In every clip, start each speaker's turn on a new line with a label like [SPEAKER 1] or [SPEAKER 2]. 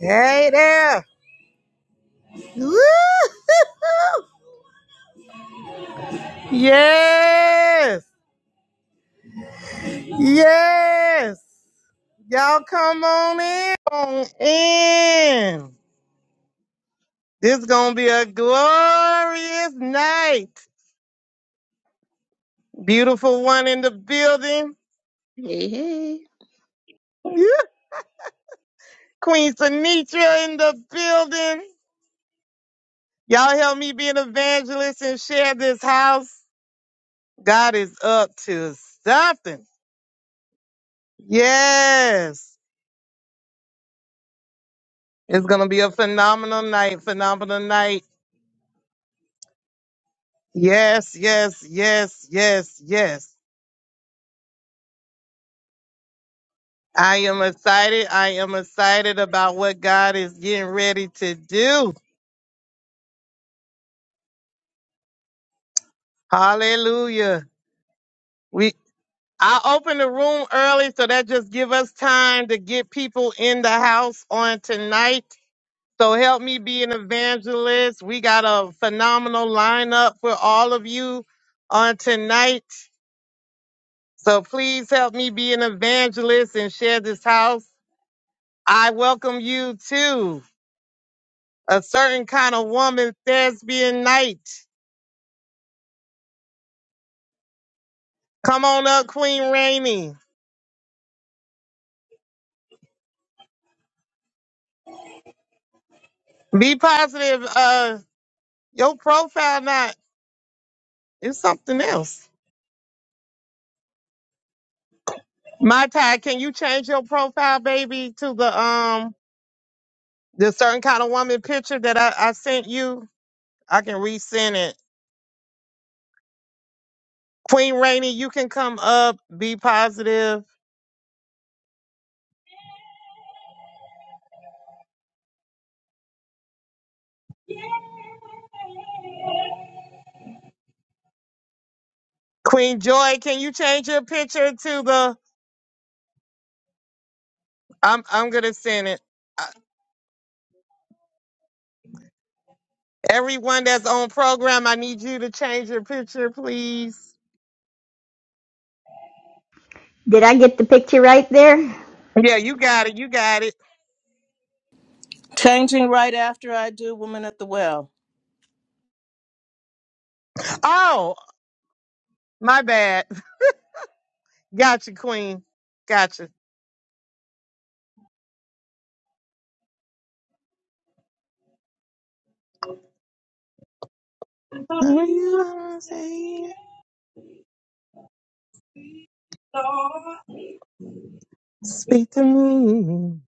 [SPEAKER 1] Hey there. Woo! Yes. Yes. Y'all come on in. On in. This going to be a glorious night. Beautiful one in the building.
[SPEAKER 2] Hey, hey.
[SPEAKER 1] Yeah. Queen Sanitra in the building. Y'all help me be an evangelist and share this house. God is up to something. Yes. It's gonna be a phenomenal night, phenomenal night. Yes, yes, yes, yes, yes. I am excited. I am excited about what God is getting ready to do. Hallelujah. We I opened the room early, so that just give us time to get people in the house on tonight. So help me be an evangelist. We got a phenomenal lineup for all of you on tonight. So please help me be an evangelist and share this house. I welcome you to a certain kind of woman thespian night. Come on up, Queen Rainey. Be positive. Uh, your profile not it's something else. My Ty, can you change your profile, baby, to the um the certain kind of woman picture that I, I sent you? I can resend it. Queen Rainey, you can come up. Be positive. Queen Joy, can you change your picture to the I'm I'm gonna send it. Uh, Everyone that's on program, I need you to change your picture, please.
[SPEAKER 3] Did I get the picture right there?
[SPEAKER 1] Yeah, you got it. You got it.
[SPEAKER 4] Changing right after I do Woman at the Well.
[SPEAKER 1] Oh, my bad. Gotcha, Queen. Gotcha. Are you gonna say, Speak to me.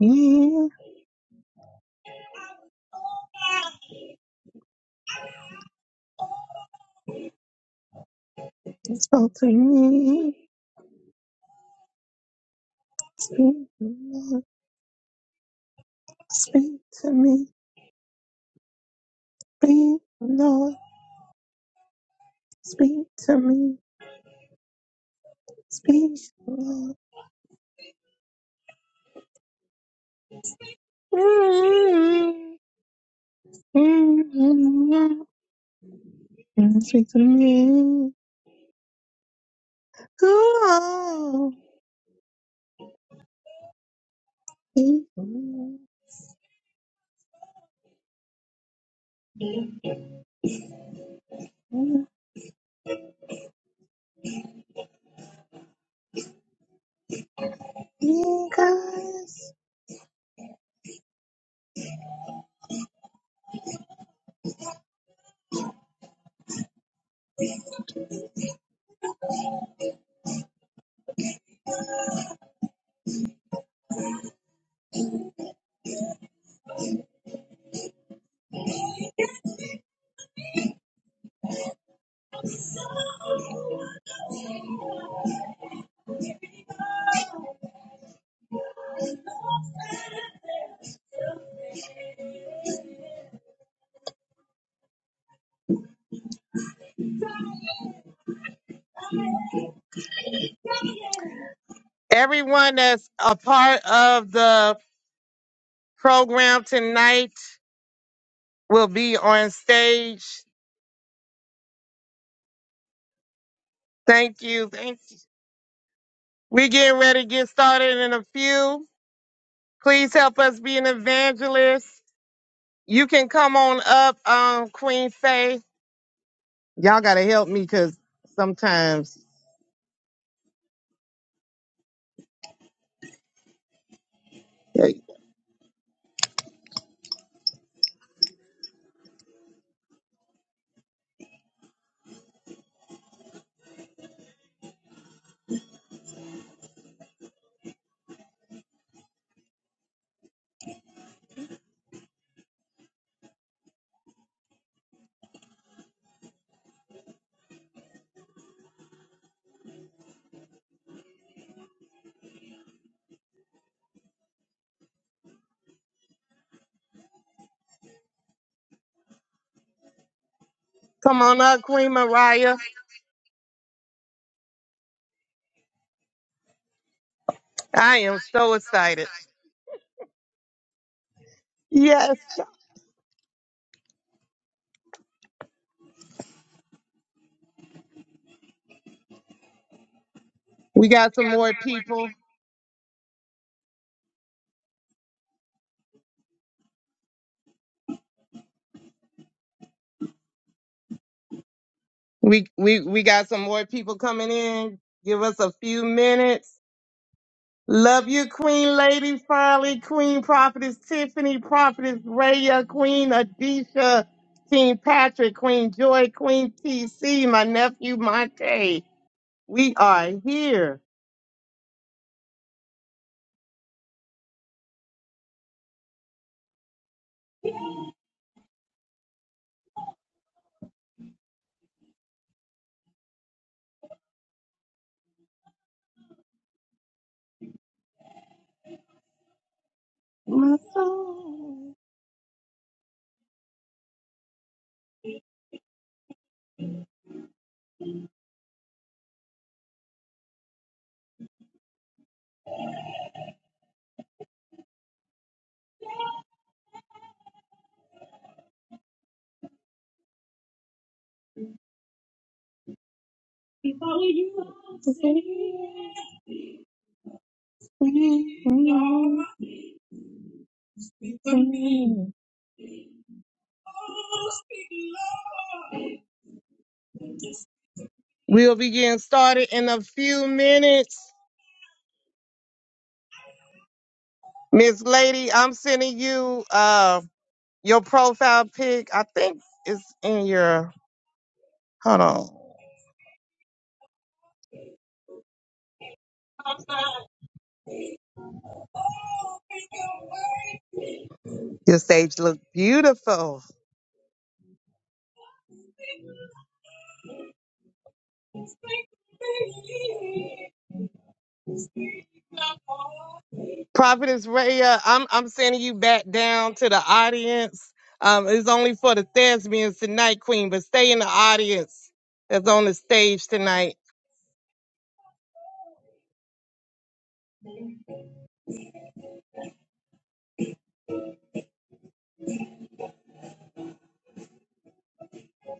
[SPEAKER 1] You spoke to me. Speak, Lord. Speak to me. Speak, Lord. Speak to me. Speak, Lord. Can I speak to the man? Cool. Guys. Everyone that's a part of the program tonight will be on stage. Thank you. Thank you. We're getting ready to get started in a few. Please help us be an evangelist. You can come on up, um, Queen Faye. Y'all gotta help me because sometimes Hey, come on up, Queen Mariah. I am so excited. Yes. We got some more people. We we we got some more people coming in. Give us a few minutes. Love you, Queen Lady Farley, Queen Prophetess Tiffany, Prophetess Raya, Queen Adisha, King Patrick, Queen Joy, Queen TC, my nephew Monte. We are here. My soul. We'll be getting started in a few minutes. Miss Lady, I'm sending you. uh Your profile pic, I think, is in your. Hold on. Your stage look beautiful. Prophetess Raya, I'm I'm sending you back down to the audience. Um, it's only for the thespians tonight, Queen, but stay in the audience that's on the stage tonight.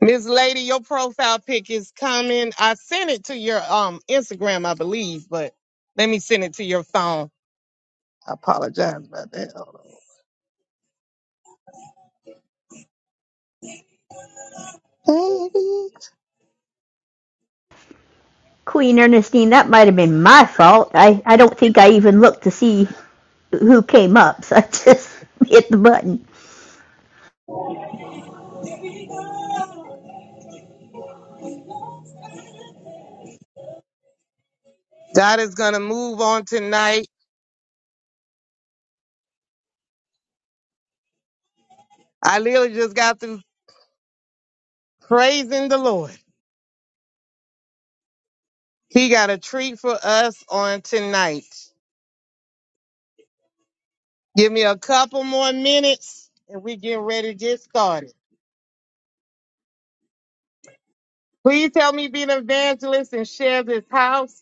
[SPEAKER 1] Miss Lady, your profile pic is coming. I sent it to your um Instagram, I believe, but let me send it to your phone. I apologize about that. Hold on. Baby.
[SPEAKER 3] Queen Ernestine, that might have been my fault. I, I don't think I even looked to see who came up, so I just hit the button.
[SPEAKER 1] God is gonna move on tonight. I literally just got through praising the Lord. He got a treat for us on tonight. Give me a couple more minutes and we get ready to get started. Please help me be an evangelist and share this house.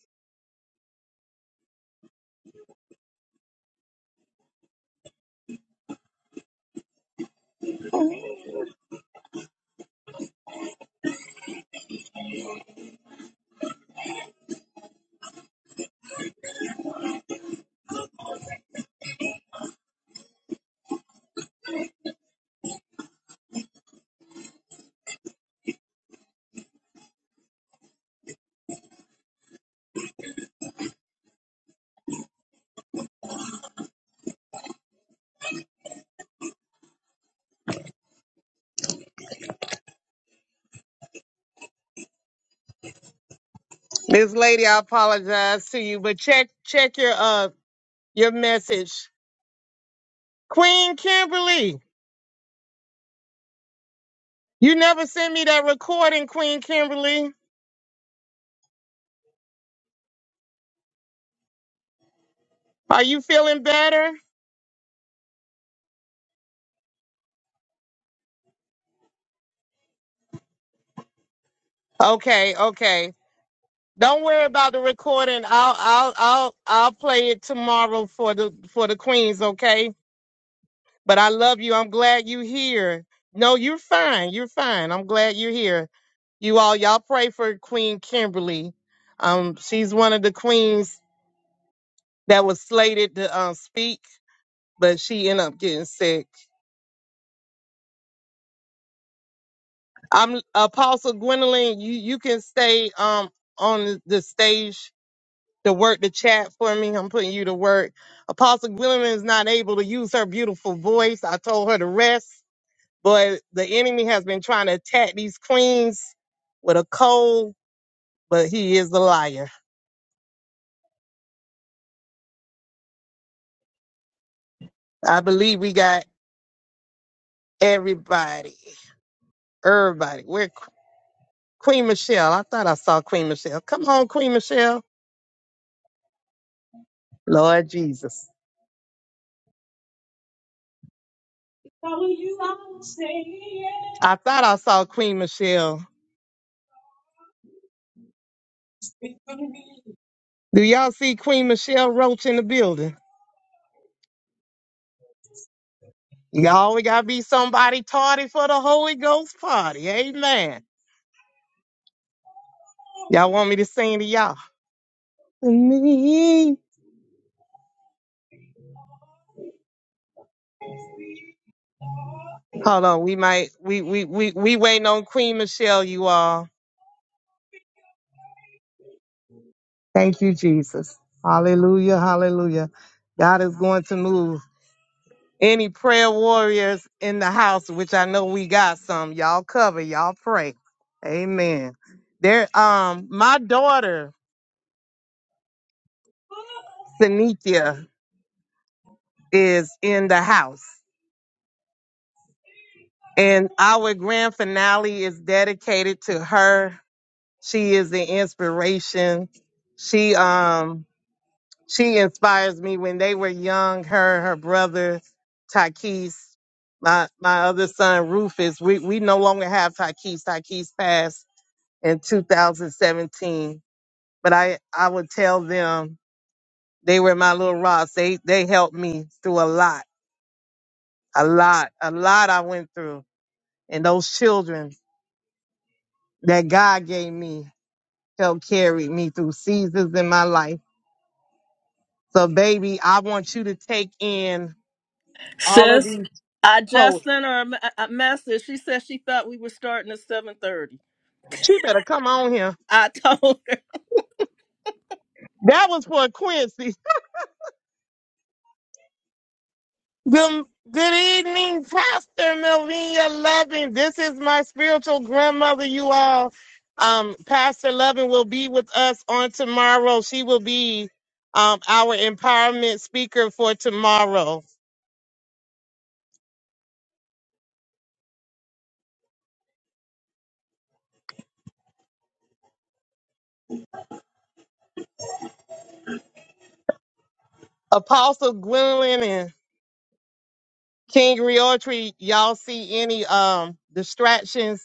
[SPEAKER 1] This lady, I apologize to you, but check check your uh your message. Queen Kimberly, you never sent me that recording, Queen Kimberly. Are you feeling better? Okay, okay. Don't worry about the recording. I'll I'll I'll I'll play it tomorrow for the for the queens, okay? But I love you. I'm glad you here. No, you're fine. You're fine. I'm glad you're here. You all y'all pray for Queen Kimberly. Um she's one of the queens that was slated to um speak, but she ended up getting sick. I'm Apostle Gwendolyn, you you can stay um on the stage to work the chat for me. I'm putting you to work. Apostle Gwilym is not able to use her beautiful voice. I told her to rest, but the enemy has been trying to attack these queens with a cold, but he is a liar. I believe we got everybody. Everybody. We're Qu- Queen Michelle. I thought I saw Queen Michelle. Come on, Queen Michelle. Lord Jesus. I thought I saw Queen Michelle. Do y'all see Queen Michelle Roach in the building? Y'all, we gotta be somebody tardy for the Holy Ghost party. Amen. Y'all want me to sing to y'all? Me. Hold on, we might we we we we waiting on Queen Michelle, you all. Thank you, Jesus. Hallelujah, hallelujah. God is going to move. Any prayer warriors in the house, which I know we got some, y'all cover, y'all pray. Amen. There um my daughter, Sanithia, is in the house. And our grand finale is dedicated to her. She is an inspiration. She um she inspires me when they were young, her and her brother Takis, my my other son Rufus. We we no longer have Takis. Takis passed in 2017. But I I would tell them they were my little rocks. They they helped me through a lot, a lot, a lot I went through. And those children that God gave me. shall carry me through seasons in my life. So, baby, I want you to take in all of
[SPEAKER 4] Sis,
[SPEAKER 1] these
[SPEAKER 4] I just
[SPEAKER 1] poets.
[SPEAKER 4] sent her a, me- a message. She said she thought we were starting at 7:30.
[SPEAKER 1] She better come on here.
[SPEAKER 4] I told her.
[SPEAKER 1] That was for Quincy. Good, good evening, Pastor Melvina Loving. This is my spiritual grandmother, you all. Um, Pastor Loving will be with us on tomorrow. She will be um, our empowerment speaker for tomorrow. Apostle Gwendolyn King Realtree, y'all see any um distractions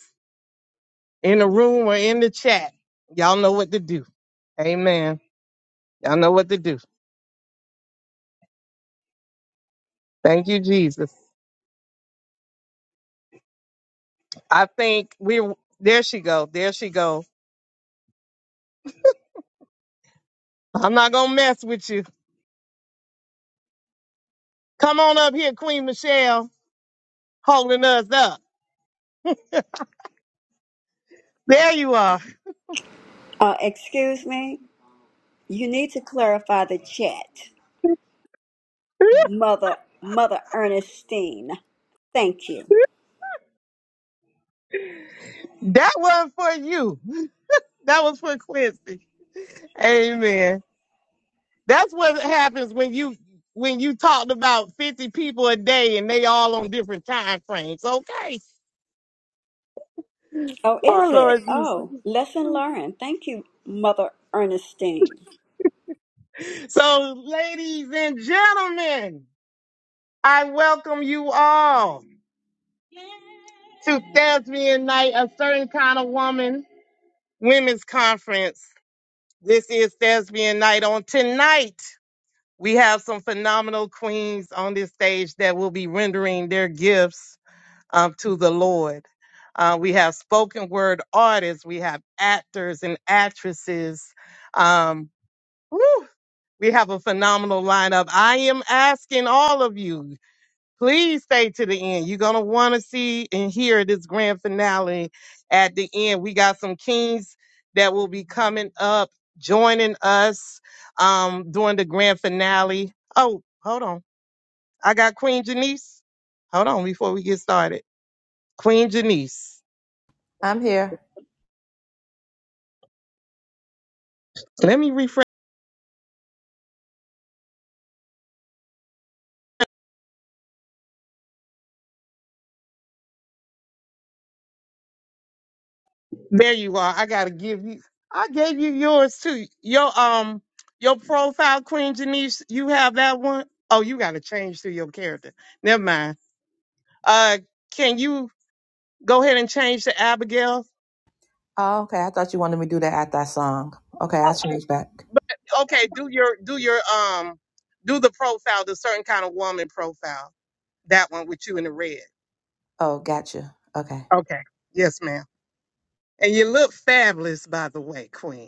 [SPEAKER 1] in the room or in the chat? Y'all know what to do. Amen. Y'all know what to do. Thank you, Jesus. I think we there she go. There she go. I'm not gonna mess with you. Come on up here, Queen Michelle, holding us up. There you are.
[SPEAKER 5] Uh, excuse me. You need to clarify the chat, Mother Mother Ernestine. Thank you.
[SPEAKER 1] That was for you. That was for Quincy. Amen. That's what happens when you when you talked about 50 people a day and they all on different time frames. Okay.
[SPEAKER 5] Oh,
[SPEAKER 1] Oh
[SPEAKER 5] is it?
[SPEAKER 1] Lord Jesus.
[SPEAKER 5] Oh, lesson learned. Thank you, Mother Ernestine.
[SPEAKER 1] So, ladies and gentlemen, I welcome you all to Thespian Night, a certain kind of woman women's conference. This is Thespian Night. On tonight, we have some phenomenal queens on this stage that will be rendering their gifts um, to the Lord. Uh, we have spoken word artists, we have actors and actresses. Um, whew, we have a phenomenal lineup. I am asking all of you, please stay to the end. You're going to want to see and hear this grand finale at the end. We got some kings that will be coming up, joining us um, during the grand finale. Oh, hold on. I got Queen Janice. Hold on before we get started. Queen Janice.
[SPEAKER 6] I'm here.
[SPEAKER 1] Let me refresh. There you are. I gotta give you. I gave you yours too. Your um, your profile, Queen Janice. You have that one. Oh, you gotta change to your character. Never mind. Uh, can you go ahead and change to Abigail?
[SPEAKER 6] Oh, okay. I thought you wanted me to do that after I song. Okay, I'll
[SPEAKER 1] Oh,
[SPEAKER 6] change back.
[SPEAKER 1] okay. Do your do your um, do the profile, the certain kind of woman profile. That one with you in the red.
[SPEAKER 6] Oh, gotcha. Okay.
[SPEAKER 1] Okay. Yes, ma'am. And you look fabulous, by the way, Queen.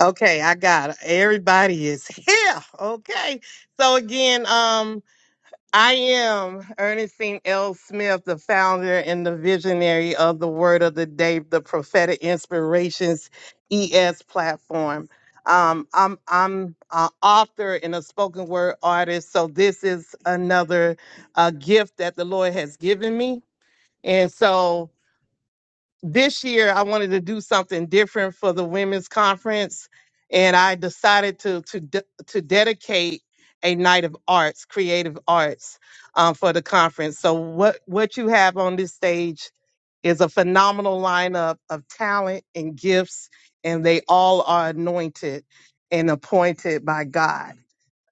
[SPEAKER 1] Okay, I got it. Everybody is here. Okay. So again, um, I am Ernestine L. Smith, the founder and the visionary of the Word of the Day, the Prophetic Inspirations ES platform. Um, I'm I'm an author and a spoken word artist, so this is another uh, gift that the Lord has given me, and so this year I wanted to do something different for the women's conference, and I decided to to de- to dedicate a night of arts, creative arts, um, for the conference. So what what you have on this stage is a phenomenal lineup of talent and gifts, and they all are anointed and appointed by God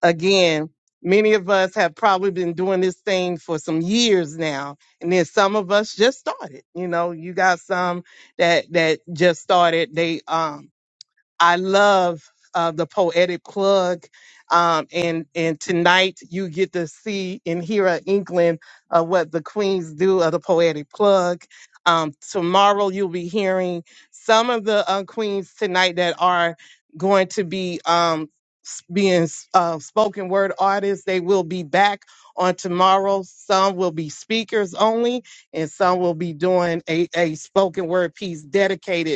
[SPEAKER 1] again, many of us have probably been doing this thing for some years now, and then some of us just started. You know, you got some that that just started. They um I love uh, the poetic plug. Um, and and tonight you get to see and hear an inkling of what the queens do of the poetic plug. Um, tomorrow you'll be hearing some of the uh, queens tonight that are going to be um, s- being uh, spoken word artists. They will be back on tomorrow. Some will be speakers only, and some will be doing a, a spoken word piece dedicated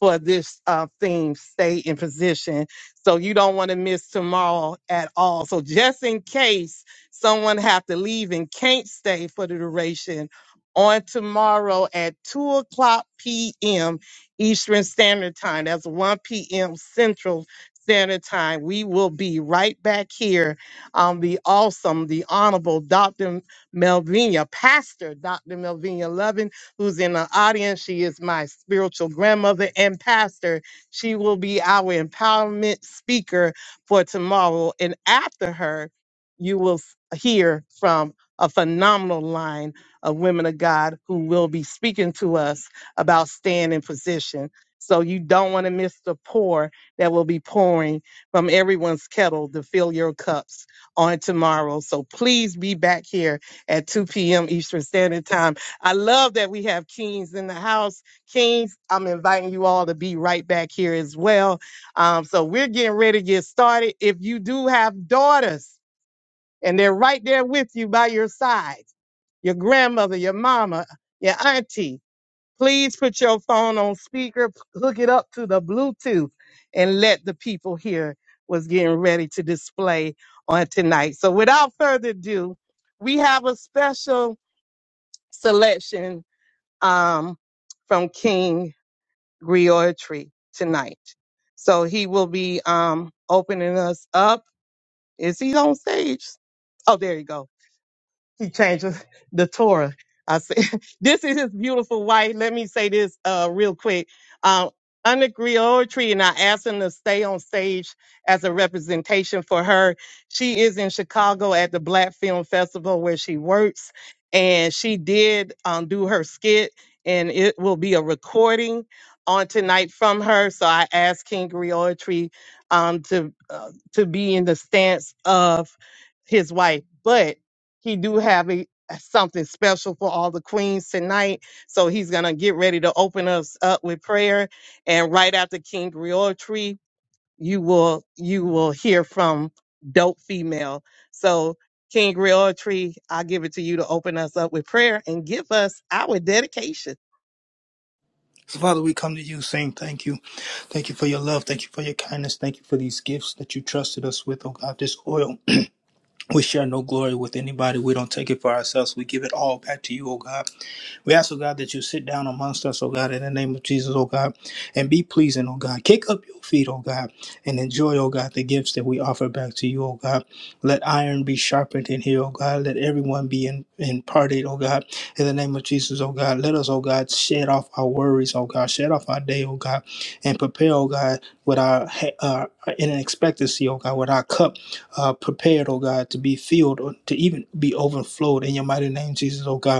[SPEAKER 1] for this uh, theme, stay in position. So you don't want to miss tomorrow at all. So just in case someone have to leave and can't stay for the duration, on tomorrow at 2 o'clock p.m. Eastern Standard Time, that's 1 p.m. Central Standard Time, we will be right back here on the awesome, the honorable Dr. Melvina, Pastor Dr. Melvina Lovin who's in the audience. She is my spiritual grandmother and pastor. She will be our empowerment speaker for tomorrow. And after her, you will s- hear from a phenomenal line of women of God who will be speaking to us about staying in position. So you don't want to miss the pour that will be pouring from everyone's kettle to fill your cups on tomorrow. So please be back here at 2 p.m. Eastern Standard Time I love that we have Kings in the house. Kings, I'm inviting you all to be right back here as well. Um, so we're getting ready to get started. If you do have daughters and they're right there with you by your side, your grandmother, your mama, your auntie, please put your phone on speaker, p- hook it up to the Bluetooth, and let the people hear what's getting ready to display on tonight. So without further ado, we have a special selection um, from King Griotry tonight. So he will be um, opening us up. Is he on stage? Oh, there you go. She changes the Torah. I said, this is his beautiful wife. Let me say this uh, real quick. Um, under Griotry, and I asked him to stay on stage as a representation for her. She is in Chicago at the Black Film Festival where she works, and she did um, do her skit, and it will be a recording on tonight from her. So I asked King Griotry um, to uh, to be in the stance of his wife, but he do have a something special for all the queens tonight. So he's gonna get ready to open us up with prayer. And right after King Tree, you will you will hear from Dope Female. So King Tree, I'll give it to you to open us up with prayer and give us our dedication.
[SPEAKER 7] So, Father, we come to you saying thank you. Thank you for your love. Thank you for your kindness. Thank you for these gifts that you trusted us with, oh God, this oil. We share no glory with anybody. We don't take it for ourselves. We give it all back to you, oh God. We ask, oh God, that you sit down amongst us, oh God, in the name of Jesus, oh God, and be pleasing, oh God. Kick up your feet, oh God, and enjoy, oh God, the gifts that we offer back to you, oh God. Let iron be sharpened in here, oh God. Let everyone be in, imparted, oh God, in the name of Jesus, oh God. Let us, oh God, shed off our worries, oh God. Shed off our day, oh God, and prepare, oh God, with our, he- uh, in an expectancy, oh God, with our cup uh, prepared, oh God, to be filled or to even be overflowed in your mighty name, Jesus, oh God.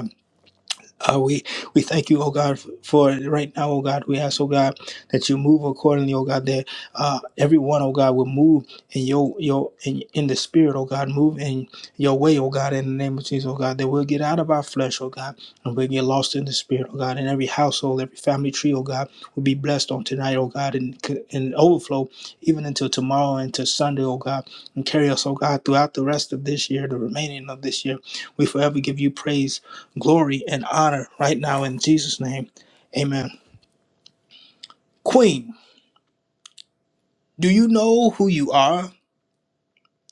[SPEAKER 7] Uh, we we thank you, oh God, f- for it right now, oh God. We ask, oh God, that you move accordingly, oh God. That uh, everyone, oh God, will move in your your in, in the spirit, oh God. Move in your way, oh God. In the name of Jesus, oh God, that we'll get out of our flesh, oh God, and we'll get lost in the spirit, oh God. And every household, every family tree, oh God, will be blessed on tonight, oh God, and and overflow even until tomorrow and to Sunday, oh God, and carry us, oh God, throughout the rest of this year, the remaining of this year. We forever give you praise glory and honor right now in Jesus' name. Amen. Queen, do you know who you are?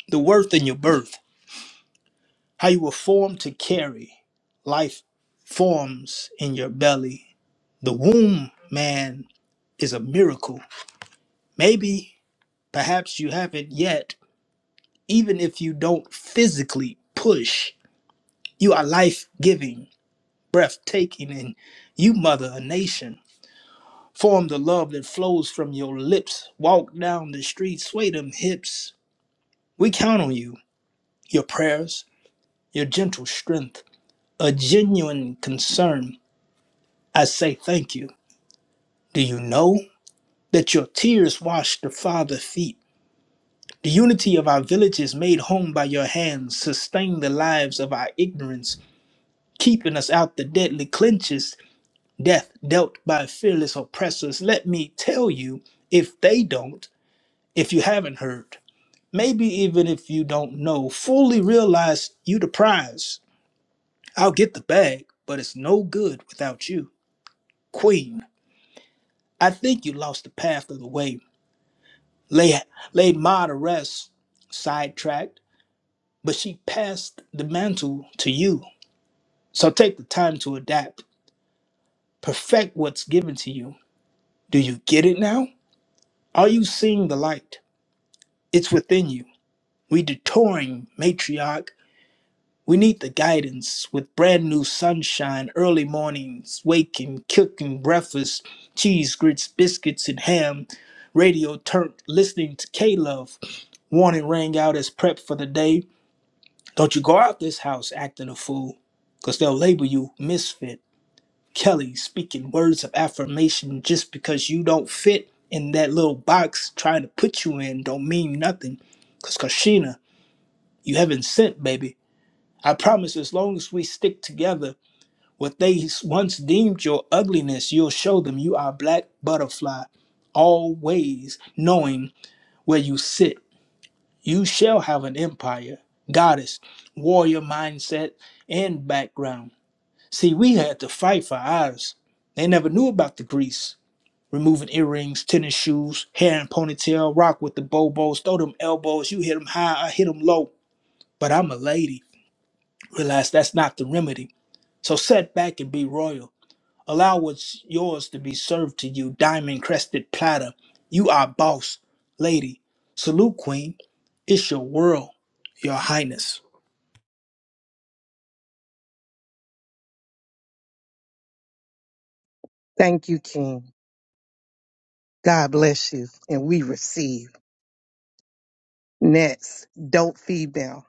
[SPEAKER 7] The worth in your birth, how you were formed to carry life forms in your belly. The womb, man, is a miracle. Maybe, perhaps you haven't yet, even if you don't physically push, you are life giving, breathtaking, and you mother a nation. Form the love that flows from your lips. Walk down the street, sway them hips. We count on you, your prayers, your gentle strength, a genuine concern. I say thank you. Do you know that your tears wash the Father's feet? The unity of our villages made home by your hands sustain the lives of our ignorance, keeping us out the deadly clinches, death dealt by fearless oppressors. Let me tell you, if they don't, if you haven't heard. Maybe even if you don't know, fully realize you the prize. I'll get the bag, but it's no good without you. Queen, I think you lost the path of the way. Lay, laid Ma to rest, sidetracked, but she passed the mantle to you. So take the time to adapt. Perfect what's given to you. Do you get it now? Are you seeing the light? It's within you. We detouring matriarch We need the guidance with brand new sunshine, early mornings, waking, cooking breakfast, cheese, grits, biscuits, and ham. Radio turned, listening to K Love. Warning rang out as prep for the day. Don't you go out this house acting a fool, because they'll label you misfit. Kelly speaking words of affirmation just because you don't fit in that little box trying to put you in don't mean nothing. Because Kashina, you haven't sent, baby. I promise as long as we stick together, what they once deemed your ugliness, you'll show them you are a black butterfly, always knowing where you sit. You shall have an empire, goddess, warrior mindset, and background. See, we had to fight for ours. They never knew about the grease. Removing earrings, tennis shoes, hair and ponytail, rock with the bobos, throw them elbows, you hit them high, I hit them low. But I'm a lady. Realize that's not the remedy. So set back and be royal. Allow what's yours to be served to you, diamond crested platter. You are boss, lady. Salute, queen. It's your world, your highness.
[SPEAKER 1] Thank you, King. God bless you. And we receive. Next, Dope Female.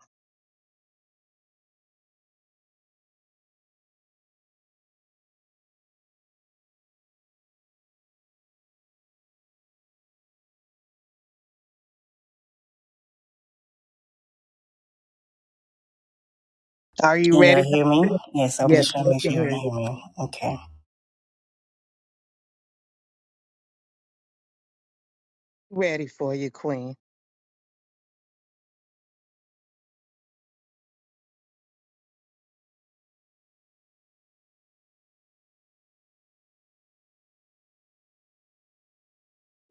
[SPEAKER 1] Are you
[SPEAKER 8] Can y'all
[SPEAKER 1] ready? Dope
[SPEAKER 8] hear me?
[SPEAKER 1] Female?
[SPEAKER 8] Yes, I'm
[SPEAKER 1] Yes,
[SPEAKER 8] just trying to
[SPEAKER 1] we
[SPEAKER 8] make sure
[SPEAKER 1] can
[SPEAKER 8] y'all
[SPEAKER 1] hear
[SPEAKER 8] can hear
[SPEAKER 1] you.
[SPEAKER 8] me. Okay.
[SPEAKER 1] Ready for you, Queen.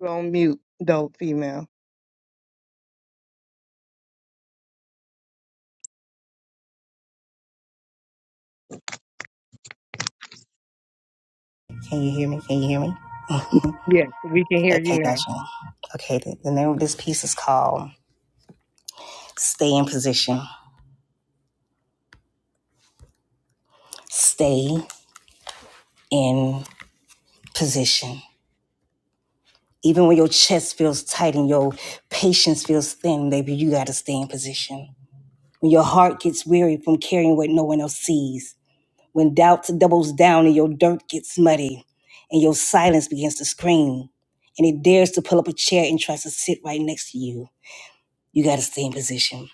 [SPEAKER 1] You're on mute, dope female.
[SPEAKER 8] Can you hear me? Can you hear me?
[SPEAKER 1] Yes, we can hear you
[SPEAKER 8] Okay,
[SPEAKER 1] now.
[SPEAKER 8] gotcha. Okay, the, the name of this piece is called Stay in Position. Stay in Position. Even when your chest feels tight and your patience feels thin, baby, you gotta stay in position. When your heart gets weary from carrying what no one else sees, when doubt doubles down and your dirt gets muddy and your silence begins to scream and it dares to pull up a chair and tries to sit right next to you You got to stay in position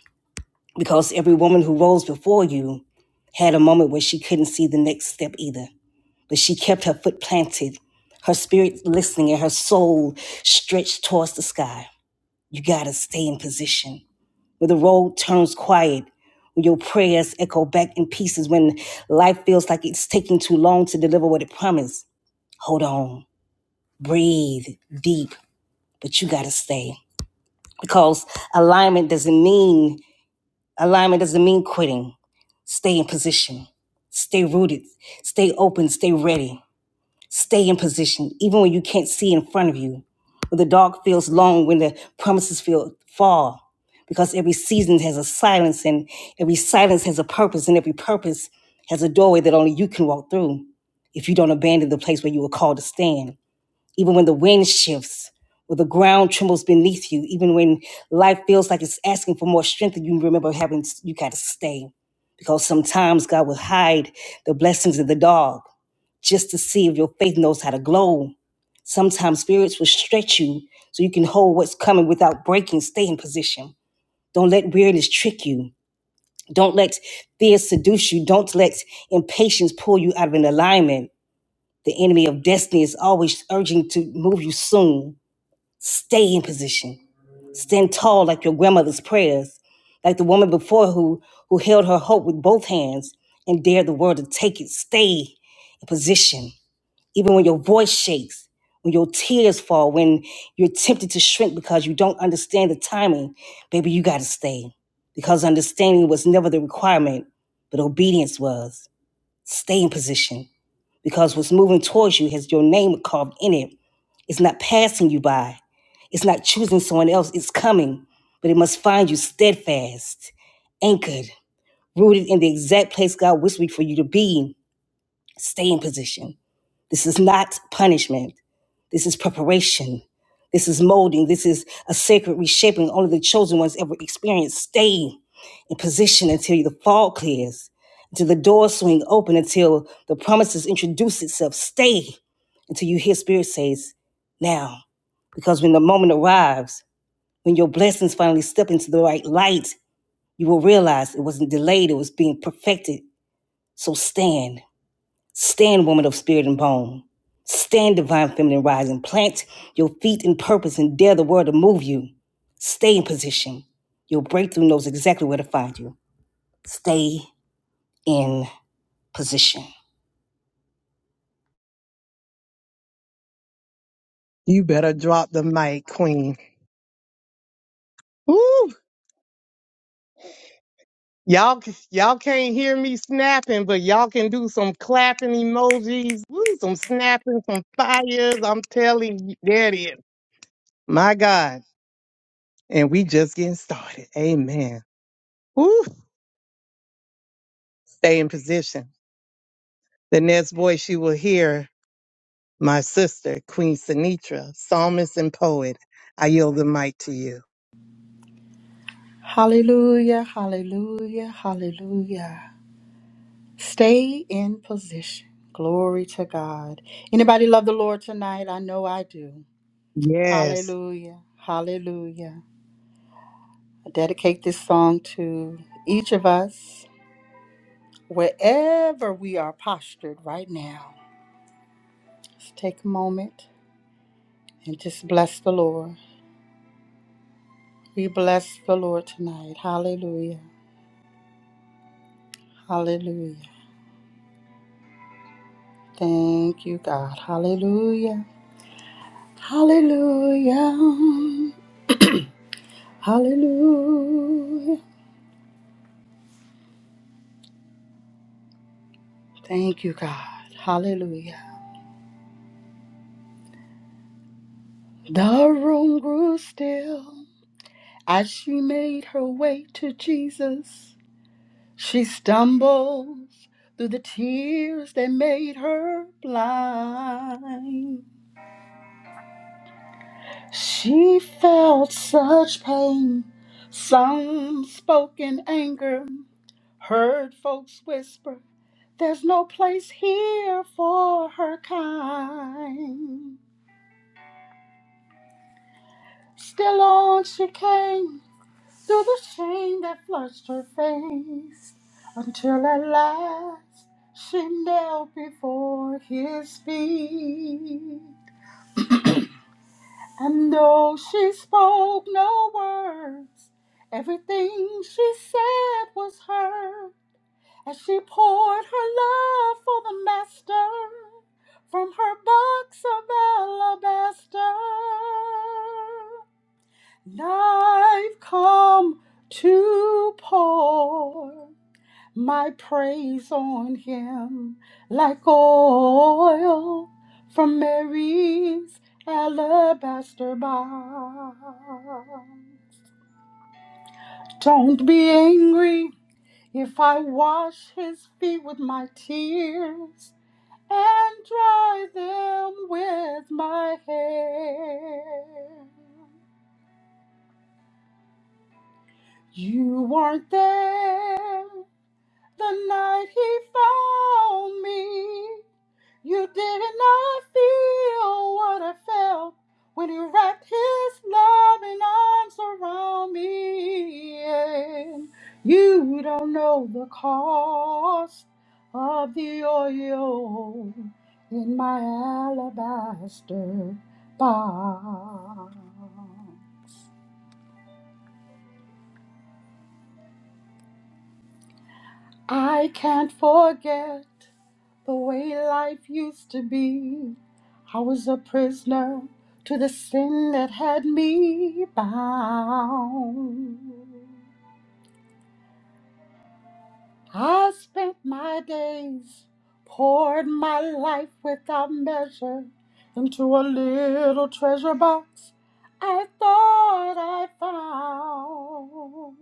[SPEAKER 8] because every woman who rose before you had a moment where she couldn't see the next step either, but she kept her foot planted, her spirit listening, and her soul stretched towards the sky. You got to stay in position. When the road turns quiet, when your prayers echo back in pieces, when life feels like it's taking too long to deliver what it promised, hold on, breathe deep, but you got to stay because alignment doesn't mean alignment doesn't mean quitting Stay in position. Stay rooted. Stay open. Stay ready. Stay in position, even when you can't see in front of you. When the dark feels long, when the promises feel far, because every season has a silence, and every silence has a purpose, and every purpose has a doorway that only you can walk through if you don't abandon the place where you were called to stand even when the wind shifts or the ground trembles beneath you, even when life feels like it's asking for more strength, you remember having you got to stay. Because sometimes God will hide the blessings in the dog just to see if your faith knows how to glow. Sometimes spirits will stretch you so you can hold what's coming without breaking. Stay in position. Don't let weariness trick you. Don't let fear seduce you. Don't let impatience pull you out of an alignment. The enemy of destiny is always urging to move you soon Stay in position. Stand tall like your grandmother's prayers, like the woman before who, who held her hope with both hands and dared the world to take it. Stay in position, even when your voice shakes, when your tears fall, when you're tempted to shrink because you don't understand the timing. Baby, you got to stay because understanding was never the requirement, but obedience was. Stay in position because what's moving towards you has your name carved in it. It's not passing you by, it's not choosing someone else. It's coming, but it must find you steadfast, anchored, rooted in the exact place God whispered for you to be. Stay in position. This is not punishment. This is preparation. This is molding. This is a sacred reshaping only the chosen ones ever experience. Stay in position until the fog clears, until the doors swing open, until the promises introduce itself. Stay until you hear Spirit says, now. Because when the moment arrives, when your blessings finally step into the right light, you will realize it wasn't delayed, it was being perfected. So stand. Stand, woman of spirit and bone. Stand, divine feminine rising. Plant your feet in purpose and dare the world to move you. Stay in position. Your breakthrough knows exactly where to find you. Stay in position.
[SPEAKER 1] You better drop the mic, queen. Woo! Y'all, c- y'all can't hear me snapping, but y'all can do some clapping emojis. Woo! Some snapping, some fires. I'm telling you, there it is. My God. And we just getting started. Amen. Woo! Stay in position. The next voice you will hear, my sister, Queen Sinitra, psalmist and poet. I yield the mic to you.
[SPEAKER 9] Hallelujah, hallelujah, hallelujah. Stay in position. Glory to God. Anybody love the Lord tonight? I know I do.
[SPEAKER 1] Yes.
[SPEAKER 9] Hallelujah, hallelujah. I dedicate this song to each of us, wherever we are postured right now. Let's take a moment and just bless the Lord. We bless the Lord tonight. Hallelujah, hallelujah. Thank you, God. Hallelujah. Hallelujah. Hallelujah. Thank you, God. Hallelujah. The room grew still as she made her way to Jesus. She stumbles through the tears that made her blind. She felt such pain, some spoke in anger, Heard folks whisper, there's no place here for her kind. Still on she came through the shame that flushed her face, until at last she knelt before his feet. And though she spoke no words, everything she said was heard. As she poured her love for the master from her box of alabaster, and I've come to pour my praise on him like oil from Mary's alabaster bowl. Don't be angry if I wash his feet with my tears. and dry them with my hair. You weren't there the night he found me. You did not feel what I felt when you wrapped his loving arms around me. And you don't know the cost of the oil in my alabaster box. I can't forget The way life used to be, I was a prisoner to the sin that had me bound. I spent my days, poured my life without measure into a little treasure box I thought I found.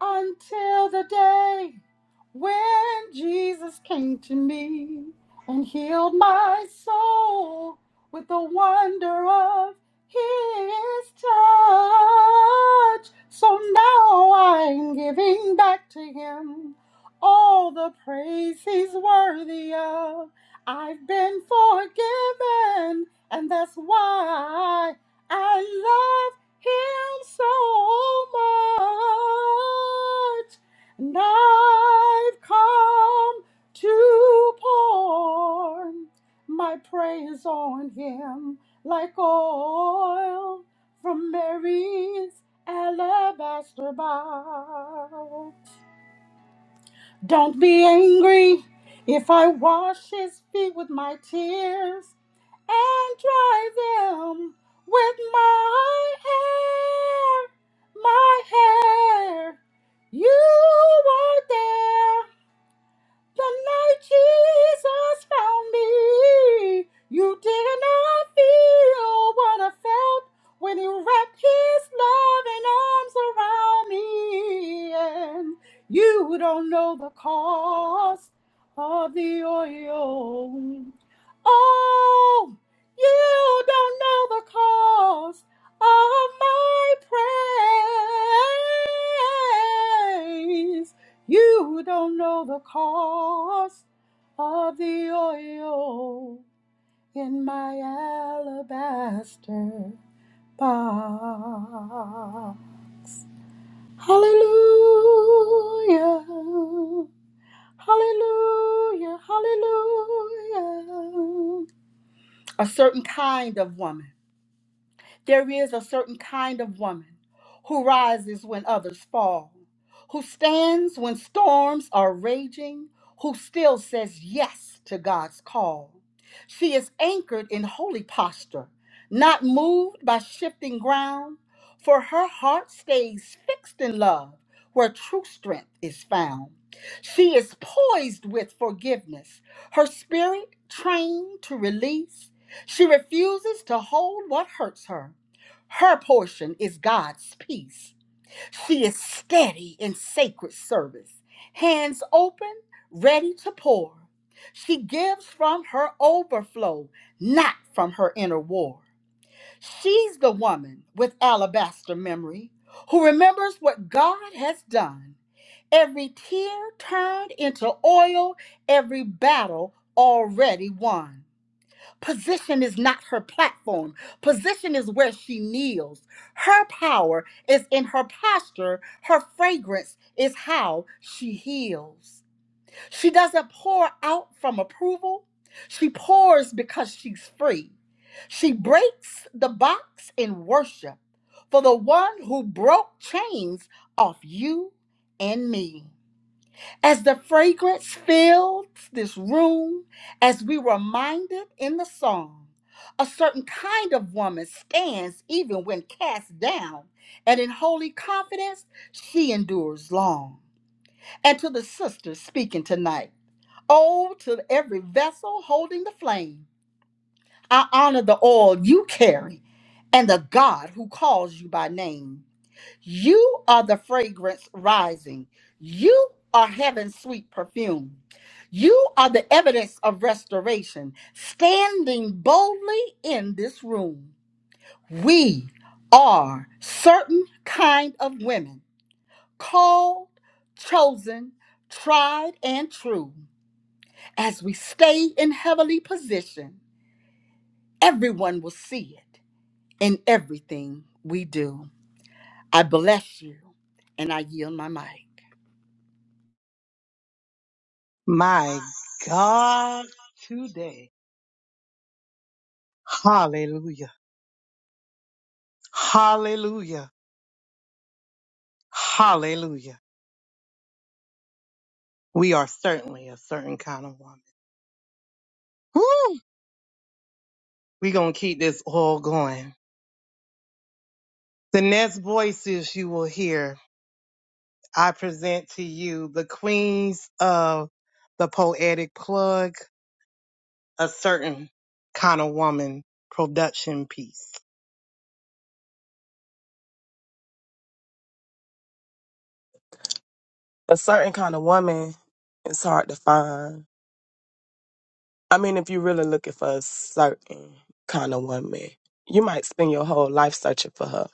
[SPEAKER 9] until the day when Jesus came to me and healed my soul with the wonder of his touch. So now I'm giving back to him all the praise he's worthy of. I've been forgiven, and that's why I love him so much, and I've come to pour my praise on him like oil from Mary's alabaster bowl. Don't be angry if I wash his feet with my tears and dry them with my hair, my hair. You are there the night Jesus found me, you did not feel what I felt when you wrapped his loving arms around me. And you don't know the cost of the oil. Oh, you don't know the cost of my praise. You don't know the cost of the oil in my alabaster box. Hallelujah. Hallelujah. Hallelujah. A certain kind of woman. There is a certain kind of woman who rises when others fall, who stands when storms are raging, who still says yes to God's call. She is anchored in holy posture, not moved by shifting ground, for her heart stays fixed in love where true strength is found. She is poised with forgiveness, her spirit trained to release. She refuses to hold what hurts her her portion is God's peace. She is steady in sacred service, hands open, ready to pour. She gives from her overflow, not from her inner war. She's the woman with alabaster memory who remembers what God has done. Every tear turned into oil, every battle already won. Position is not her platform. Position is where she kneels. Her power is in her posture. Her fragrance is how she heals. She doesn't pour out from approval, she pours because she's free. She breaks the box in worship for the one who broke chains off you and me. As the fragrance filled this room, as we were reminded in the song, a certain kind of woman stands even when cast down, and in holy confidence she endures long. And to the sisters speaking tonight, oh, to every vessel holding the flame, I honor the oil you carry and the God who calls you by name. You are the fragrance rising. You are heaven's sweet perfume. You are the evidence of restoration, standing boldly in this room. We are certain kind of women, called, chosen, tried, and true. As we stay in heavenly position, everyone will see it in everything we do. I bless you, and I yield my mic.
[SPEAKER 10] My God, today. Hallelujah. Hallelujah. Hallelujah. We are certainly a certain kind of woman. Woo! We're going to keep this all going. The next voices you will hear, I present to you the queens of the poetic plug, a certain kind of woman production piece.
[SPEAKER 11] a certain kind of woman is hard to find. I mean, if you're really looking for a certain kind of woman, you might spend your whole life searching for her.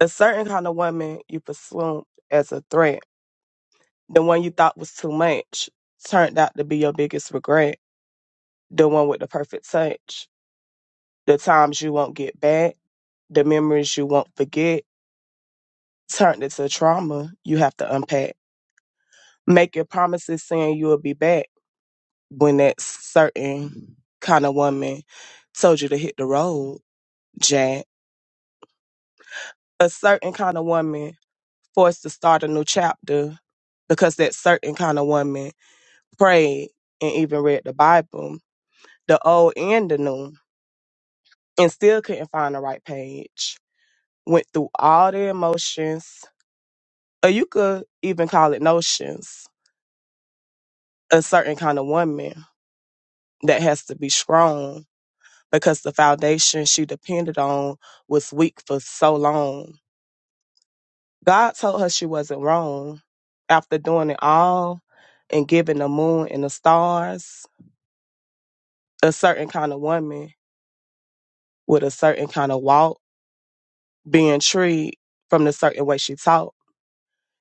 [SPEAKER 11] A certain kind of woman you pursued as a threat. The one you thought was too much turned out to be your biggest regret. The one with the perfect touch. The times you won't get back, the memories you won't forget, turned into trauma you have to unpack. Make your promises saying you will be back when that certain kind of woman told you to hit the road, Jack. A certain kind of woman forced to start a new chapter because that certain kind of woman prayed and even read the Bible, the old and the new, and still couldn't find the right page. Went through all the emotions, or you could even call it notions. A certain kind of woman that has to be strong because the foundation she depended on was weak for so long. God told her she wasn't wrong. After doing it all and giving the moon and the stars, a certain kind of woman with a certain kind of walk, being treated from the certain way she talked,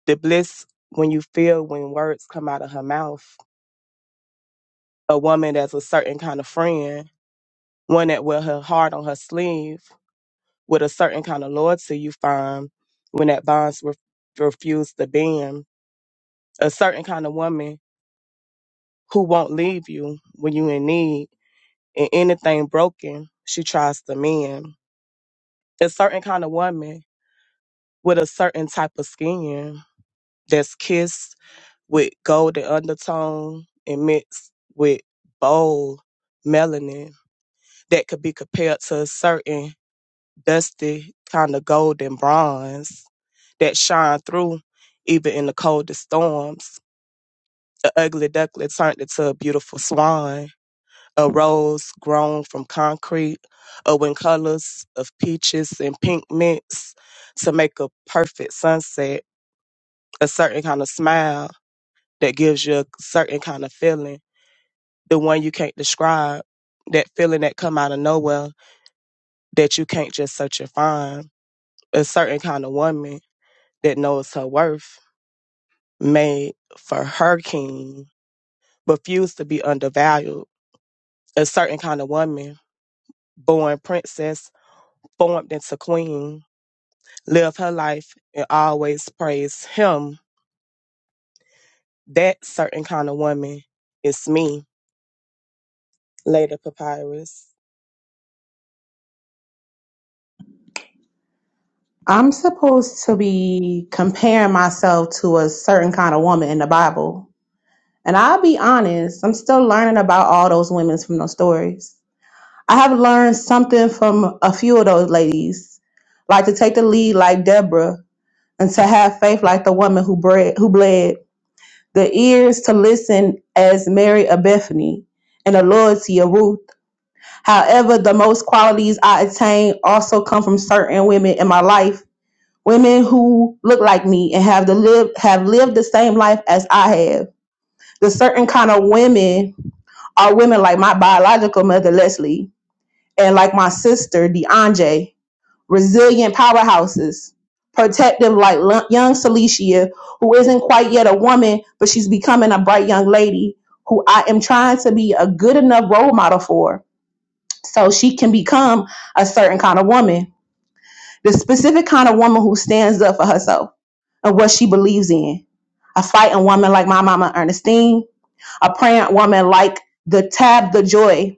[SPEAKER 11] the bliss when you feel when words come out of her mouth, a woman that's a certain kind of friend, one that wear her heart on her sleeve, with a certain kind of loyalty you find when that bonds ref refused to bend. A certain kind of woman who won't leave you when you in need and anything broken, she tries to mend. A certain kind of woman with a certain type of skin that's kissed with golden undertone and mixed with bold melanin that could be compared to a certain dusty kind of golden bronze that shine through even in the coldest storms. The ugly duckling turned into a beautiful swan, a rose grown from concrete, or when colors of peaches and pink mix to make a perfect sunset, a certain kind of smile that gives you a certain kind of feeling, the one you can't describe, that feeling that come out of nowhere that you can't just search and find, a certain kind of woman that knows her worth made for her king refused to be undervalued. A certain kind of woman, born princess, formed into queen, lived her life and always praised him. That certain kind of woman is me. Later papyrus.
[SPEAKER 12] I'm supposed to be comparing myself to a certain kind of woman in the Bible. And I'll be honest, I'm still learning about all those women from those stories. I have learned something from a few of those ladies, like to take the lead like Deborah and to have faith like the woman who bred, who bled, the ears to listen as Mary of Bethany, and the loyalty of Ruth. However, the most qualities I attain also come from certain women in my life women who look like me and have the live have lived the same life as I have. The certain kind of women are women like my biological mother Leslie and like my sister DeAndre, resilient powerhouses, protective like lo- young Celicia, who isn't quite yet a woman, but she's becoming a bright young lady who I am trying to be a good enough role model for so she can become a certain kind of woman the specific kind of woman who stands up for herself and what she believes in. A fighting woman like my mama Ernestine, a praying woman like the Tab the Joy,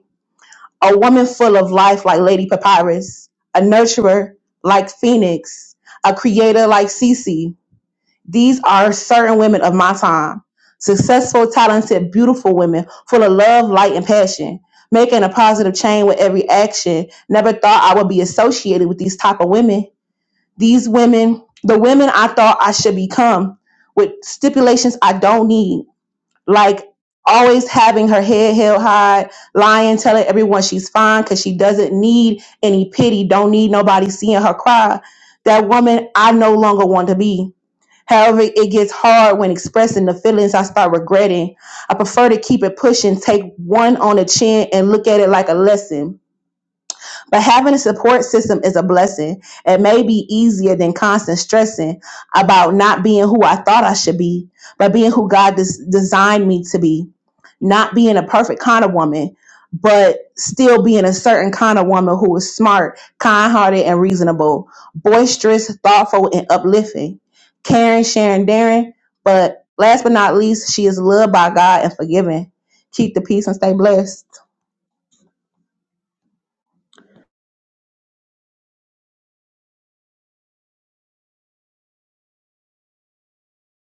[SPEAKER 12] a woman full of life like Lady Papyrus, a nurturer like Phoenix, a creator like Cece. These are certain women of my time. Successful, talented, beautiful women full of love, light, and passion, making a positive change with every action. Never thought I would be associated with these type of women these women, the women I thought I should become, with stipulations I don't need, like always having her head held high, lying, telling everyone she's fine because she doesn't need any pity, don't need nobody seeing her cry. That woman I no longer want to be. However, it gets hard when expressing the feelings I start regretting. I prefer to keep it pushing, take one on the chin, and look at it like a lesson. But having a support system is a blessing. It may be easier than constant stressing about not being who I thought I should be, but being who God des- designed me to be. Not being a perfect kind of woman, but still being a certain kind of woman who is smart, kind hearted, and reasonable, boisterous, thoughtful, and uplifting. Caring, sharing, daring. But last but not least, she is loved by God and forgiven. Keep the peace and stay blessed.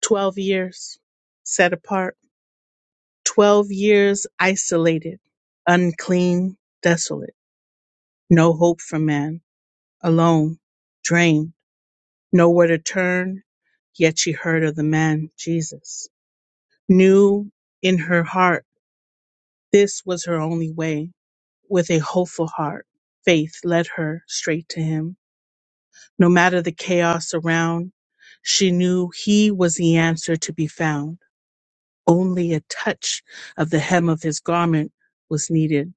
[SPEAKER 13] 12 years set apart, 12 years isolated, unclean, desolate, no hope for man, alone, drained, nowhere to turn. Yet she heard of the man, Jesus, knew in her heart this was her only way. With a hopeful heart, faith led her straight to him. No matter the chaos around, she knew he was the answer to be found Only a touch of the hem of his garment was needed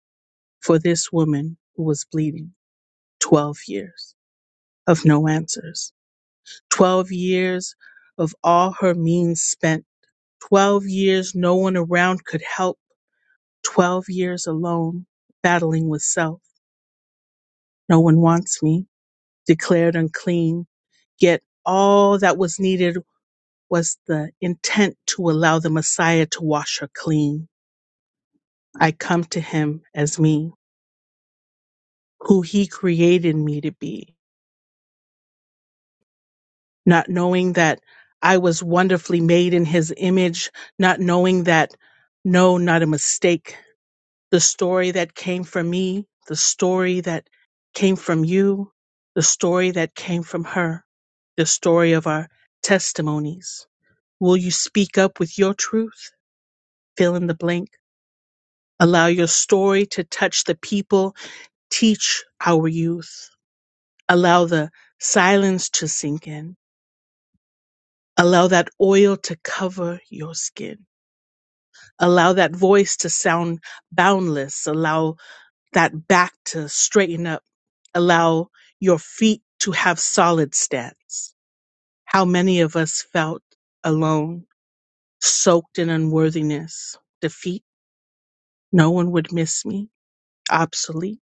[SPEAKER 13] for this woman who was bleeding. Twelve years of no answers. Twelve years of all her means spent. Twelve years no one around could help. Twelve years alone, battling with self. No one wants me. Declared unclean. Yet all that was needed was the intent to allow the Messiah to wash her clean. I come to him as me who he created me to be, not knowing that I was wonderfully made in his image, not knowing that no, not a mistake. The story that came from me, the story that came from you, the story that came from her, the story of our testimonies. Will you speak up with your truth? Fill in the blank. Allow your story to touch the people. Teach our youth. Allow the silence to sink in Allow that oil to cover your skin. Allow that voice to sound boundless. Allow that back to straighten up. Allow your feet to have solid stance. How many of us felt alone, soaked in unworthiness, defeat? No one would miss me, obsolete,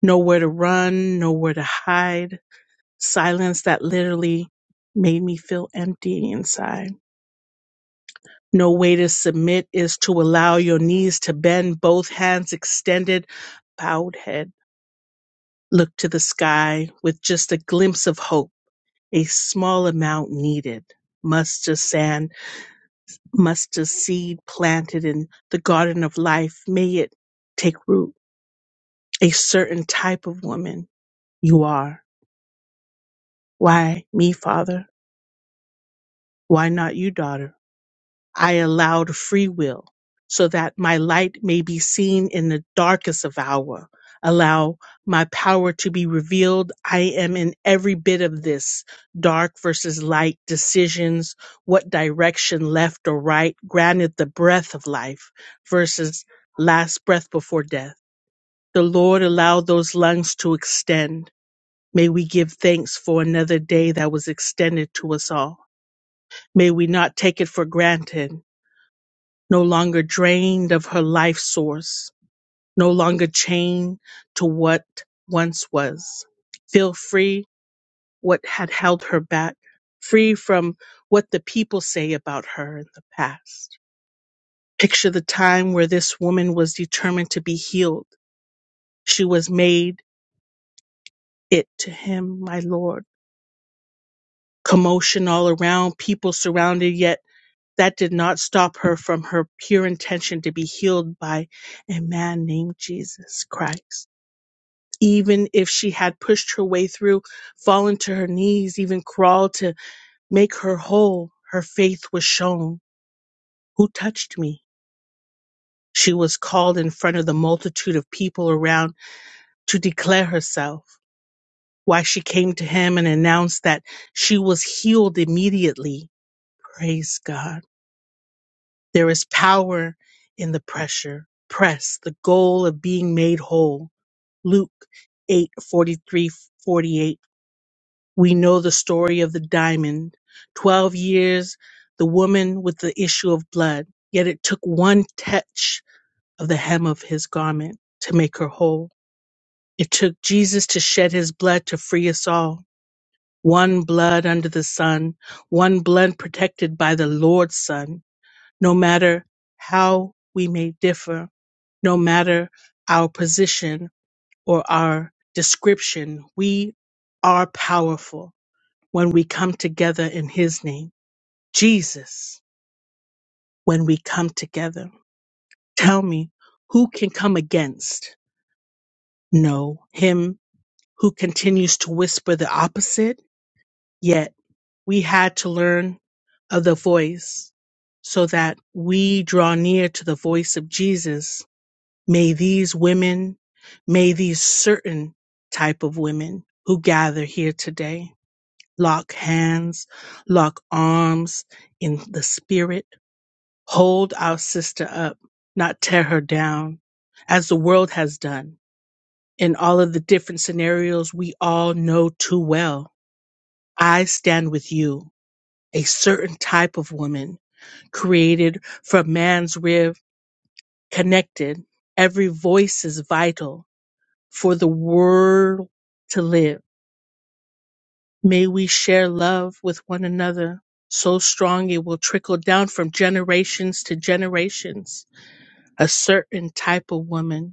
[SPEAKER 13] nowhere to run, nowhere to hide, silence that literally made me feel empty inside. No way to submit is to allow your knees to bend, both hands extended, bowed head. Look to the sky with just a glimpse of hope, a small amount needed. Mustard sand, mustard seed planted in the garden of life, may it take root. A certain type of woman you are. Why me, father? Why not you, daughter? I allowed free will so that my light may be seen in the darkest of hour. Allow my power to be revealed. I am in every bit of this dark versus light decisions, what direction left or right, granted the breath of life versus last breath before death. The Lord allowed those lungs to extend. May we give thanks for another day that was extended to us all. May we not take it for granted no longer drained of her life source, no longer chained to what once was. Feel free what had held her back, free from what the people say about her in the past. Picture the time where this woman was determined to be healed. She was made it to him, my Lord. Commotion all around, people surrounded, yet that did not stop her from her pure intention to be healed by a man named Jesus Christ. even if she had pushed her way through, fallen to her knees, even crawled to make her whole, her faith was shown. Who touched me? She was called in front of the multitude of people around to declare herself. Why she came to him and announced that she was healed immediately. Praise God. There is power in the pressure. Press the goal of being made whole. Luke 8:43-48. We know the story of the diamond. Twelve years, the woman with the issue of blood. Yet it took one touch of the hem of his garment to make her whole. It took Jesus to shed his blood to free us all. One blood under the sun, one blood protected by the Lord's Son. No matter how we may differ, no matter our position or our description, we are powerful when we come together in his name. Jesus, when we come together, tell me who can come against? No, him who continues to whisper the opposite. Yet we had to learn of the voice so that we draw near to the voice of Jesus. May these women, may these certain type of women who gather here today lock hands, lock arms in the spirit Hold our sister up, not tear her down, as the world has done in all of the different scenarios we all know too well. I stand with you, a certain type of woman created from man's rib, connected. Every voice is vital for the world to live. May we share love with one another so strong it will trickle down from generations to generations. A certain type of woman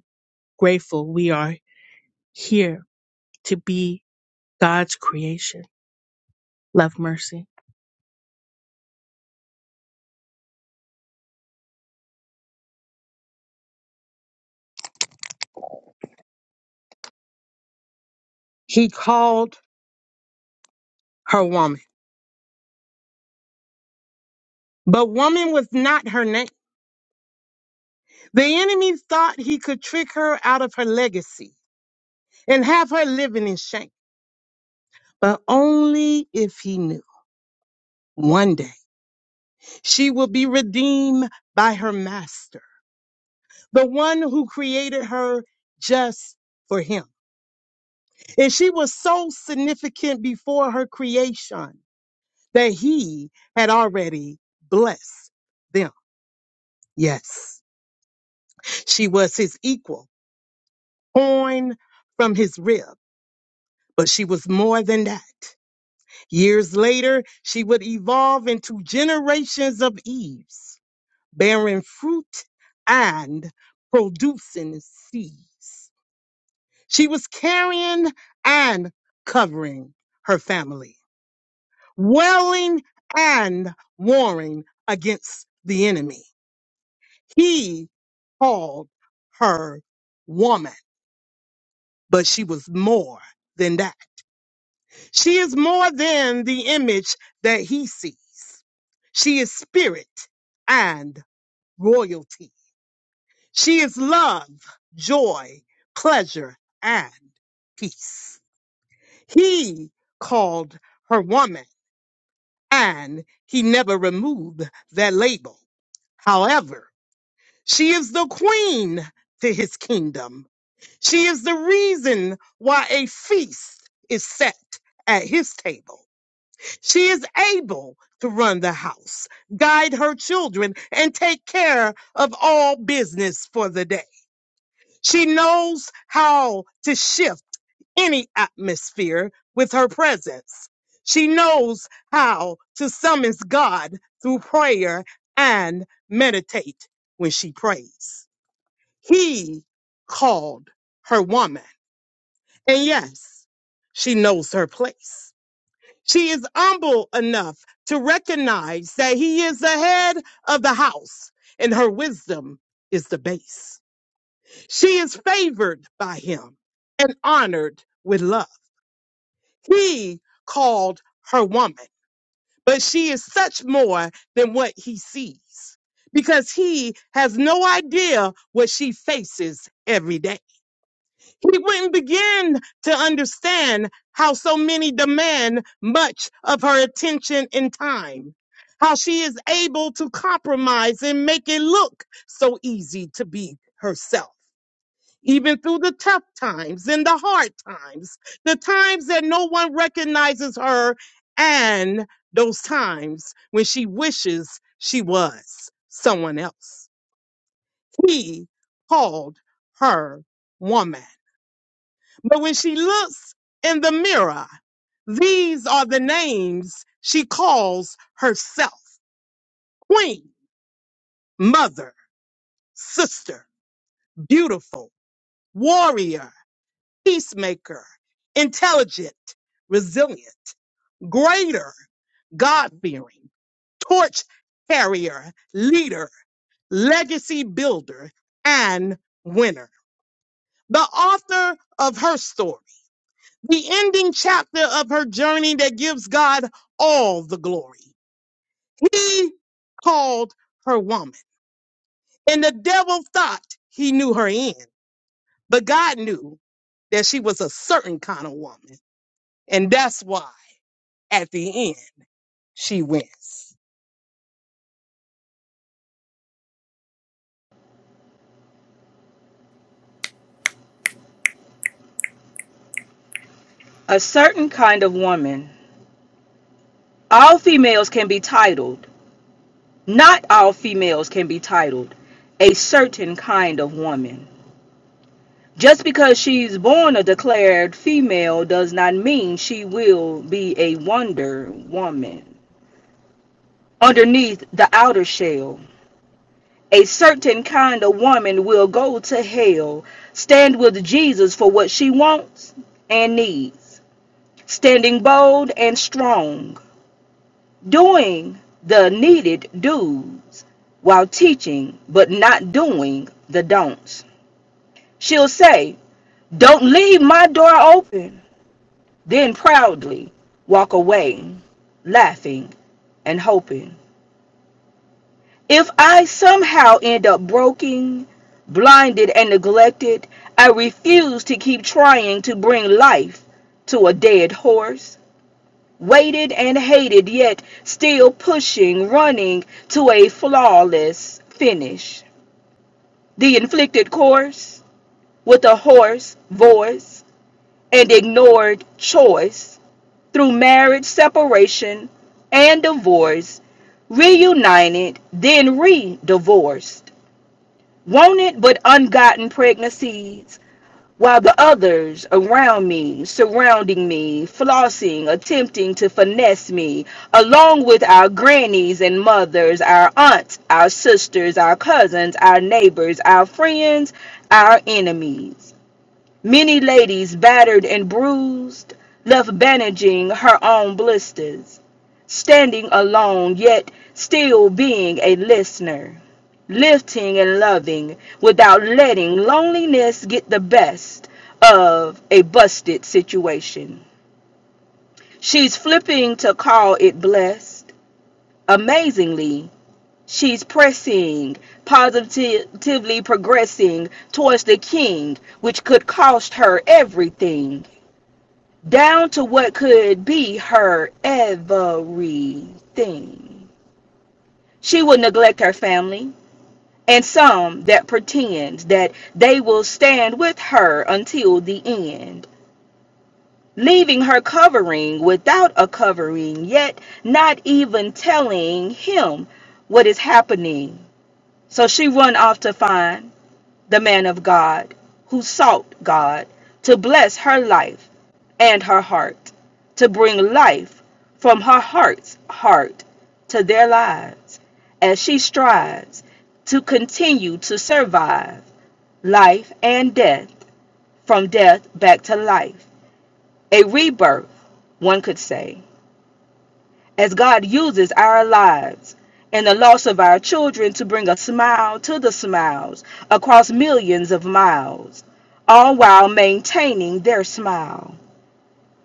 [SPEAKER 13] grateful we are here to be God's creation. Love mercy.
[SPEAKER 1] He called her woman. But woman was not her name. The enemy thought he could trick her out of her legacy and have her living in shame. But only if he knew one day she will be redeemed by her master, the one who created her just for him. And she was so significant before her creation that he had already blessed them. Yes, she was his equal, born from his rib. but she was more than that. Years later, she would evolve into generations of Eves, bearing fruit and producing seeds. She was carrying and covering her family, welling and warring against the enemy. He called her woman, but she was more than that. She is more than the image that he sees. She is spirit and royalty. She is love, joy, pleasure, and peace. He called her woman and he never removed that label. However, she is the queen to his kingdom. She is the reason why a feast is set at his table. She is able to run the house, guide her children, and take care of all business for the day. She knows how to shift any atmosphere with her presence. She knows how to summon God through prayer and meditate when she prays. He called her woman. And yes, she knows her place. She is humble enough to recognize that he is the head of the house and her wisdom is the base. She is favored by him and honored with love. He called her woman, but she is such more than what he sees because he has no idea what she faces every day. We wouldn't begin to understand how so many demand much of her attention and time. How she is able to compromise and make it look so easy to be herself. Even through the tough times and the hard times, the times that no one recognizes her, and those times when she wishes she was someone else. He called her woman. But when she looks in the mirror, these are the names she calls herself Queen, Mother, Sister, Beautiful, Warrior, Peacemaker, Intelligent, Resilient, Greater, God fearing, Torch Carrier, Leader, Legacy Builder, and Winner. The author of her story the ending chapter of her journey that gives God all the glory. He called her woman, and the devil thought he knew her end, but God knew that she was a certain kind of woman, and that's why at the end she wins.
[SPEAKER 14] a certain kind of woman. All females can be titled. Not all females can be titled a certain kind of woman. Just because she's born a declared female does not mean she will be a wonder woman. Underneath the outer shell, a certain kind of woman will go to hell, stand with Jesus for what she wants and needs, standing bold and strong doing the needed do's while teaching, but not doing the don'ts. She'll say, Don't leave my door open, then proudly walk away, laughing and hoping. If I somehow end up broken, blinded, and neglected, I refuse to keep trying to bring life to a dead horse. waited and hated, yet still pushing, running to a flawless finish. The inflicted course with a hoarse voice and ignored choice through marriage separation and divorce, reunited, then re divorced. Wanted but ungotten pregnancies while the others around me, surrounding me, flossing, attempting to finesse me, along with our grannies and mothers, our aunts, our sisters, our cousins, our neighbors, our friends, our enemies. Many ladies, battered and bruised, left bandaging her own blisters, standing alone, yet still being a listener, lifting and loving without letting loneliness get the best of a busted situation. She's flipping to call it blessed. Amazingly, she's pressing, positively progressing towards the king, which could cost her everything down to what could be her everything. She will neglect her family and some that pretend that they will stand with her until the end, leaving her covering without a covering, yet not even telling him what is happening. So she run off to find the man of God who sought God to bless her life and her heart, to bring life from her heart's heart to their lives as she strives to continue to survive life and death, from death back to life. A rebirth, one could say, as God uses our lives and the loss of our children to bring a smile to the smiles across millions of miles, all while maintaining their smile.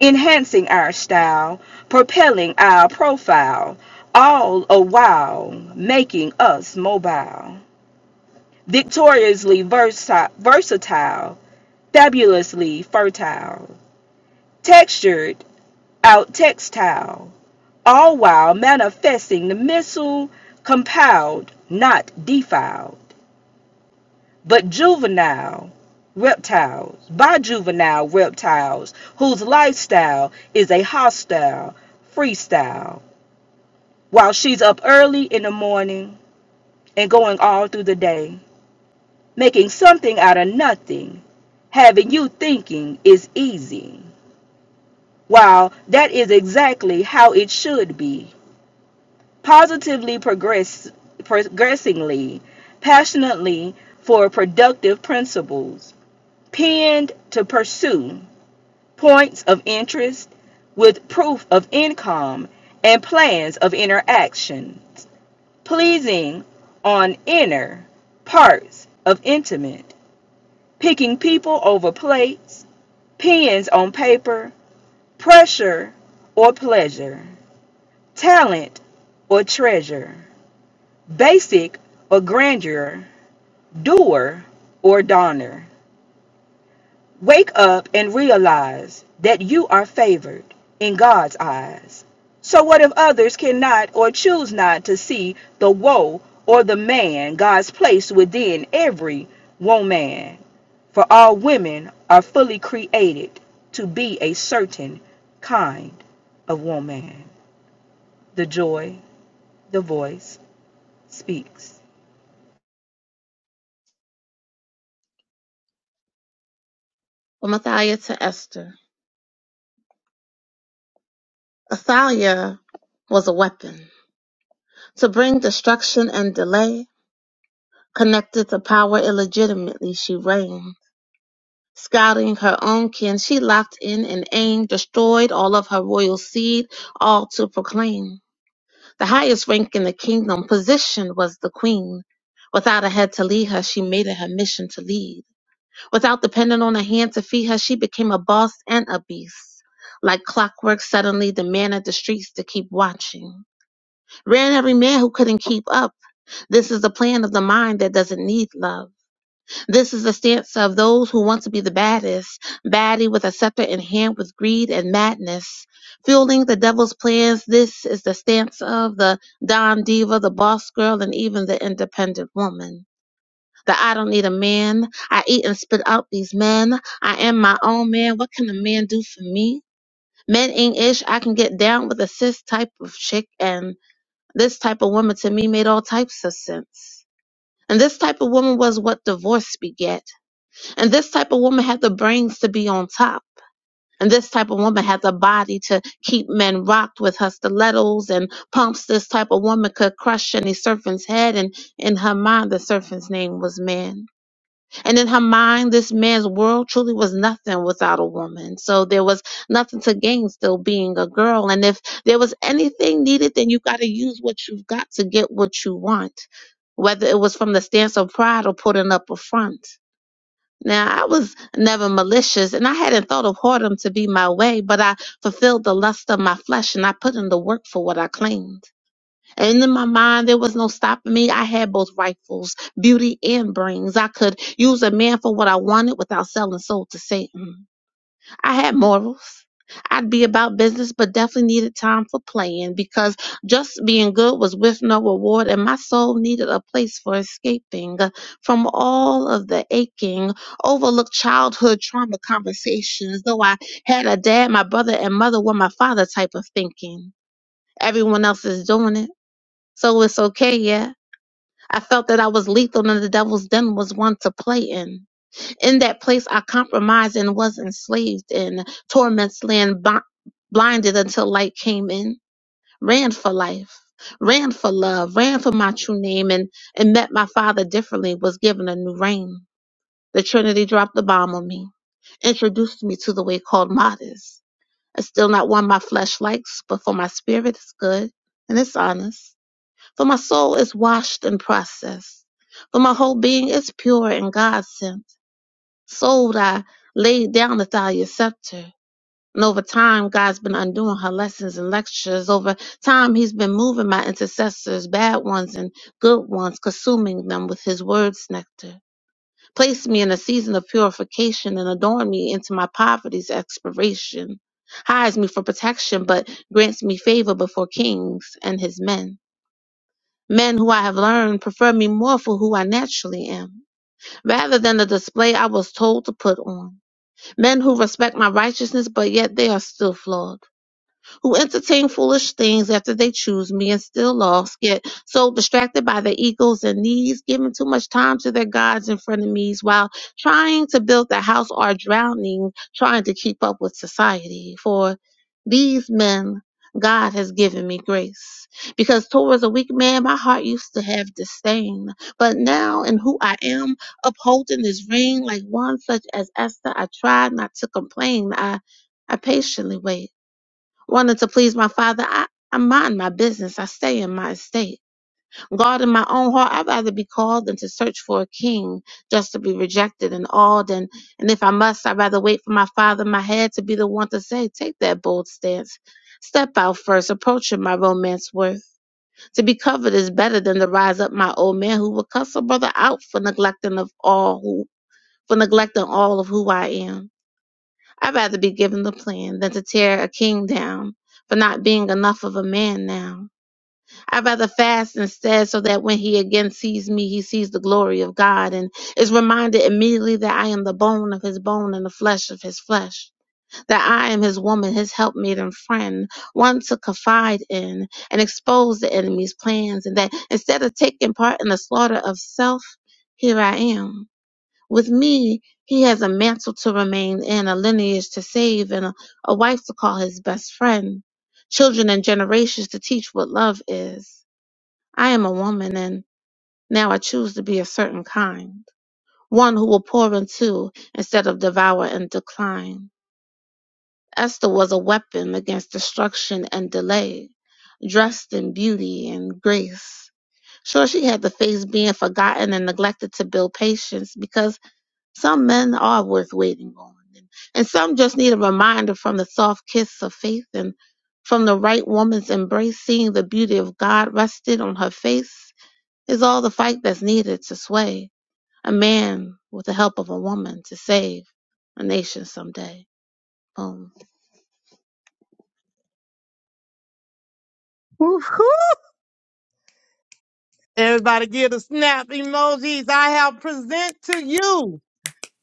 [SPEAKER 14] enhancing our style, propelling our profile, all a while making us mobile, victoriously versi- versatile, fabulously fertile, textured out textile, all while manifesting the missile compiled, not defiled, but juvenile. Reptiles, by juvenile reptiles, whose lifestyle is a hostile freestyle while she's up early in the morning and going all through the day, making something out of nothing, having you thinking is easy, while that is exactly how it should be. Positively progress, progressingly, passionately for productive principles, pinned to pursue points of interest with proof of income and plans of interaction pleasing on inner parts of intimate, picking people over plates, pens on paper, pressure or pleasure, talent or treasure, basic or grandeur, doer or donner. Wake up and realize that you are favored in God's eyes. So, what if others cannot or choose not to see the woe or the man God's placed within every woman? For all women are fully created to be a certain kind of woman. The joy, the voice speaks.
[SPEAKER 2] From Athaliah to Esther. Athaliah was a weapon to bring destruction and delay. Connected to power illegitimately, she reigned. Scouting her own kin, she locked in and aimed, destroyed all of her royal seed, all to proclaim. The highest rank in the kingdom, position was the queen. Without a head to lead her, she made it her mission to lead. Without depending on a hand to feed her, she became a boss and a beast. Like clockwork, suddenly the man at the streets to keep watching. Ran every man who couldn't keep up. This is the plan of the mind that doesn't need love. This is the stance of those who want to be the baddest, baddie with a scepter in hand with greed and madness. Fueling the devil's plans, this is the stance of the Don Diva, the boss girl, and even the independent woman that I don't need a man. I eat and spit out these men. I am my own man. What can a man do for me? Men ain't ish. I can get down with a cis type of chick, and this type of woman to me made all types of sense. And this type of woman was what divorce beget. And this type of woman had the brains to be on top. And this type of woman had the body to keep men rocked with her stilettos and pumps. This type of woman could crush any serpent's head, and in her mind, the serpent's name was man. And in her mind, this man's world truly was nothing without a woman. So there was nothing to gain still being a girl. And if there was anything needed, then you got to use what you've got to get what you want, whether it was from the stance of pride or putting up a front. Now, I was never malicious and I hadn't thought of whoredom to be my way, but I fulfilled the lust of my flesh and I put in the work for what I claimed. And in my mind, there was no stopping me. I had both rifles, beauty and brains. I could use a man for what I wanted without selling soul to Satan. I had morals. I'd be about business, but definitely needed time for playing because just being good was with no reward, and my soul needed a place for escaping from all of the aching, overlooked childhood trauma conversations. Though I had a dad, my brother, and mother were my father type of thinking. Everyone else is doing it so it's okay, yeah. I felt that I was lethal and the devil's den was one to play in. In that place, I compromised and was enslaved in torments, land bi- blinded until light came in. Ran for life, ran for love, ran for my true name, and, and met my father differently, was given a new reign. The Trinity dropped the bomb on me, introduced me to the way called modest. It's still not one my flesh likes, but for my spirit, it's good and it's honest. For my soul is washed and processed. For my whole being is pure and God sent. Sold, I laid down Nathalia's scepter. And over time, God's been undoing her lessons and lectures. Over time, He's been moving my intercessors, bad ones and good ones, consuming them with His word's nectar. Place me in a season of purification and adorn me into my poverty's expiration. Hides me for protection, but grants me favor before kings and His men. Men who I have learned prefer me more for who I naturally am, rather than the display I was told to put on. Men who respect my righteousness, but yet they are still flawed who entertain foolish things after they choose me and still lost, get so distracted by their egos and needs, giving too much time to their gods and frenemies while trying to build the house or drowning, trying to keep up with society. For these men, God has given me grace. Because towards a weak man, my heart used to have disdain. But now, in who I am, upholding this ring like one such as Esther, I tried not to complain. I, I patiently wait wanted to please my father, I, I mind my business. I stay in my estate. God in my own heart, I'd rather be called than to search for a king just to be rejected and awed. And, and if I must, I'd rather wait for my father, my head, to be the one to say, take that bold stance. Step out first, approaching my romance worth. To be covered is better than to rise up my old man who will cuss a brother out for neglecting of all who, for neglecting all of who I am. I'd rather be given the plan than to tear a king down for not being enough of a man now. I'd rather fast instead so that when he again sees me, he sees the glory of God and is reminded immediately that I am the bone of his bone and the flesh of his flesh, that I am his woman, his helpmate and friend, one to confide in and expose the enemy's plans, and that instead of taking part in the slaughter of self, here I am. With me, he has a mantle to remain in, a lineage to save, and a, a wife to call his best friend, children and generations to teach what love is. I am a woman, and now I choose to be a certain kind, one who will pour into instead of devour and decline. Esther was a weapon against destruction and delay, dressed in beauty and grace. Sure, she had to face being forgotten and neglected to build patience because some men are worth waiting on, and, and some just need a reminder from the soft kiss of faith and from the right woman's embrace. Seeing the beauty of God rested on her face is all the fight that's needed to sway a man with the help of a woman to save a nation someday. Boom.
[SPEAKER 1] Woo-hoo. Everybody give the snap emojis. I have present to you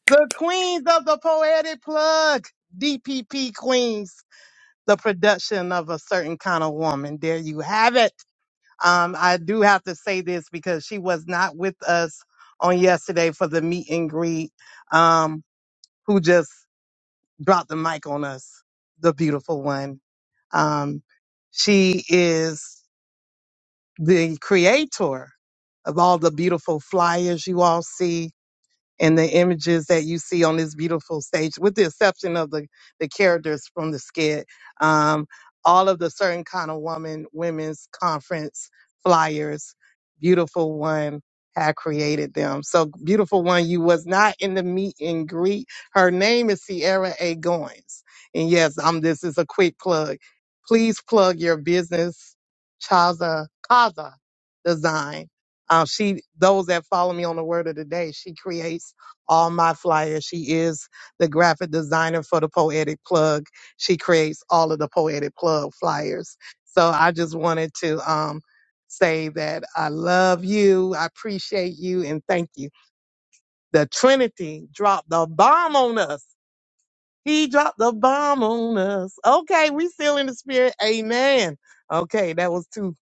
[SPEAKER 1] the queens of the poetic plug, DPP queens. the production of a certain kind of woman. There you have it. Um, I do have to say this because she was not with us on yesterday for the meet and greet, um, who just dropped the mic on us, the beautiful one. Um, she is the creator of all the beautiful flyers you all see and the images that you see on this beautiful stage, with the exception of the, the characters from the skit, um, all of the certain kind of woman women's conference flyers, beautiful one had created them. So beautiful one, you was not in the meet and greet. Her name is Sierra A. Goins. And yes, um, this is a quick plug. Please plug your business, Chaza Kaza Design uh, she, those that follow me on the word of the day, she creates all my flyers. She is the graphic designer for the Poetic Plug. She creates all of the Poetic Plug flyers. So I just wanted to um, say that I love you, I appreciate you, and thank you. The Trinity dropped the bomb on us. He dropped the bomb on us. Okay, we still in the spirit. Amen. Okay, that was two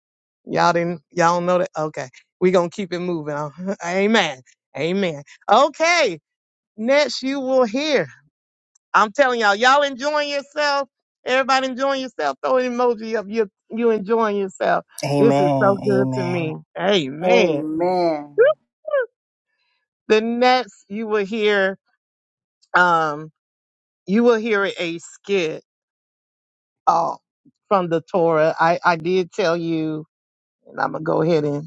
[SPEAKER 1] Y'all didn't y'all don't know that? Okay. we gonna keep it moving. on. Amen. Amen. Okay. Next you will hear. I'm telling y'all, y'all enjoying yourself. Everybody enjoying yourself. Throw an emoji up. You you enjoying yourself. This is so
[SPEAKER 8] Amen.
[SPEAKER 1] good to
[SPEAKER 8] Amen.
[SPEAKER 1] me. Amen.
[SPEAKER 9] Amen.
[SPEAKER 1] The next you will hear um you will hear a skit uh, from the Torah. I, I did tell you, and I'm gonna go ahead and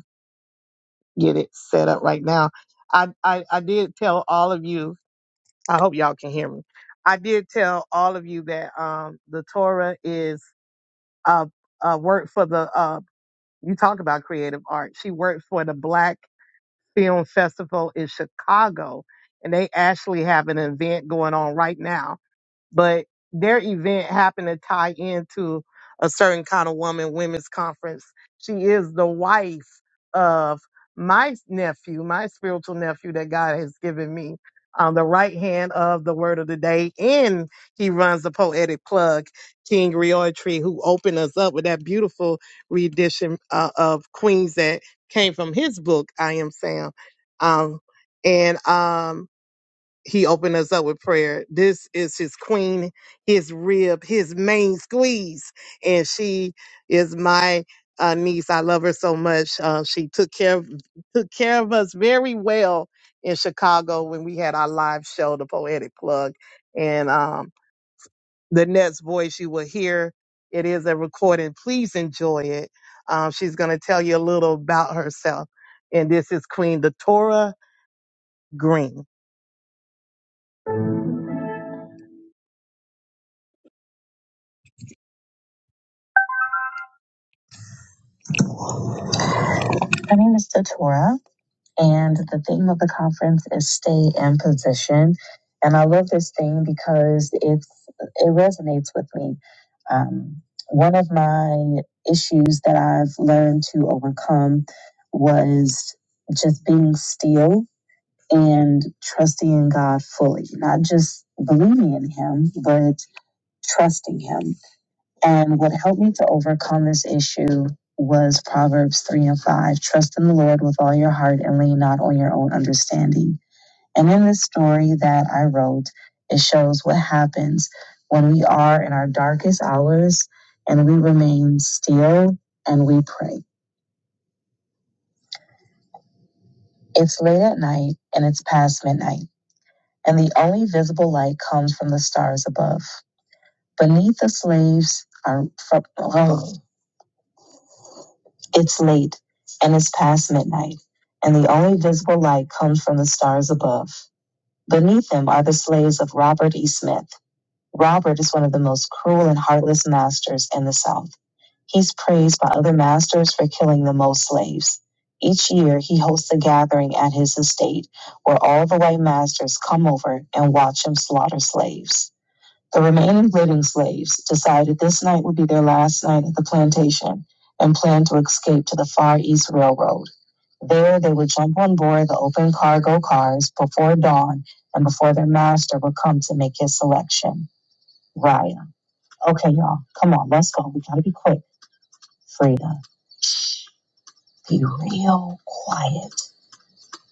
[SPEAKER 1] get it set up right now. I, I, I did tell all of you, I hope y'all can hear me. I did tell all of you that um, the Torah is a, a work for the, uh, you talk about creative art. She worked for the Black Film Festival in Chicago, and they actually have an event going on right now but their event happened to tie into a certain kind of woman women's conference. She is the wife of my nephew, my spiritual nephew that God has given me, on the right hand of the word of the day. And he runs the poetic plug, King Tree, who opened us up with that beautiful rendition uh, of Queens that came from his book, I Am Sam. Um, and um, he opened us up with prayer. This is his queen, his rib, his main squeeze. And she is my uh, niece. I love her so much. Uh, she took care of, took care of us very well in Chicago when we had our live show, The Poetic Plug. And um, the next voice you will hear, it is a recording. Please enjoy it. Um, she's going to tell you a little about herself. And this is Queen Datora Green. My name is Datora. And the theme of the conference is stay in position. And I love this theme because it's it resonates with me. Um, one of my issues that I've learned to overcome was just being still and trusting in God fully, not just believing in Him, but trusting Him and what helped me to overcome this issue was Proverbs 3 and 5 Trust in the Lord with all your heart and lean not on your own understanding. And in this story that I wrote, it shows what happens when we are in our darkest hours and we remain still and we pray. It's late at night and it's past midnight, and the only visible light comes from the stars above. Beneath the slaves are from, oh, It's late, and it's past midnight, and the only visible light comes from the stars above. Beneath them are the slaves of Robert E. Smith. Robert is one of the most cruel and heartless masters in the South. He's praised by other masters for killing the most slaves. Each year, he hosts a gathering at his estate where all the white masters come over and watch him slaughter slaves. The remaining living slaves decided this night would be their last night at the plantation and planned to escape to the Far East Railroad. There, they would jump on board the open cargo cars before dawn and before their master would come to make his selection. Raya. Okay, y'all, come on, let's go. We gotta be quick. Frida, be real quiet.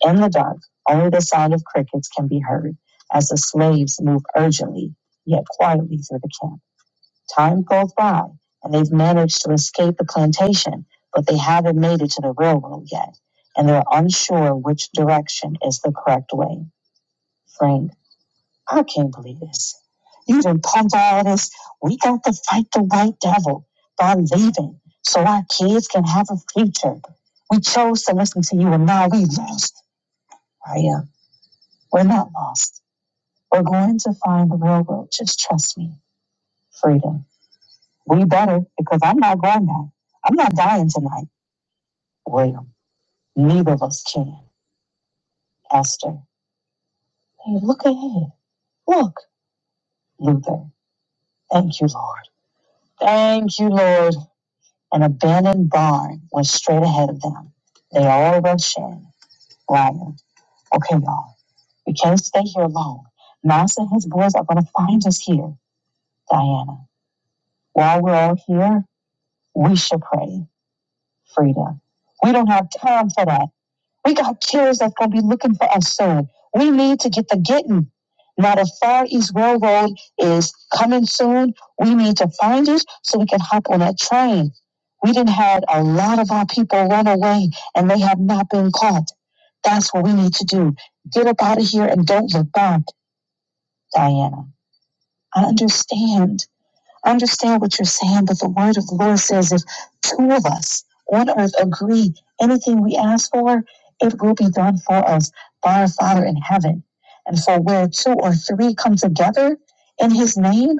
[SPEAKER 1] In the dark, only the sound of crickets can be heard as the slaves move urgently yet quietly through the camp. Time goes by, and they've managed to escape the plantation, but they haven't made it to the railroad yet, and they're unsure which direction is the correct way. Frank, I can't believe this. You done pumped all this. We got to fight the white devil by leaving so our kids can have a future. We chose to listen to you, and now we lost. Raya, we're not lost. We're going to find the railroad. Just trust me. Freedom. We better because I'm not going now. I'm not dying tonight. William, neither of us can. Esther, hey, look ahead. Look, Luther. Thank you, Lord. Thank you, Lord. An abandoned barn went straight ahead of them. They all rushed in. Ryan, okay, y'all. We can't stay here alone. Mouse and his boys are going to find us here. Diana, while we're all here, we should pray. Frida, we don't have time for that. We got killers that's gonna be looking for us soon. We need to get the getting. Now the Far East Railroad is coming soon. We need to find it so we can hop on that train. We didn't had a lot of our people run away and they have not been caught. That's what we need to do. Get up out of here and don't look back, Diana. I understand understand what you're saying, but the word of the Lord says if two of us on earth agree anything we ask for, it will be done for us by our Father in heaven. And for where two or three come together in his name,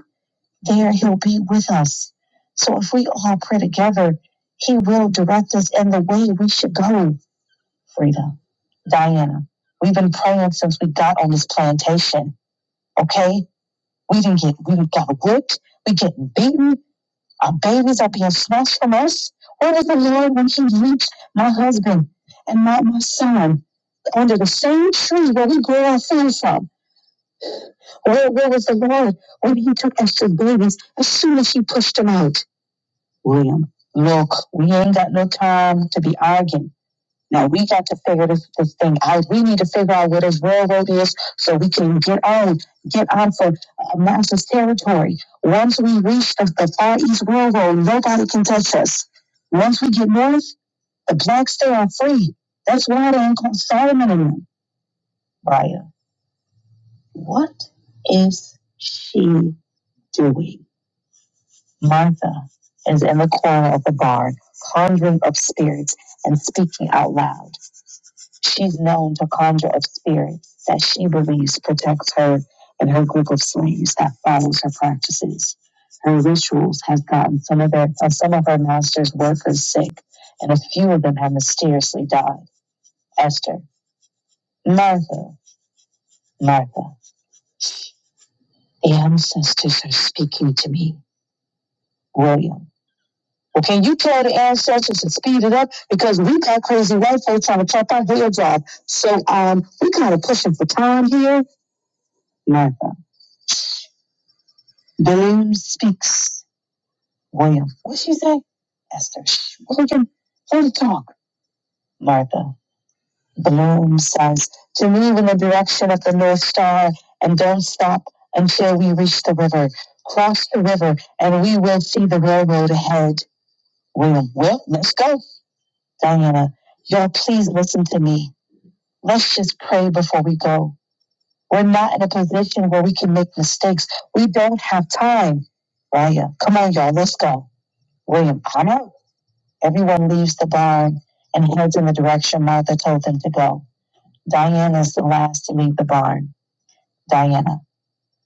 [SPEAKER 1] there he'll be with us. So if we all pray together, he will direct us in the way we should go, Frida. Diana, we've been praying since we got on this plantation, okay? We didn't get, we got whipped, we get beaten, our babies are being snatched from us. Where was the Lord when He reached my husband and my, my son under the same tree where we grew our son from? Where, where was the Lord when He took Esther's babies as soon as He pushed them out? William, look, we ain't got no time to be arguing. No, we got to figure this, this thing out. We need to figure out what this railroad is so we can get on, get on for uh, Manassas territory. Once we reach the, the Far East Railroad, nobody can touch us. Once we get north, the blacks there are free. That's why they ain't called Solomon and them. Raya, what is she doing? Martha is in the corner of the barn, conjuring up spirits and speaking out loud. She's known to conjure up spirits that she believes protects her and her group of slaves that follows her practices. Her rituals have gotten some of their uh, some of her master's workers sick, and a few of them have mysteriously died. Esther, Martha, Martha, the ancestors are speaking to me. William. Well, can you tell the ancestors to speed it up? Because we got crazy white folks trying to chop our heads off. So um, we kind of pushing for time here. Martha. Balaam speaks. William. What she say? Esther. "Shh, William, hold the talk. Martha. Balaam says to move in the direction of the North Star and don't stop until we reach the river. Cross the river and we will see the railroad ahead. William. Well, let's go. Diana. Y'all, please listen to me. Let's just pray before we go. We're not in a position where we can make mistakes. We don't have time. Raya, come on, y'all. Let's go. William Anna? Everyone leaves the barn and heads in the direction Martha told them to go. Diana is the last to leave the barn. Diana.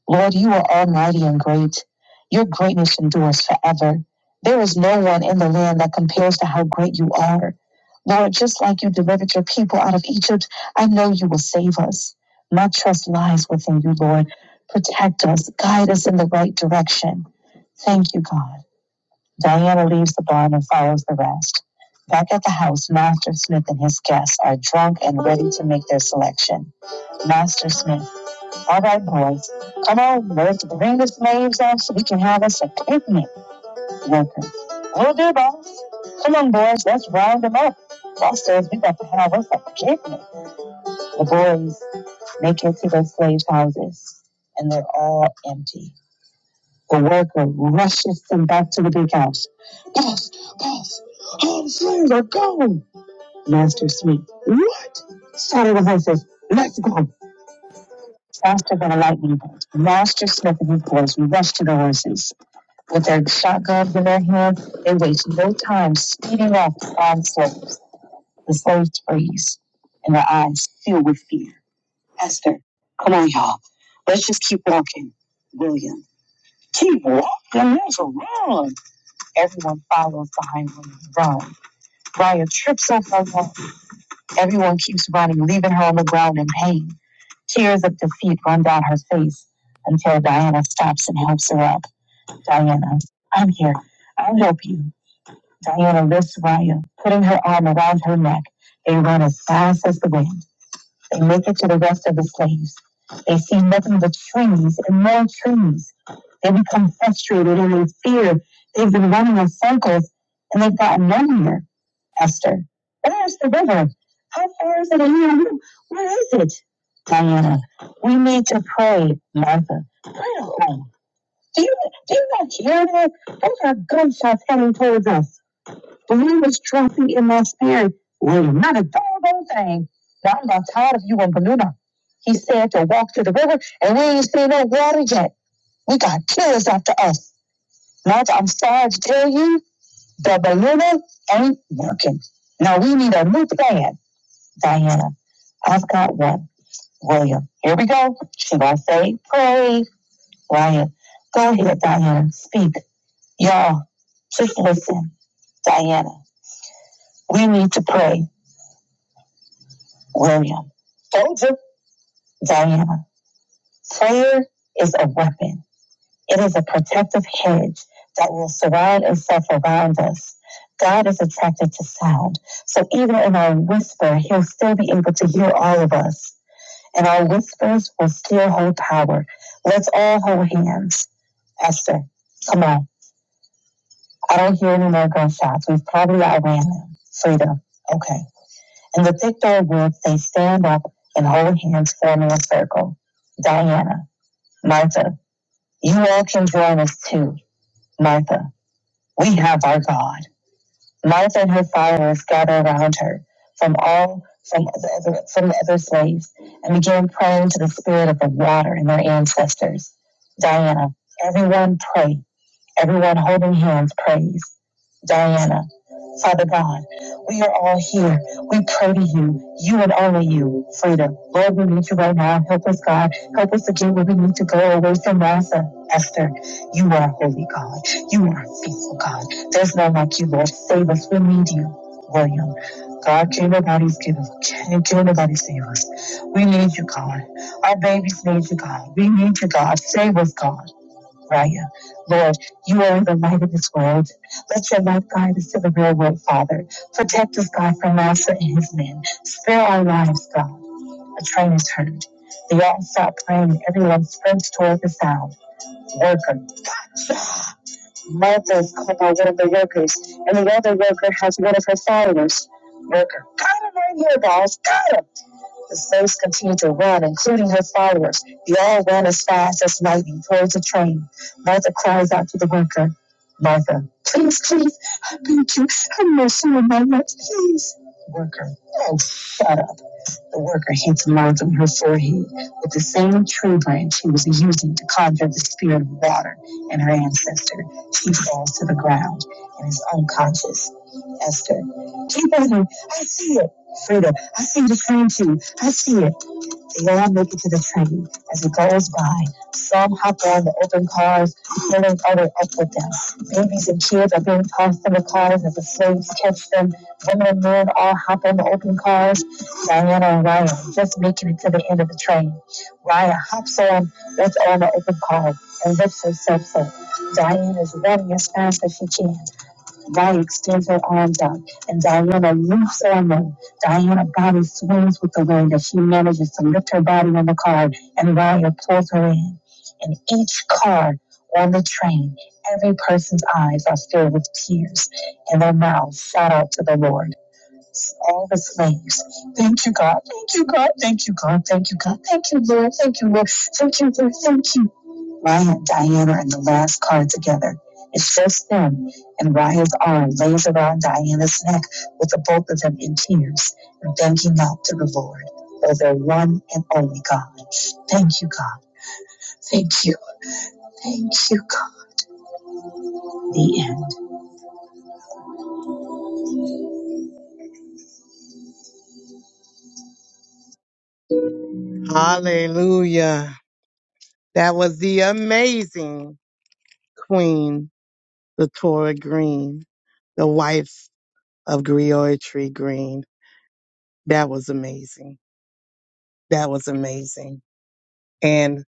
[SPEAKER 1] Lord, you are almighty and great. Your greatness endures forever. There is no one in the land that compares to how great you are. Lord, just like you delivered your people out of Egypt, I know you will save us. My trust lies within you, Lord. Protect us, guide us in the right direction. Thank you, God. Diana leaves the barn and follows the rest. Back at the house, Master Smith and his guests are drunk and ready to make their selection. Master Smith, all right, boys, come on, let's bring the slaves out so we can have us a picnic. Worker, will do, boss. Come on, boys, let's round them up. Boss says we got to have us a picnic. The boys make it to their slave houses, and they're all empty. The worker rushes them back to the big house. Boss, boss, all the slaves are gone. Master Smith, what? Saddle the horses. Let's go. Faster than a lightning bolt, Master Smith and his boys rushed to the horses. With their shotguns in their hands, they waste no time speeding off the armed slaves. The slaves freeze, and their eyes fill with fear. Esther, come on, y'all. Let's just keep walking. William, keep walking. Let's run. Everyone follows behind Ryan. Ryan trips over her. Everyone keeps running, leaving her on the ground in pain. Tears of defeat run down her face until Diana stops and helps her up. Diana, I'm here. I'll help you. Diana lifts Raya, putting her arm around her neck. They run as fast as the wind. They make it to the rest of the slaves. They see nothing but trees and more trees. They become frustrated and they fear. They've been running in circles and they've gotten nowhere, Esther. Where's the river? How far is it in you? Where is it? Diana, we need to pray, Martha. Pray alone. Do you, do you not hear that? Those are gunshots heading towards us. Blue was trophy in my spirit. William, not a minute, doggone thing. Now I'm not tired of you and Baluna. He said to walk to the river, and we ain't seen no water yet. We got killers after us. Not, I'm sorry to tell you, the Baluna ain't working. Now we need a new plan. Diana, I've got one. William, here we go. She gonna say, pray. Ryan, go ahead, Diana, speak. Y'all, just listen. Diana, we need to pray. William. Diana, prayer is a weapon. It is a protective hedge that will surround itself around us. God is attracted to sound. So even in our whisper, he'll still be able to hear all of us. And our whispers will still hold power. Let's all hold hands. Esther, come on. I don't hear any more gunshots. We've probably outran them. Freedom. Okay. In the thick dark woods, they stand up and hold hands, forming a circle. Diana, Martha. You actions were us too, Martha. We have our God. Martha and her followers gathered around her from all from the other, from the other slaves and began praying to the spirit of the water and their ancestors. Diana, everyone pray. Everyone holding hands prays. Diana, Father God, we are all here. We pray to you, you and only you, freedom. Lord, we need you right now. Help us, God. Help us to get where we need to go away from Martha. Esther, you are holy God. You are faithful God. There's no like you, Lord. Save us. We need you. William, God, can nobody's give us. Can can nobody save us? We need you, God. Our babies need you, God. We need you, God. Save us, God. Raya. Lord, you are the light of this world. Let your light guide us to the real world, Father. Protect us, God, from Master and his men. Spare our lives, God. A train is heard. They all stop praying, and everyone sprints toward the sound. Worker. Martha is called by one of the workers, and the other worker has one of her followers. Worker. Got him right here, guys. Got him. The slaves continued to run, including her followers. They all ran as fast as lightning towards the train. Martha cries out to the worker, Martha, please, please, I beg you, have mercy on my life, please. Worker, oh, shut up. The worker hit the mark on her forehead with the same tree branch she was using to conjure the spirit of water and her ancestor. She falls to the ground and is unconscious. Esther, keep on her. I see it. Frida, I see the same too. I see it. They all make it to the tree as it goes by. Some hop on the open cars, pulling other up with them. Babies and kids are being tossed in the cars as the slaves catch them. Women and men all hop on the open cars. Diana and Raya just making it to the end of the train. Raya hops on, what's on the open car, and lifts herself up. Diana is running as fast as she can. God extends her arms out, and Diana loops her arm. Diana's body swings with the wind as she manages to lift her body on the card, and Ryder pulls her in. In each car on the train, every person's eyes are filled with tears, and their mouths shout out to the Lord all the things. Thank you, God. Thank you, God. Thank you, God. Thank you, God. Thank you, Lord. Thank you, Lord. Thank you, Lord. Thank you. Ryan, Diana, and the last card together. It's just them, and Raya's arm lays around Diana's neck with the both of them in tears and thanking out to the Lord, for their one and only God. Thank you, God. Thank you. Thank you, God. The end. Hallelujah. That was the amazing Queen the Torah Green, the wife of Griotry Green. That was amazing. That was amazing. And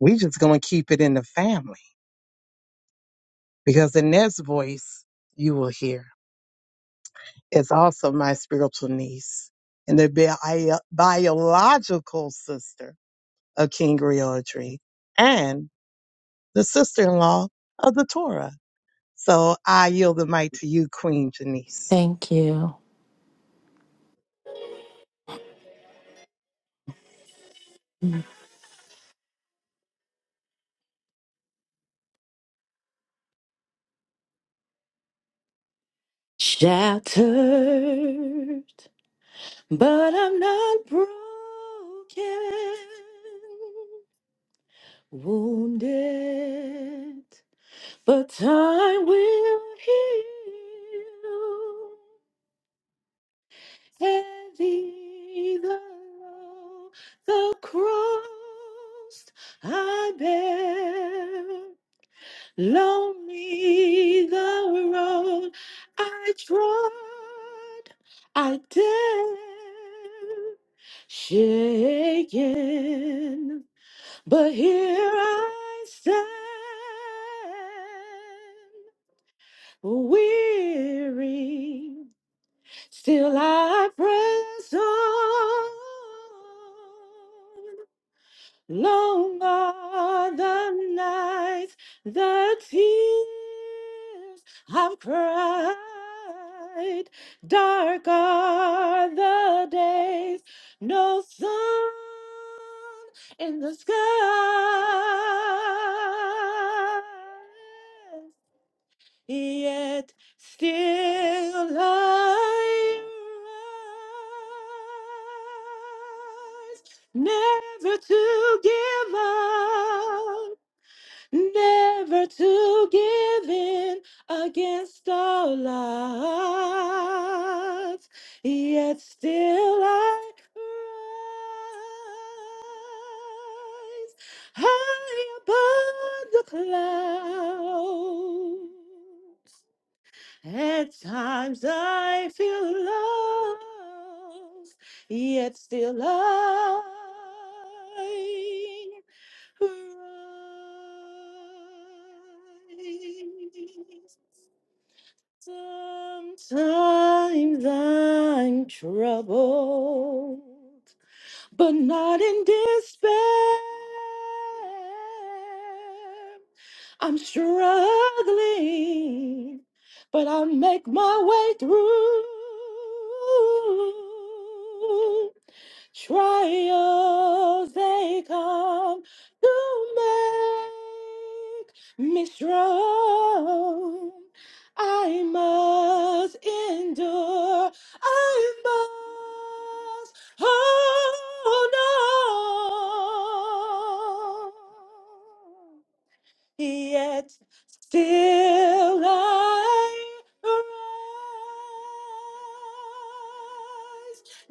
[SPEAKER 1] we just gonna keep it in the family because the next voice you will hear is also my spiritual niece and the bi- biological sister of King Griotry and the sister-in-law of the Torah. So I yield the mic to you, Queen Janice.
[SPEAKER 6] Thank you. Shattered, but I'm not broken. Wounded, but time will heal. Heavy the load across I bear. Lonely the road I trod, I dare, shaken, but here I stand, weary, still I press on. Long are the nights, the tears I've cried. Dark are the days, no sun in the sky yet still I rise. Never to give up, never to give in against all odds, yet still I rise high above the clouds. At times I feel lost, yet still I rise. Sometimes I'm troubled, but not in despair. I'm struggling, but I'll make my way through. Trials they come to make me strong. I must endure. I must hold on yet still I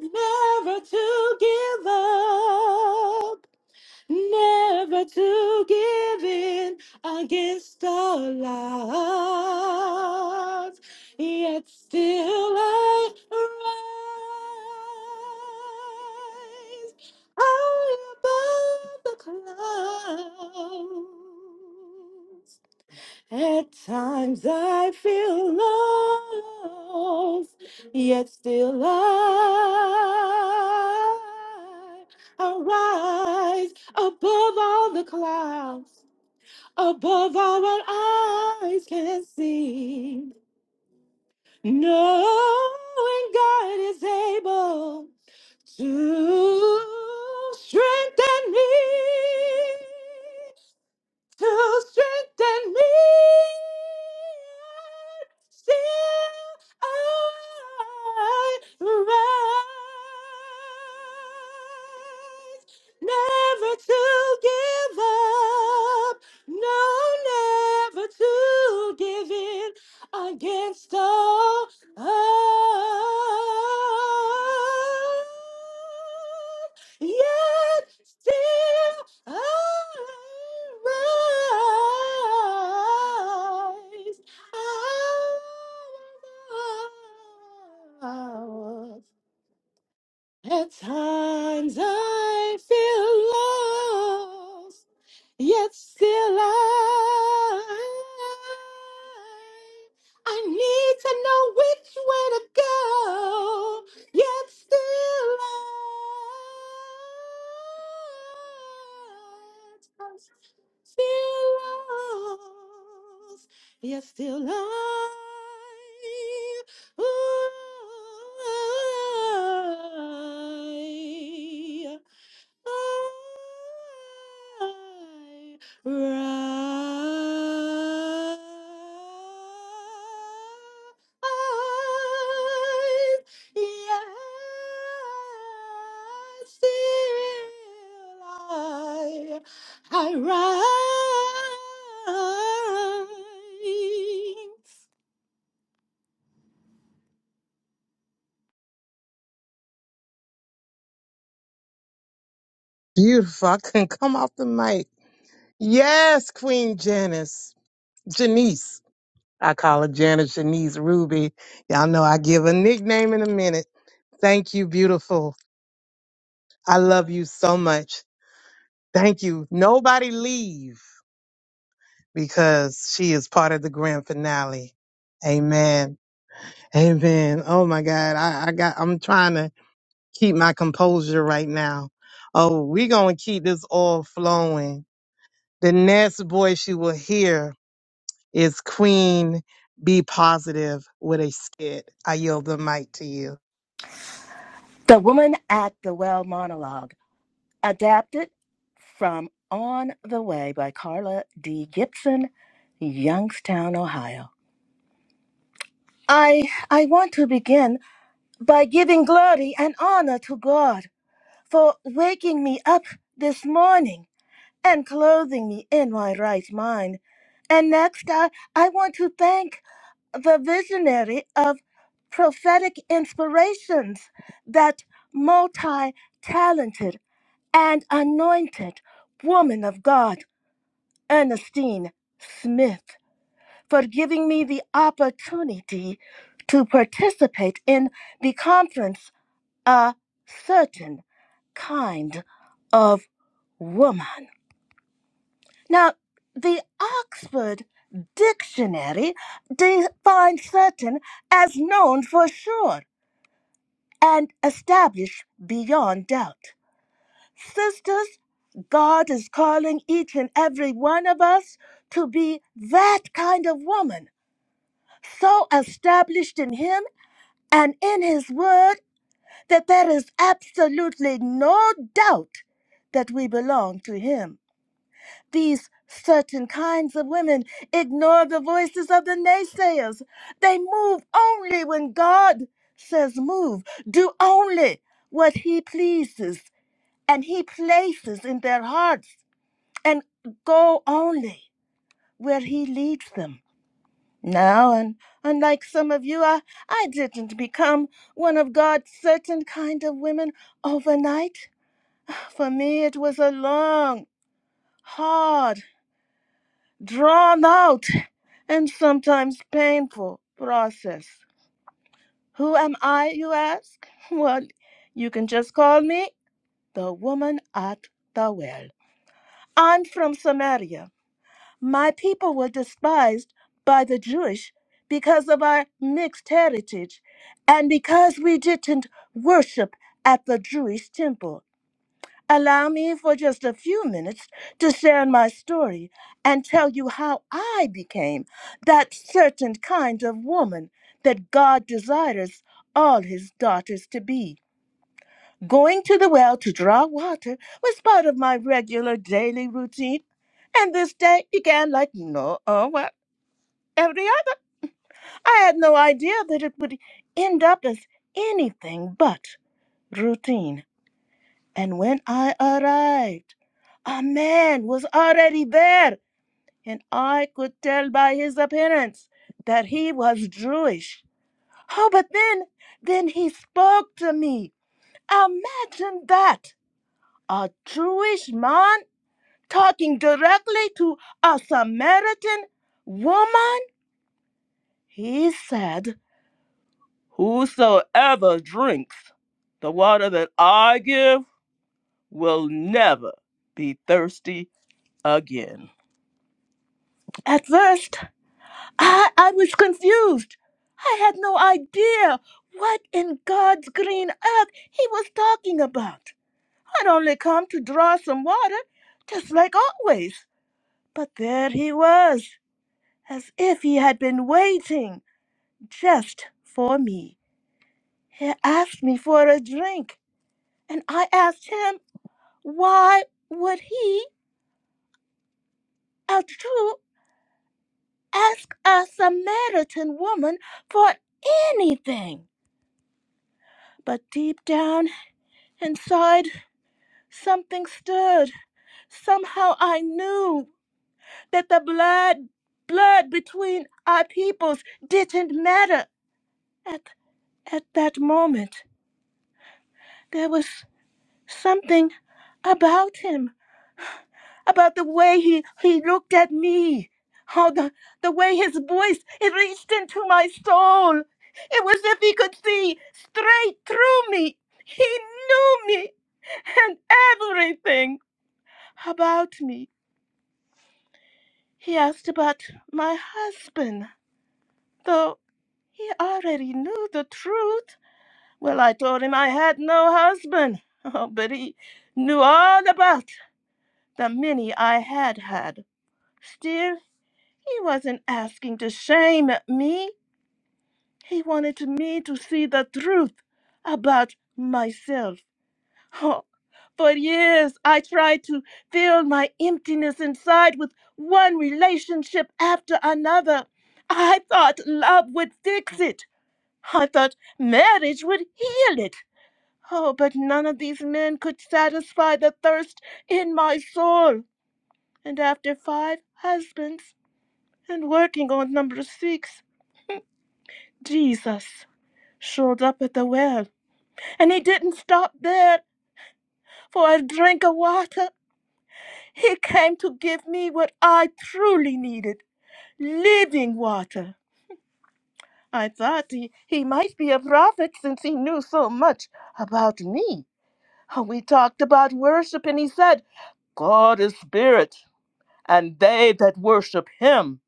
[SPEAKER 6] rise, never to give up never to give in against all odds. Yet still I rise high above the clouds. At times I feel lost, yet still I arise above all the clouds, above all what eyes can see. Knowing God is able to strengthen me to strengthen me. Still I rise, never to give up, no, never to give in against all odds. Yet still Arise, arise. At times I feel lost. Yet still I, I need to know which way to go. Yet still I, still lost. Yet still I, ooh, I rise. Yes, still I, I rise.
[SPEAKER 1] Beautiful. I couldn't come off the mic. Yes, Queen Janice. Janice. I call her Janice Janice Ruby. Y'all know I give a nickname in a minute. Thank you, beautiful. I love you so much. Thank you. Nobody leave because she is part of the grand finale. Amen. Amen. Oh my God. I, I got I'm trying to keep my composure right now. Oh, we're gonna keep this all flowing. The next voice you will hear is Queen Be Positive with a skit. I yield the mic to you.
[SPEAKER 4] The Woman at the Well monologue, adapted from On the Way by Carla D. Gibson, Youngstown, Ohio. I I want to begin by giving glory and honor to God for waking me up this morning. and clothing me in my right mind. And next, I, I want to thank the visionary of prophetic inspirations, that multi talented and anointed woman of God, Ernestine Smith, for giving me the opportunity to participate in the conference, A Certain Kind of Woman. Now, the Oxford Dictionary defines certain as known for sure and established beyond doubt. Sisters, God is calling each and every one of us to be that kind of woman, so established in Him and in His Word that there is absolutely no doubt that we belong to Him. These certain kinds of women ignore the voices of the naysayers. They move only when God says move, do only what He pleases and He places in their hearts, and go only where He leads them. Now, and unlike some of you, I, I didn't become one of God's certain kind of women overnight. For me, it was a long, hard, drawn out, and sometimes painful process. Who am I, you ask? Well, you can just call me the woman at the well. I'm from Samaria. My people were despised by the Jewish because of our mixed heritage and because we didn't worship at the Jewish temple. Allow me for just a few minutes to share my story and tell you how I became that certain kind of woman that God desires all his daughters to be. Going to the well to draw water was part of my regular daily routine, and this day began like no uh, what every other. I had no idea that it would end up as anything but routine. And when I arrived, a man was already there, and I could tell by his appearance that he was Jewish. Oh, but then, then he spoke to me. Imagine that! A Jewish man talking directly to a Samaritan woman? He said, Whosoever drinks the water that I give will never be thirsty again. At first, I, I was confused. I had no idea what in God's green earth he was talking about. I'd only come to draw some water, just like always. But there he was, as if he had been waiting just for me. He asked me for a drink, and I asked him why would he, a Jew, ask a Samaritan woman for anything? But deep down inside, something stirred. Somehow I knew that the blood, blood between our peoples didn't matter. At, at that moment, there was something about him, about the way he, he looked at me, how the, the way his voice, it reached into my soul. It was as if he could see straight through me. He knew me and everything. about me. He asked about my husband, though he already knew the truth. Well, I told him I had no husband, oh, but he knew all about the many I had had. Still, he wasn't asking to shame me. He wanted me to see the truth about myself. Oh, for years, I tried to fill my emptiness inside with one relationship after another. I thought love would fix it. I thought marriage would heal it. Oh, but none of these men could satisfy the thirst in my soul. And after five husbands and working on number six, Jesus showed up at the well. And he didn't stop there for a drink of water. He came to give me what I truly needed living water. I thought he, he might be a prophet since he knew so much about me. We talked about worship, and he said, God is spirit, and they that worship him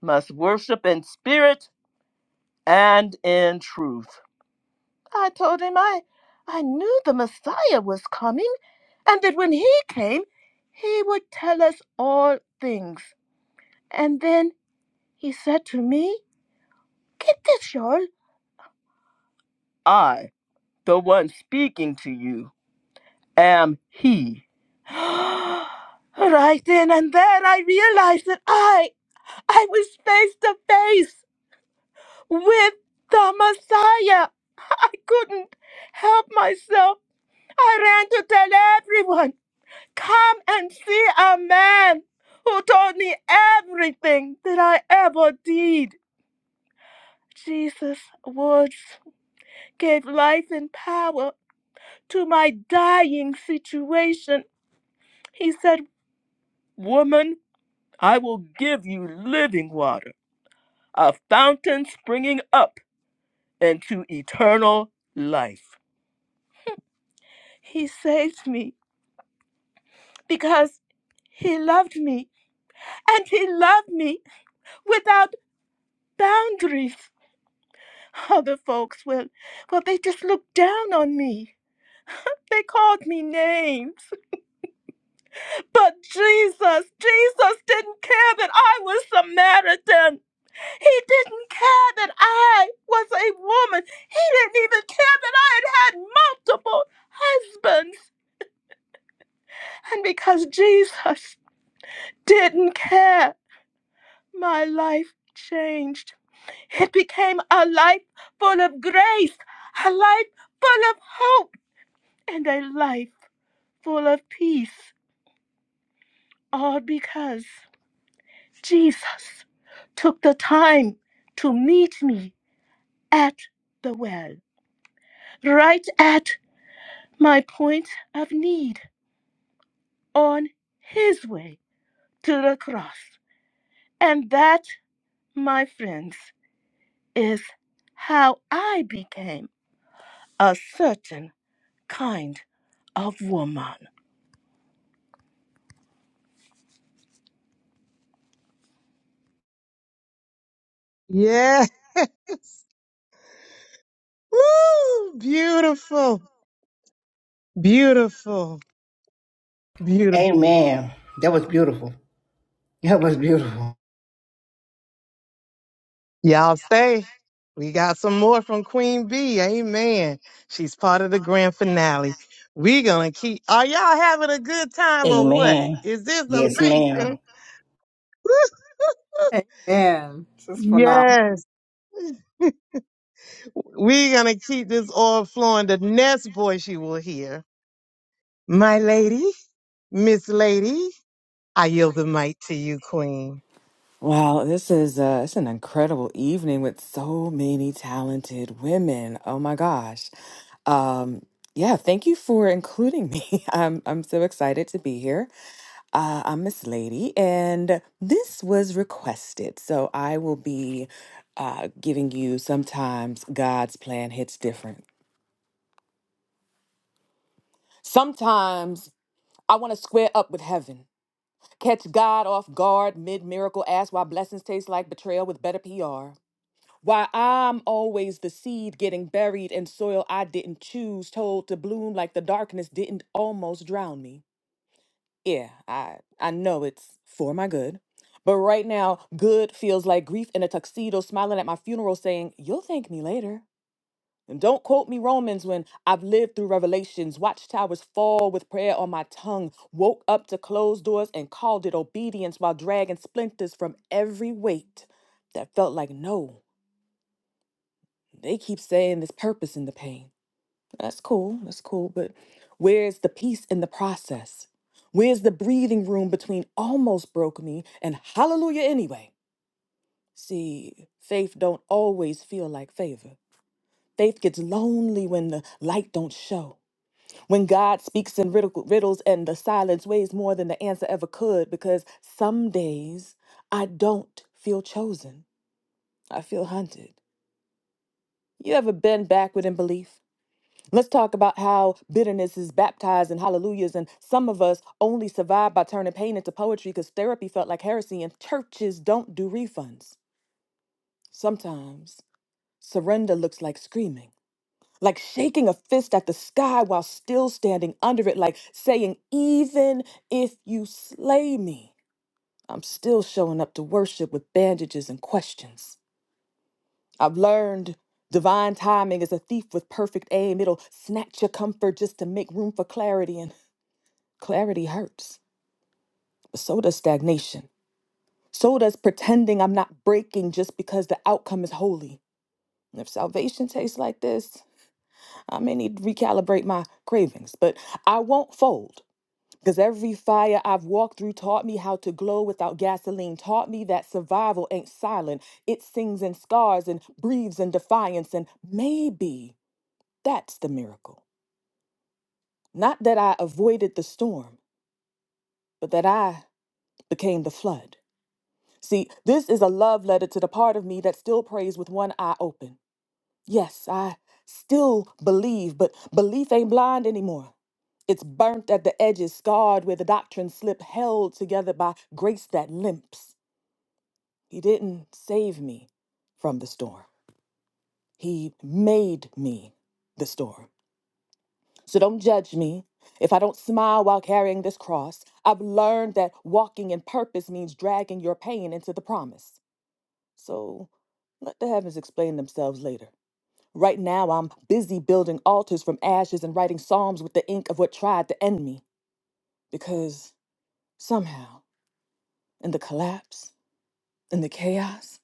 [SPEAKER 4] must worship in spirit and in truth. I told him I, I knew the Messiah was coming, and that when he came, he would tell us all things. And then He said to me, Get this, Jarl. I, the one speaking to you, am he. right then and there, I realized that I, I was face to face with the Messiah. I couldn't help myself. I ran to tell everyone, Come and see a man who told me everything that I ever did. Jesus' words gave life and power. to my dying situation. He said, Woman, I will give you living water, a fountain springing up into eternal life. He saved me because he loved me, and he loved me without boundaries. Other folks will, well, they just looked down on me. They called me names. But Jesus, Jesus didn't care that I was Samaritan. He didn't care that I was a woman. He didn't even care that I had had multiple husbands. And because Jesus didn't care, my life changed. It became a life full of grace, a life full of hope, and a life full of peace. All because Jesus took the time to meet me at the well, right at my point of need on his way to the cross. And that, my friends, is how I became a certain kind of woman.
[SPEAKER 1] Yes. Woo! Beautiful. Beautiful. Beautiful.
[SPEAKER 8] Amen. That was beautiful. That was beautiful.
[SPEAKER 1] Y'all stay. We got some more from Queen B. Amen. She's part of the grand finale. We gonna keep are y'all having a good time or what?
[SPEAKER 8] Amen.
[SPEAKER 1] Is this
[SPEAKER 8] Yes,
[SPEAKER 1] amazing?
[SPEAKER 8] ma'am.
[SPEAKER 9] Amen. This is phenomenal.
[SPEAKER 1] Yes. We're gonna keep this all flowing. The next voice you will hear, my lady, Miss Lady. I yield the mic to you, Queen.
[SPEAKER 15] Wow, this is uh, it's an incredible evening with so many talented women. Oh my gosh. Um, yeah, thank you for including me. I'm I'm so excited to be here. Uh, I'm Miss Lady, and this was requested, so I will be uh, giving you sometimes God's plan hits different. Sometimes I want to square up with heaven, catch God off guard mid miracle, ask why blessings taste like betrayal with better PR. Why I'm always the seed getting buried in soil I didn't choose, told to bloom like the darkness didn't almost drown me. Yeah, I I know it's for my good. But right now, good feels like grief in a tuxedo smiling at my funeral saying, You'll thank me later. And don't quote me Romans when I've lived through revelations, watched towers fall with prayer on my tongue, woke up to closed doors and called it obedience while dragging splinters from every weight that felt like no they keep saying there's purpose in the pain. That's cool. That's cool. But where's the peace in the process? Where's the breathing room between almost broke me and hallelujah anyway? See, faith don't always feel like favor. Faith gets lonely when the light don't show. When God speaks in riddle- riddles and the silence weighs more than the answer ever could because some days I don't feel chosen. I feel hunted. You ever been backward in belief? Let's talk about how bitterness is baptized in hallelujahs, and some of us only survive by turning pain into poetry because therapy felt like heresy, and churches don't do refunds. Sometimes surrender looks like screaming, like shaking a fist at the sky while still standing under it, like saying, Even if you slay me, I'm still showing up to worship with bandages and questions. I've learned divine timing is a thief with perfect aim. It'll snatch your comfort just to make room for clarity. And Clarity hurts, but so does stagnation. So does pretending I'm not breaking just because the outcome is holy. And If salvation tastes like this, I may need to recalibrate my cravings, but I won't fold. Because every fire I've walked through taught me how to glow without gasoline, taught me that survival ain't silent. It sings in scars and breathes in defiance. And maybe that's the miracle. Not that I avoided the storm, but that I became the flood. See, this is a love letter to the part of me that still prays with one eye open. Yes, I still believe, but belief ain't blind anymore. It's burnt at the edges, scarred where the doctrine slip, held together by grace that limps. He didn't save me from the storm. He made me the storm. So don't judge me if I don't smile while carrying this cross. I've learned that walking in purpose means dragging your pain into the promise. So let the heavens explain themselves later. Right now, I'm busy building altars from ashes and writing psalms with the ink of what tried to end me. Because somehow, in the collapse, in the chaos,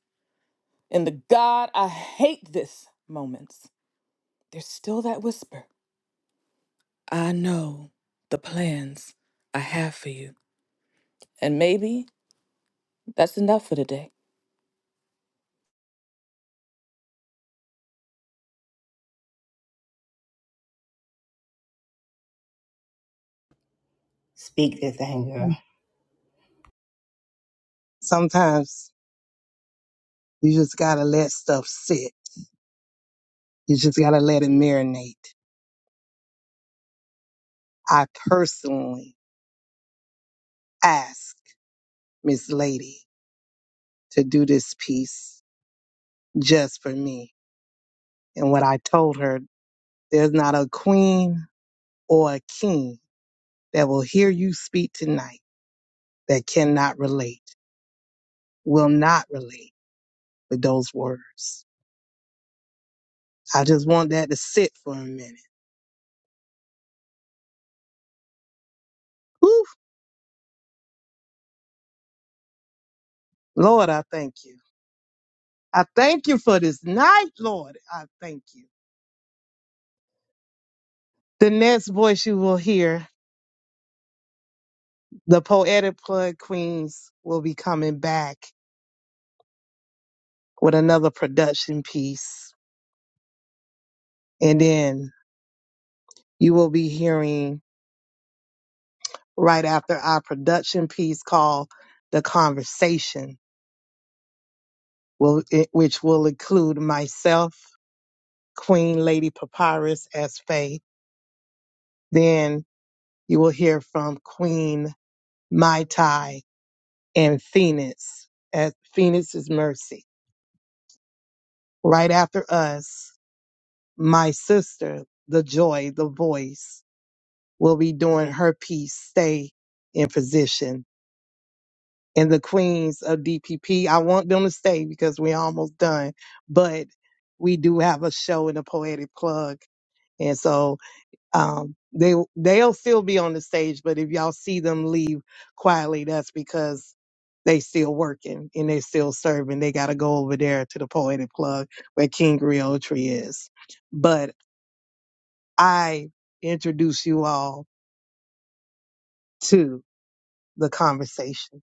[SPEAKER 15] in the God, I hate this moments, there's still that whisper I know the plans I have for you. And maybe that's enough for today.
[SPEAKER 8] Speak this thing, girl.
[SPEAKER 1] Sometimes you just gotta let stuff sit. You just gotta let it marinate. I personally asked Miss Lady to do this piece just for me. And what I told her, there's not a queen or a king that will hear you speak tonight that cannot relate, will not relate with those words. I just want that to sit for a minute. Whew, Lord, I thank you. I thank you for this night, Lord. I thank you. The next voice you will hear, the Poetic Plug Queens will be coming back with another production piece. And then you will be hearing right after our production piece called The Conversation, will, it- which will include myself, Queen Lady Papyrus as Faye. Then you will hear from Queen Mai Tai and Phoenix at Phoenix's Mercy. Right after us, my sister, the joy, the voice, will be doing her piece, stay in position. And the queens of DPP, I want them to stay because we're almost done, but we do have a show in the poetic plug. And so, um, they, they'll still be on the stage, but if y'all see them leave quietly, that's because they still working and they still serving. They got to go over there to the poetic plug where King Griotri is. But I introduce you all to the conversation.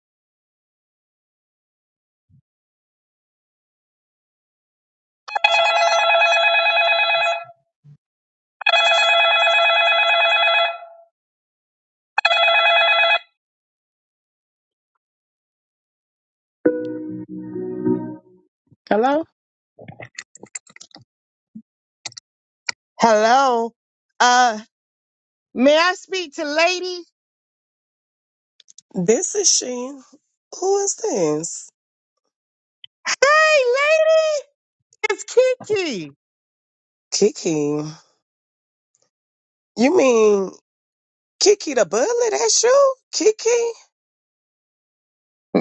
[SPEAKER 11] Hello?
[SPEAKER 1] Hello. Uh, may I speak to lady?
[SPEAKER 11] This is she. Who is this?
[SPEAKER 1] Hey, lady, it's Kiki.
[SPEAKER 11] Kiki. You mean Kiki the bully? That's you? Kiki?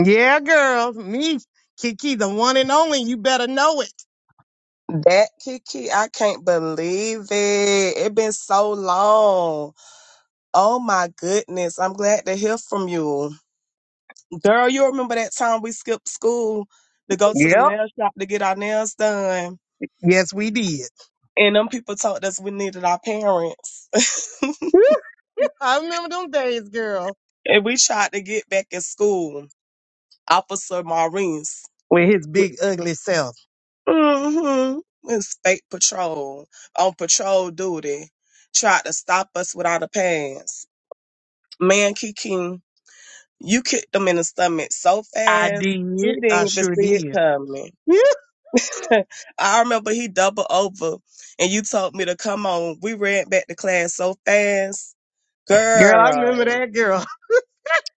[SPEAKER 1] Yeah, girl, me, Kiki, the one and only. You better know it.
[SPEAKER 11] That Kiki, I can't believe it. It been so long. Oh my goodness. I'm glad to hear from you. Girl, you remember that time we skipped school to go to the
[SPEAKER 1] Yep.
[SPEAKER 11] nail shop to get our nails done.
[SPEAKER 1] Yes, we did.
[SPEAKER 11] And them people told us we needed our parents.
[SPEAKER 1] Woo, I remember them days, girl.
[SPEAKER 11] and we tried to get back in school. Officer Maurice.
[SPEAKER 1] With his big ugly self.
[SPEAKER 11] Mm-hmm. It's fake patrol on patrol duty. Tried to stop us without a pass. Man, Kiki. You kicked them in the stomach so
[SPEAKER 1] I
[SPEAKER 11] fast,
[SPEAKER 1] did.
[SPEAKER 11] he
[SPEAKER 1] I
[SPEAKER 11] didn't even
[SPEAKER 1] sure
[SPEAKER 11] see it
[SPEAKER 1] did.
[SPEAKER 11] coming. I remember he doubled over and you told me to come on. We ran back to class so fast.
[SPEAKER 1] Yeah. Girl, I remember
[SPEAKER 11] Girl,
[SPEAKER 1] that girl.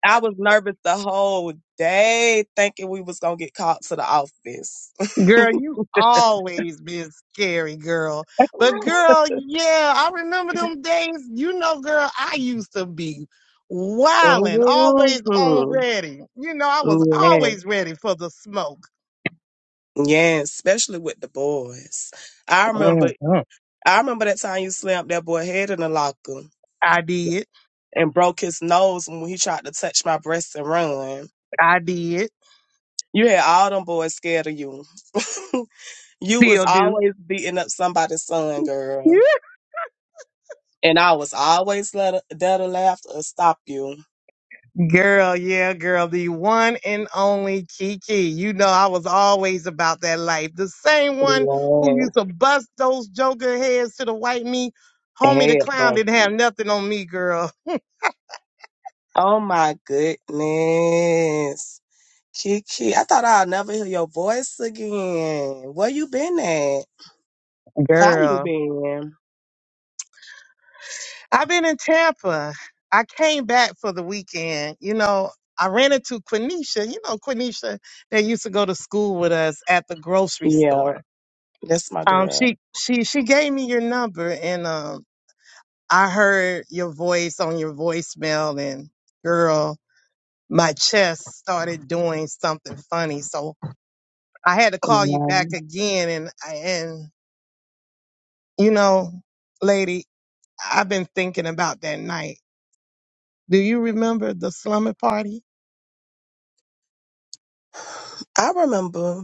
[SPEAKER 11] I was nervous the whole day thinking we was going to get called to the office.
[SPEAKER 1] Girl, you always been scary, girl. But girl, yeah, I remember them days. You know, girl, I used to be wildin', always on
[SPEAKER 11] hmm
[SPEAKER 1] ready. You know, I was
[SPEAKER 11] Yeah.
[SPEAKER 1] always ready for the smoke.
[SPEAKER 11] yeah, especially with the boys. I remember
[SPEAKER 1] Mhm.
[SPEAKER 11] I remember that time you slammed that boy head in the locker.
[SPEAKER 1] I did.
[SPEAKER 11] and broke his nose when he tried to touch my breast and run.
[SPEAKER 1] I did.
[SPEAKER 11] You had all them boys scared of you. you was
[SPEAKER 1] Still do.
[SPEAKER 11] always beating up somebody's son, girl. And I was always let that laugh or stop you.
[SPEAKER 1] Girl, yeah, girl, the one and only Kiki. You know, I was always about that life. The same one
[SPEAKER 11] Yes.
[SPEAKER 1] who used to bust those joker heads to the white meat. Homie the
[SPEAKER 11] Hell,
[SPEAKER 1] clown
[SPEAKER 11] bro.
[SPEAKER 1] didn't have nothing on me, girl.
[SPEAKER 11] Oh my goodness. Kiki, I thought I'd never hear your voice again. Where you been at? How you
[SPEAKER 1] Girl.
[SPEAKER 11] been?
[SPEAKER 1] I've been in Tampa. I came back for the weekend. You know, I ran into Quenisha. You know, Quenisha that used to go to school with us at the grocery
[SPEAKER 11] Yeah,
[SPEAKER 1] store.
[SPEAKER 11] that's my
[SPEAKER 1] Um,
[SPEAKER 11] girl.
[SPEAKER 1] she she she gave me your number and um I heard your voice on your voicemail and girl, my chest started doing something funny. So I had to call you back
[SPEAKER 11] Yeah.
[SPEAKER 1] again and and you know, lady, I've been thinking about that night. Do you remember the slumber party?
[SPEAKER 11] I remember.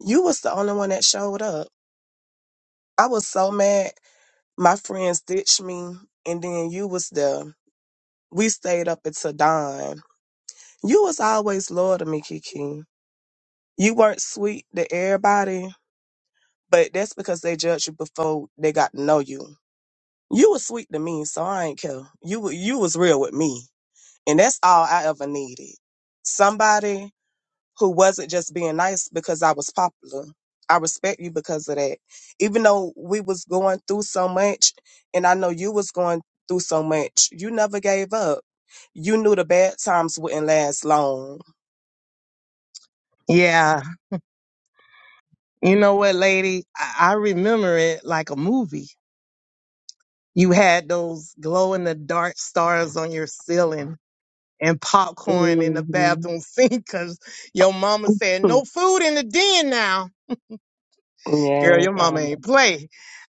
[SPEAKER 11] You was the only one that showed up. I was so mad. My friends ditched me, and then you was there. We stayed up until dawn. You was always loyal to me, Kiki. You weren't sweet to everybody, but that's because they judged you before they got to know you. You was sweet to me, so I ain't care. You wa- you was real with me, and that's all I ever needed. Somebody who wasn't just being nice because I was popular. I respect you because of that. Even though we was going through so much and I know you was going through so much, you never gave up. You knew the bad times wouldn't last long.
[SPEAKER 1] Yeah. You know what, lady? I, I remember it like a movie. You had those glow in the dark stars on your ceiling and popcorn in the
[SPEAKER 11] hmm
[SPEAKER 1] bathroom sink because your mama said no food in the den now. Girl,
[SPEAKER 11] Yes,
[SPEAKER 1] your mama
[SPEAKER 11] um,
[SPEAKER 1] ain't play.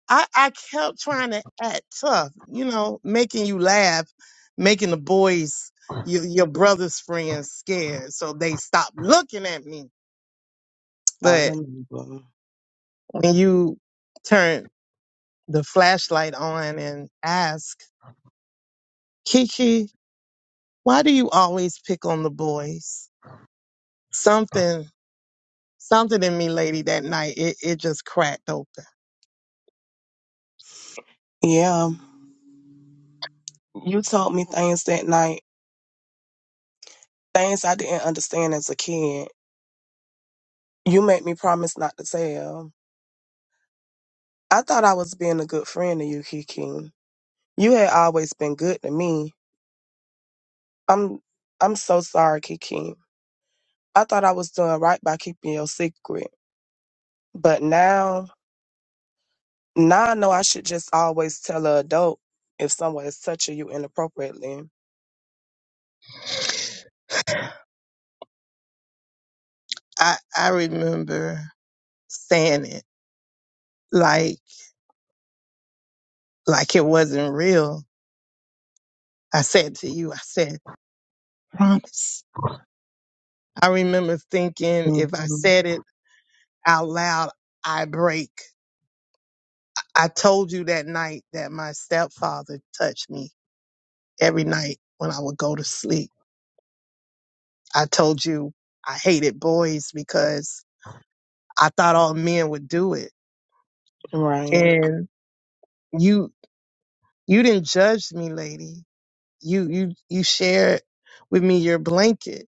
[SPEAKER 1] I, I kept trying to act tough, you know, making you laugh, making the boys, your, your brother's friends scared. So they stopped looking at me.
[SPEAKER 11] I
[SPEAKER 1] But
[SPEAKER 11] remember.
[SPEAKER 1] when you turn the flashlight on and ask, Kiki, why do you always pick on the boys? Something something in me, lady, that night, it, it just cracked open.
[SPEAKER 11] Yeah. You told me things that night, things I didn't understand as a kid. You made me promise not to tell. I thought I was being a good friend to you, Kiki. You had always been good to me. I'm I'm so sorry, Kiki. I thought I was doing right by keeping your secret. But now now I know I should just always tell a adult if someone is touching you inappropriately.
[SPEAKER 1] I, I remember saying it like, like it wasn't real. I said to you, I said, promise. I remember thinking if I
[SPEAKER 11] Mhm.
[SPEAKER 1] said it out loud, I break. I told you that night that my stepfather touched me every night when I would go to sleep. I told you I hated boys because I thought all men would do it.
[SPEAKER 11] Right.
[SPEAKER 1] And you, you didn't judge me, lady you you you shared with me your blanket.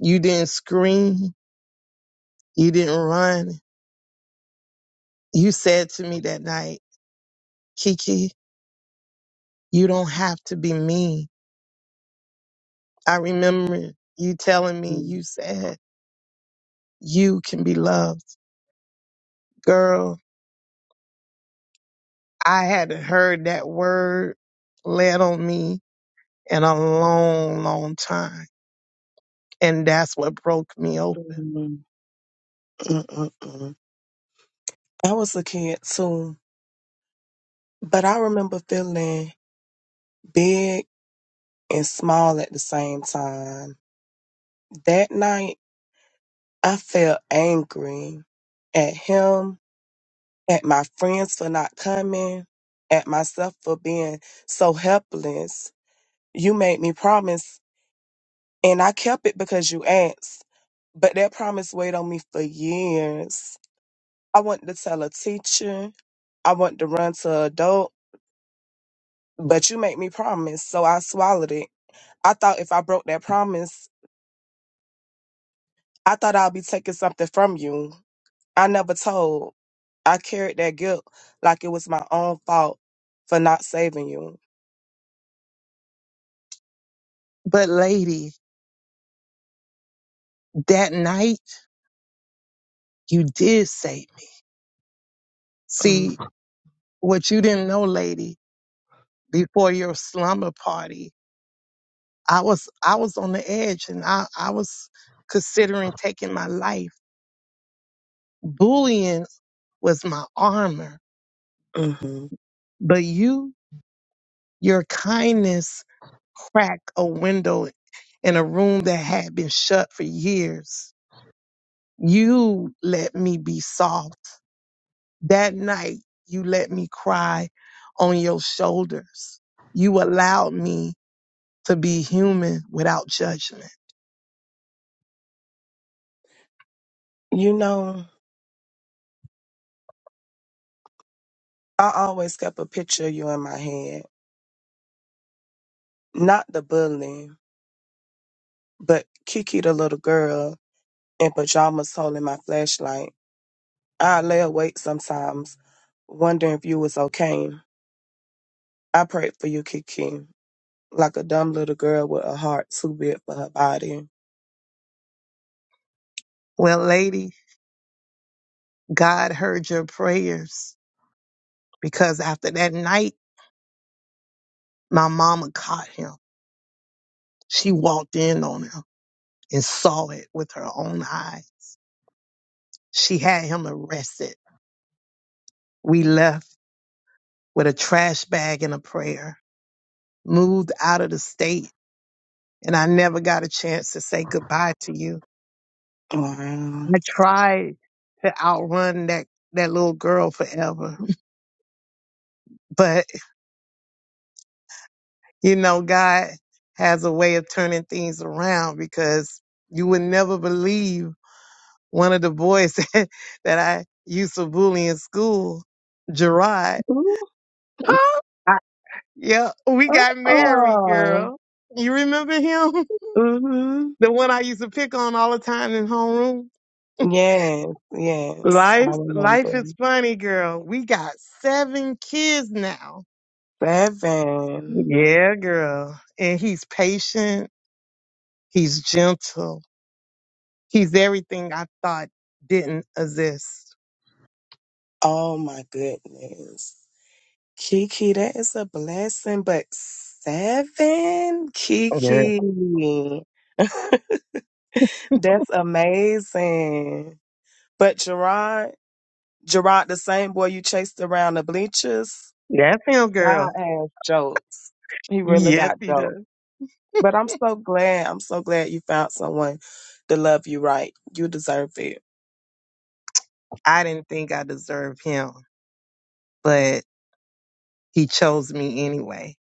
[SPEAKER 1] You didn't scream. You didn't run. You said to me that night, Kiki, you don't have to be mean. I remember you telling me
[SPEAKER 11] Mhm.
[SPEAKER 1] you said you can be loved. Girl, I hadn't heard that word laid on me in a long, long time. And that's what broke me open.
[SPEAKER 11] Mm-mm-mm. I was a kid too, but I remember feeling big and small at the same time. That night, I felt angry at him, at my friends for not coming, at myself for being so helpless. You made me promise, and I kept it because you asked, but that promise weighed on me for years. I wanted to tell a teacher. I wanted to run to adult, but you made me promise, so I swallowed it. I thought if I broke that promise, I thought I'd be taking something from you. I never told. I carried that guilt like it was my own fault for not saving you.
[SPEAKER 1] But lady, that night you did save me. See, what you didn't know, lady before your slumber party. I was I was on the edge and I, I was considering taking my life. Bullying was my armor,
[SPEAKER 11] Mm-hmm.
[SPEAKER 1] but you, your kindness cracked a window in a room that had been shut for years. You let me be soft. That night, you let me cry on your shoulders. You allowed me to be human without judgment.
[SPEAKER 11] You know, I always kept a picture of you in my head. Not the bully, but Kiki, the little girl in pajamas holding my flashlight. I lay awake sometimes, wondering if you was okay. I prayed for you, Kiki, like a dumb little girl with a heart too big for her body.
[SPEAKER 1] Well, lady, God heard your prayers because after that night, my mama caught him. She walked in on him and saw it with her own eye. She had him arrested. We left with a trash bag and a prayer, moved out of the state, and I never got a chance to say goodbye to you.
[SPEAKER 11] Wow.
[SPEAKER 1] I tried to outrun that, that little girl forever, but you know, God has a way of turning things around because you would never believe one of the boys that, that I used to bully in school, Gerard. I, yeah, we got married,
[SPEAKER 11] Uh-uh.
[SPEAKER 1] girl. You remember him?
[SPEAKER 11] Mm-hmm.
[SPEAKER 1] The one I used to pick on all the time in homeroom.
[SPEAKER 11] Yes, yes, I
[SPEAKER 1] Life,
[SPEAKER 11] remember.
[SPEAKER 1] life is funny, girl. We got seven kids now.
[SPEAKER 11] Seven.
[SPEAKER 1] Yeah, girl. And he's patient. He's gentle. He's everything I thought didn't exist.
[SPEAKER 11] Oh my goodness. Kiki, that is a blessing, but seven?
[SPEAKER 1] Yeah.
[SPEAKER 11] Kiki. That's amazing. But Gerard, Gerard, the same boy you chased around the bleachers,
[SPEAKER 1] That's him,
[SPEAKER 11] God
[SPEAKER 1] girl.
[SPEAKER 11] has jokes. He really
[SPEAKER 1] Yes,
[SPEAKER 11] got
[SPEAKER 1] he
[SPEAKER 11] jokes.
[SPEAKER 1] does.
[SPEAKER 11] But I'm so glad. I'm so glad you found someone to love you right. You deserve it.
[SPEAKER 1] I didn't think I deserved him but he chose me anyway.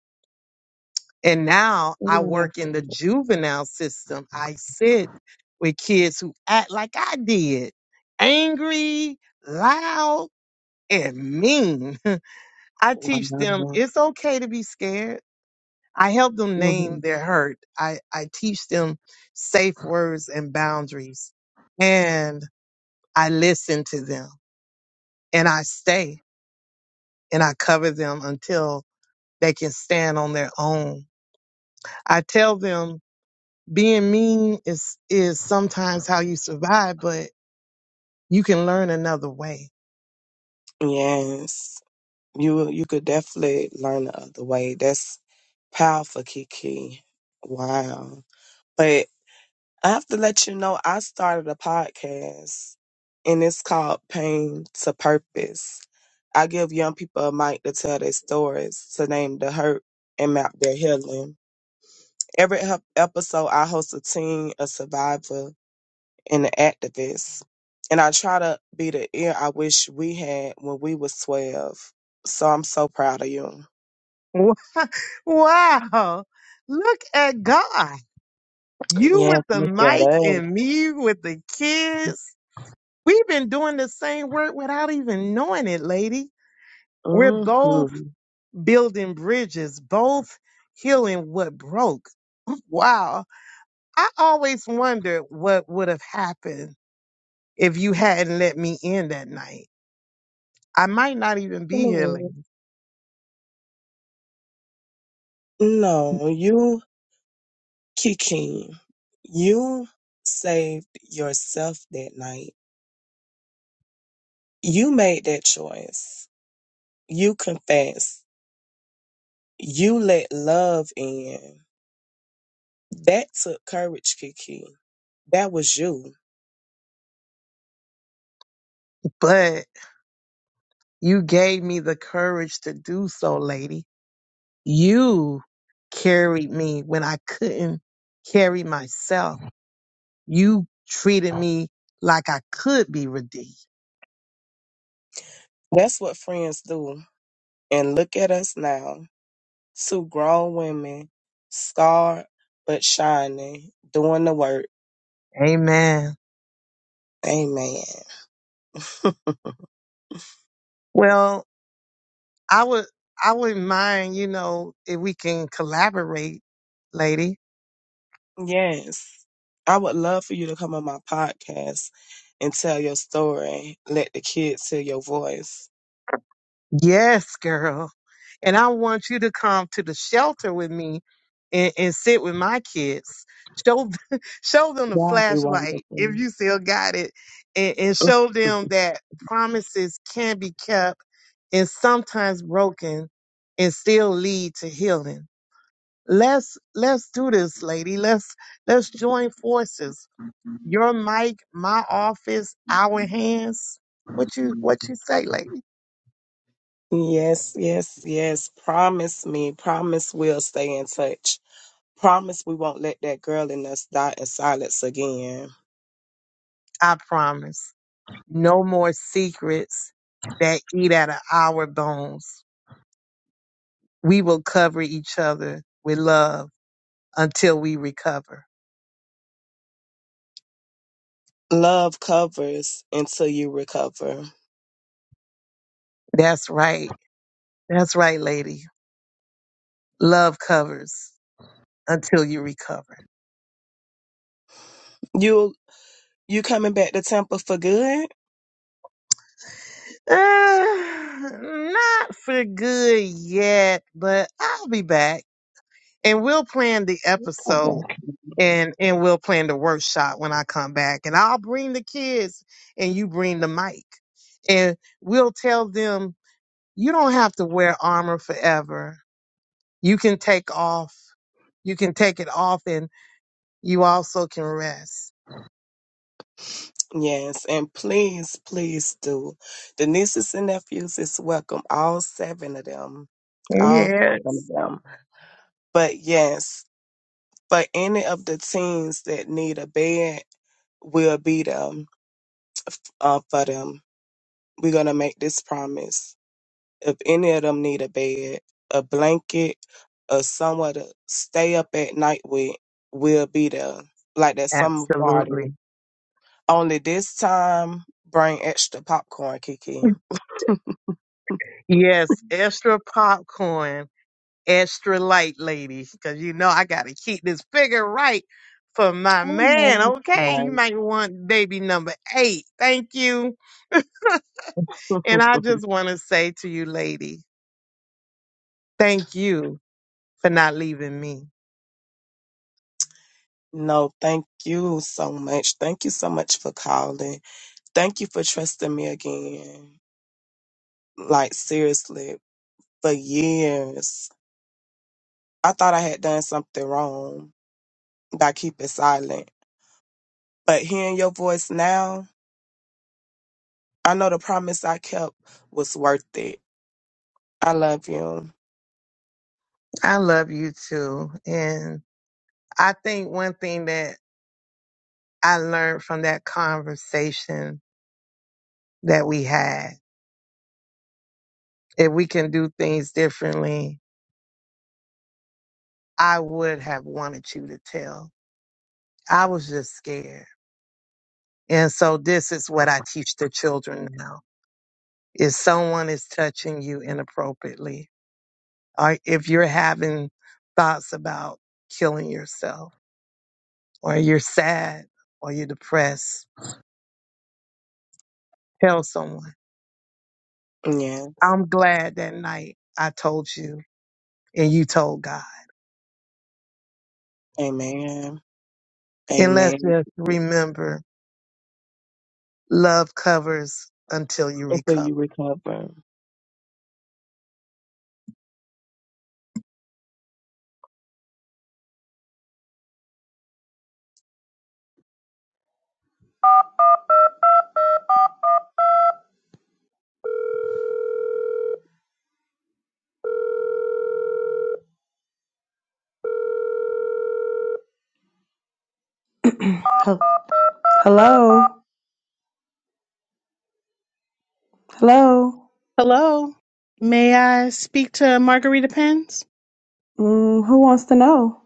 [SPEAKER 1] And now
[SPEAKER 11] You
[SPEAKER 1] I
[SPEAKER 11] know
[SPEAKER 1] work in the
[SPEAKER 11] that's it.
[SPEAKER 1] juvenile system. I sit with kids who act like I did angry, loud, and mean. I teach them
[SPEAKER 11] wow.
[SPEAKER 1] it's okay to be scared. I help them name
[SPEAKER 11] hmm
[SPEAKER 1] their hurt. I, I teach them safe words and boundaries. And I listen to them and I stay and I cover them until they can stand on their own. I tell them being mean is is sometimes how you survive, but you can learn another way.
[SPEAKER 11] Yes, you you could definitely learn the other way. That's powerful, Kiki. Wow. I have to let you know I started a podcast and it's called Pain to Purpose. I give young people a mic to tell their stories, to name the hurt and map their healing. Every ep- episode, I host a teen, a survivor, and an activist. And I try to be the ear I wish we had when we was 12. So I'm so proud of you.
[SPEAKER 1] Wa- Wow. Look at God. You with
[SPEAKER 11] Yes,
[SPEAKER 1] the
[SPEAKER 11] look at
[SPEAKER 1] mic
[SPEAKER 11] us.
[SPEAKER 1] and me with the kids. We've been doing the same work without even knowing it, lady. We're both
[SPEAKER 11] Mm-hmm.
[SPEAKER 1] building bridges, both healing what broke. Wow. I always wondered what would have happened if you hadn't let me in that night. I might not even be here, lady,
[SPEAKER 11] No, you. Kiki, you saved yourself that night. You made that choice. You confessed. You let love in. That took courage, Kiki. That was you.
[SPEAKER 1] but you gave me the courage to do so, lady. You carried me when I couldn't carry myself. You treated me like I could be redeemed.
[SPEAKER 11] That's what friends do. And look at us now two grown women, scarred but shining, doing the work.
[SPEAKER 1] Amen.
[SPEAKER 11] Amen.
[SPEAKER 1] Well, I would I wouldn't mind, you know, if we can collaborate, lady.
[SPEAKER 11] Yes. I would love for you to come on my podcast and tell your story. Let the kids hear your voice.
[SPEAKER 1] Yes, girl. And I want you to come to the shelter with me and, and sit with my kids. Show th- show them the
[SPEAKER 11] That'd be
[SPEAKER 1] flashlight if
[SPEAKER 11] wonderful.
[SPEAKER 1] you still got it. And, and show them that promises can be kept and sometimes broken and still lead to healing. Let's let's do this, lady. Let's let's join forces. Your mic, my office, our hands. What you what you say, lady?
[SPEAKER 11] Yes, yes, yes. Promise me. Promise we'll stay in touch. Promise we won't let that girl in us die in silence again.
[SPEAKER 1] I promise. No more secrets that eat out of our bones. We will cover each other with love until we recover.
[SPEAKER 11] Love covers until you recover.
[SPEAKER 1] That's right. That's right, lady. Love covers until you recover.
[SPEAKER 11] You you coming back to Temple for good?
[SPEAKER 1] Uh, not for good yet, but I'll be back and we'll plan the episode and, and we'll plan the workshop when I come back and I'll bring the kids and you bring the mic and we'll tell them You don't have to wear armor forever. You can take off. You can take it off and you also can rest.
[SPEAKER 11] Yes, and please, please do. The nieces and nephews is welcome, all seven of them. All seven of
[SPEAKER 1] Yes,
[SPEAKER 11] them. But yes, for any of the teens that need a bed, we'll be there uh, for them. We're going to make this promise. If any of them need a bed, a blanket, or somewhere to stay up at night with, we'll be there. Like that summer party.
[SPEAKER 1] absolutely.
[SPEAKER 11] Only this time, bring extra popcorn, Kiki.
[SPEAKER 1] Yes, extra popcorn, extra light, ladies, because you know I got to keep this figure right for my man.
[SPEAKER 11] Amen.
[SPEAKER 1] Okay, you
[SPEAKER 11] Right.
[SPEAKER 1] might want baby number eight. Thank you. And I just want to say to you, lady, thank you for not leaving me.
[SPEAKER 11] No, thank you so much. Thank you so much for calling. Thank you for trusting me again. Like, seriously, for years, I thought I had done something wrong by keeping silent. But hearing your voice now, I know the promise I kept was worth it. I love you.
[SPEAKER 1] I love you too. and. I think one thing that I learned from that conversation that we had, if we can do things differently, I would have wanted you to tell. I was just scared. And so this is what I teach the children now. If someone is touching you inappropriately, or if you're having thoughts about killing yourself, or you're sad, or you're depressed, tell someone.
[SPEAKER 11] Yeah.
[SPEAKER 1] I'm glad that night I told you and you told God.
[SPEAKER 11] Amen.
[SPEAKER 1] And let's
[SPEAKER 11] Amen.
[SPEAKER 1] just remember love covers until you
[SPEAKER 11] Until
[SPEAKER 1] recover.
[SPEAKER 11] you recover.
[SPEAKER 12] Hel- Hello, hello.
[SPEAKER 13] Hello. May I speak to Margarita Pens?
[SPEAKER 12] Mm, who wants to know?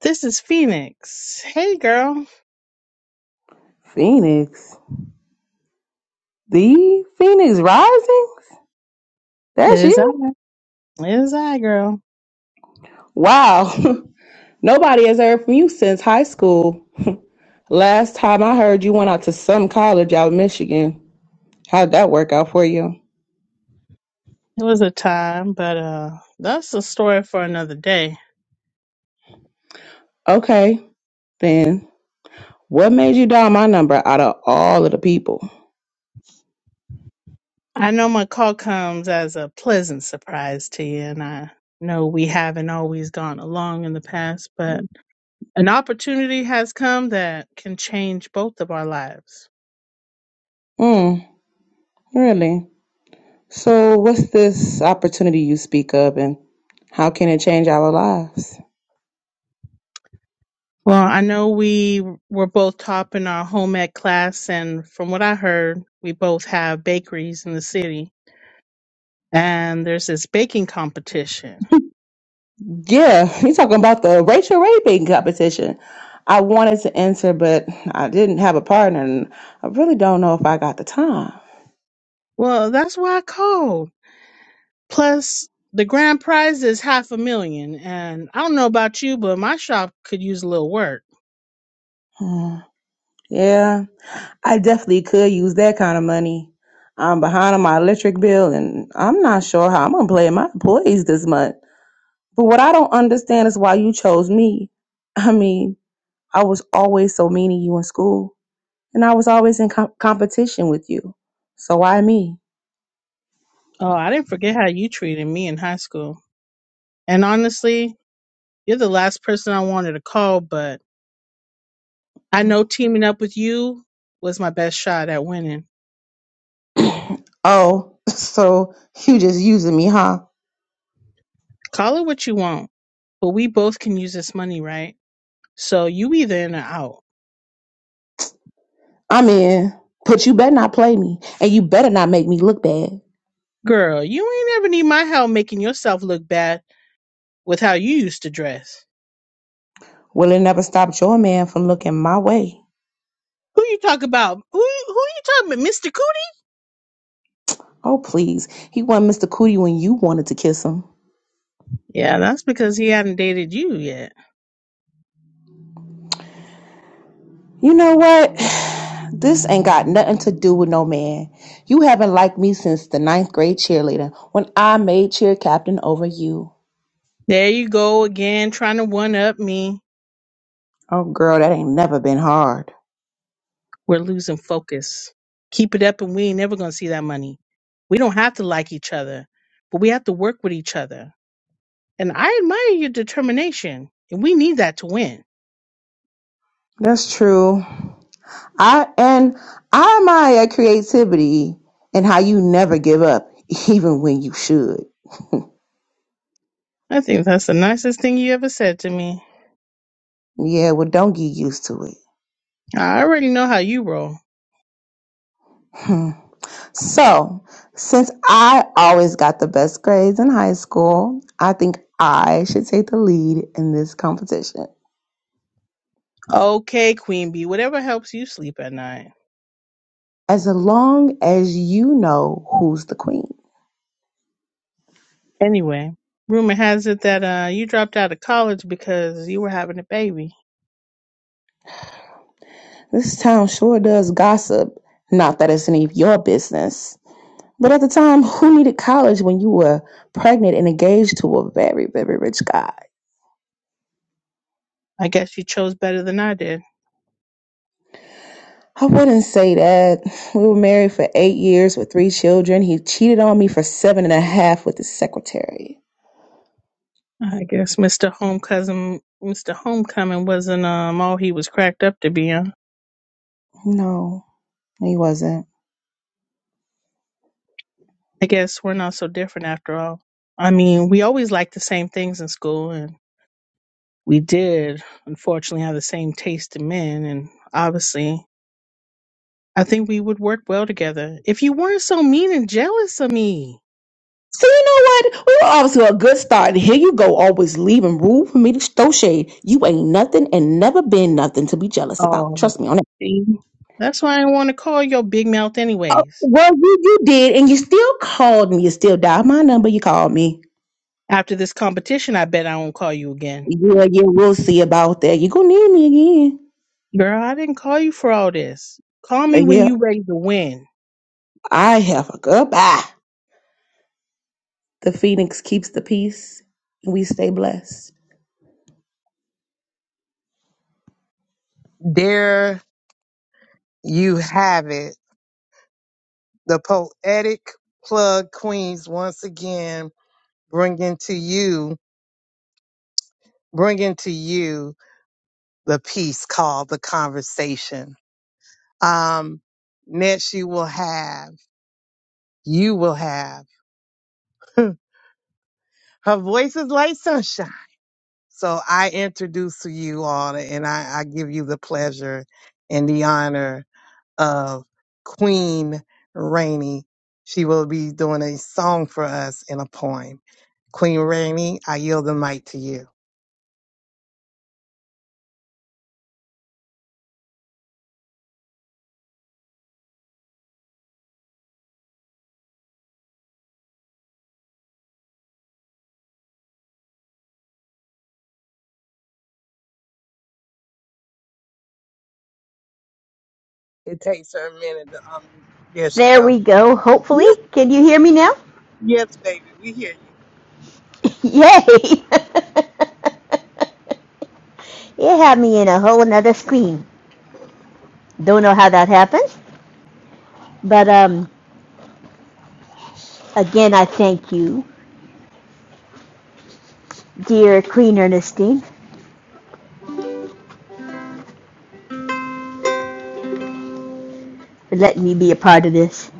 [SPEAKER 13] This is Phoenix. Hey girl.
[SPEAKER 12] Phoenix, the Phoenix Rising.
[SPEAKER 13] It
[SPEAKER 12] That's
[SPEAKER 13] is I.
[SPEAKER 12] you.
[SPEAKER 13] It is I, girl.
[SPEAKER 12] Wow. Nobody has heard from you since high school. Last time I heard, you went out to some college out in Michigan. How'd that work out for you?
[SPEAKER 13] It was a time, but uh that's a story for another day.
[SPEAKER 12] Okay, then. What made you dial my number out of all of the people?
[SPEAKER 13] I know my call comes as a pleasant surprise to you and I know we haven't always gone along in the past, but an opportunity has come that can change both of our lives.
[SPEAKER 12] Hmm, really? So, what's this opportunity you speak of and how can it change our lives?
[SPEAKER 13] Well, I know we were both top in our home ec class, and from what I heard, we both have bakeries in the city, and there's this baking competition.
[SPEAKER 12] Yeah, you talking about the racial rate making competition. I wanted to enter, but I didn't have a partner and I really don't know if I got the time.
[SPEAKER 13] Well, that's why I called. Plus, the grand prize is half a million, and I don't know about you, but my shop could use a little work.
[SPEAKER 12] Hmm, yeah, I definitely could use that kind of money. I'm behind on my electric bill and I'm not sure how I'm going to pay my employees this month. But what I don't understand is why you chose me. I mean, I was always so mean to you in school, and I was always in com- competition with you. So why me?
[SPEAKER 13] Oh, I didn't forget how you treated me in high school. And honestly, you're the last person I wanted to call, but I know teaming up with you was my best shot at winning.
[SPEAKER 12] oh, so you just using me, huh?
[SPEAKER 13] Call it what you want. but we both can use this money, right? So you either in or out.
[SPEAKER 12] I am in, but you better not play me, and you better not make me look bad.
[SPEAKER 13] Girl, you ain't ever need my help making yourself look bad with how you used to dress.
[SPEAKER 12] Well, it never stopped your man from looking my way.
[SPEAKER 13] Who you talk about? Who you- who you talking about, Mr. Cootie?
[SPEAKER 12] Oh, please. He wasn't Mr. Cootie when you wanted to kiss him.
[SPEAKER 13] Yeah, that's because he hadn't dated you yet.
[SPEAKER 12] You know what? This ain't got nothing to do with no man. You haven't liked me since the ninth grade cheerleader when I made cheer captain over you.
[SPEAKER 13] There you go again, trying to one up me.
[SPEAKER 12] Oh girl, that ain't never been hard.
[SPEAKER 13] We're losing focus. Keep it up, and we ain't never gonna see that money. We don't have to like each other, but we have to work with each other. And I admire your determination. And we need that to win.
[SPEAKER 12] That's true. I and I admire creativity and how you never give up, even when you should.
[SPEAKER 13] I think that's the nicest thing you ever said to me.
[SPEAKER 12] Yeah, well don't get used to it.
[SPEAKER 13] I already know how you roll.
[SPEAKER 12] Hmm. So, since I always got the best grades in high school, I think I should take the lead in this competition.
[SPEAKER 13] Okay, Queen Bee, whatever helps you sleep at night.
[SPEAKER 12] as long as you know who's the queen.
[SPEAKER 13] Anyway, rumor has it that uh you dropped out of college because you were having a baby.
[SPEAKER 12] This town sure does gossip. Not that it's any of your business. But at the time, who needed college when you were pregnant and engaged to a very, very rich guy?
[SPEAKER 13] I guess you chose better than I did.
[SPEAKER 12] I wouldn't say that. We were married for eight years with three children. He cheated on me for seven and a half with his secretary.
[SPEAKER 13] I guess Mr. Home Mr. Homecoming wasn't um all he was cracked up to be. Huh?
[SPEAKER 12] No. No, He wasn't.
[SPEAKER 13] I guess we're not so different after all. I mean, we always liked the same things in school, and we did, unfortunately, have the same taste in men. And obviously, I think we would work well together if you weren't so mean and jealous of me.
[SPEAKER 12] So you know what? We were off to a good start. And here you go, always leaving room for me to throw shade. You ain't nothing and never been nothing to be jealous about.
[SPEAKER 13] Oh,
[SPEAKER 12] Trust me on that.
[SPEAKER 13] see, that's why I want to call your big mouth,
[SPEAKER 12] Oh,
[SPEAKER 13] anyways.
[SPEAKER 12] well, you, you did, and you still called me. You still dialed my number. You called me.
[SPEAKER 13] After this competition, I bet I won't call you again.
[SPEAKER 12] Yeah, yeah, we'll see about that. You're gonna need me again.
[SPEAKER 13] Girl, I didn't call you for all this. Call
[SPEAKER 12] Uh,
[SPEAKER 13] me when
[SPEAKER 12] Yeah,
[SPEAKER 13] you ready to win.
[SPEAKER 12] I have a goodbye. The Phoenix keeps the peace and we stay blessed.
[SPEAKER 1] There you have it. The poetic plug queens once again bringing to you, bringing to you the piece called the conversation. Um, next you will have, you will have, her voice is like sunshine. So I introduce to you all and I, I give you the pleasure and the honor of Queen Rainey. She will be doing a song for us in a poem. Queen Rainey, I yield the mic to you. It takes a minute to um there she
[SPEAKER 3] There
[SPEAKER 1] go.
[SPEAKER 3] we go, hopefully.
[SPEAKER 1] Yes,
[SPEAKER 3] Can you hear me now?
[SPEAKER 1] yes, baby, we hear you.
[SPEAKER 3] Yay! it had me in a whole another screen. Don't know how that happened, but um, again, I thank you, dear Queen Ernestine, for letting me be a part of this.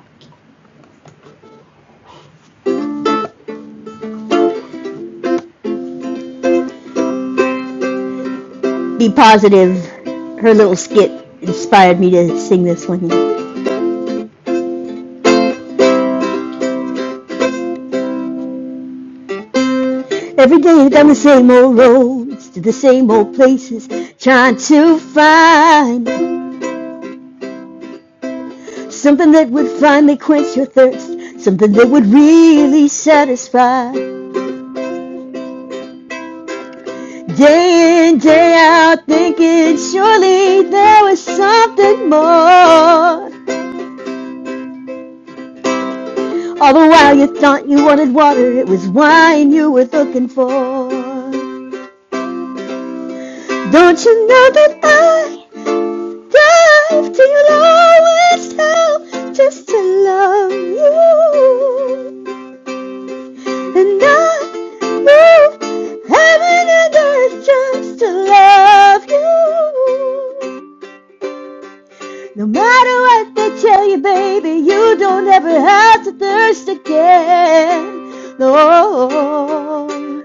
[SPEAKER 3] Be positive. Her little skit inspired me to sing this one. Every day down the same old roads to the same old places, trying to find something that would finally quench your thirst, something that would really satisfy. Day in, day out, thinking surely there was something more. All the while you thought you wanted water, it was wine you were looking for. Don't you know that I dive till you lowest hell just to love you. And I move heaven and earth just to love you. No matter what they tell you, baby, you don't ever have to thirst again. No.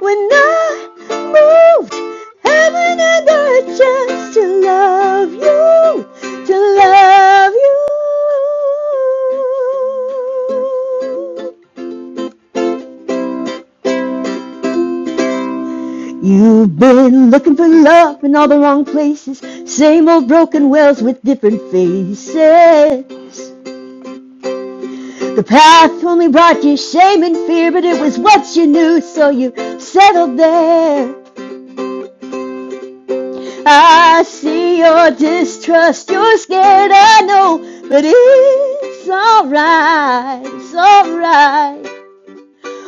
[SPEAKER 3] When I moved heaven and earth just to love you, to love you. You've been looking for love in all the wrong places. Same old broken wells with different faces. The path only brought you shame and fear, but it was what you knew, so you settled there. I see your distrust, you're scared, I know, but it's alright, it's alright.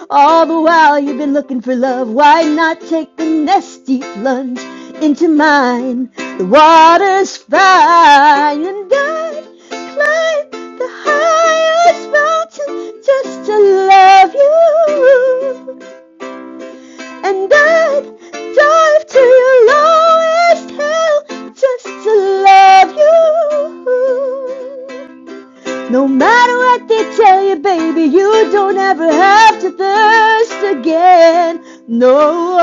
[SPEAKER 3] All the while you've been looking for love, why not take the nasty plunge into mine? The water's fine, and I'd climb the highest mountain just to love you and I'd dive to your lowest hell just to love you. No matter what they tell you, baby, you don't ever have to thirst again. No.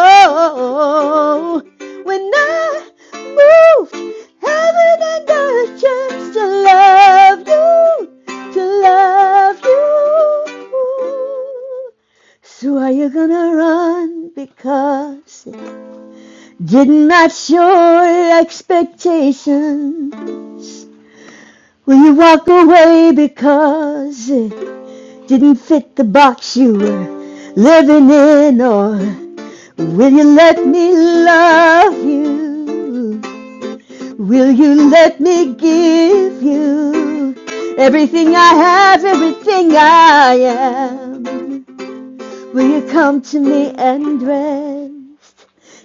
[SPEAKER 3] When I moved heaven and earth just to love you, to love you. So are you gonna run because it didn't match your expectation? Will you walk away because it didn't fit the box you were living in or will you let me love you will you let me give you everything i have everything i am will you come to me and rest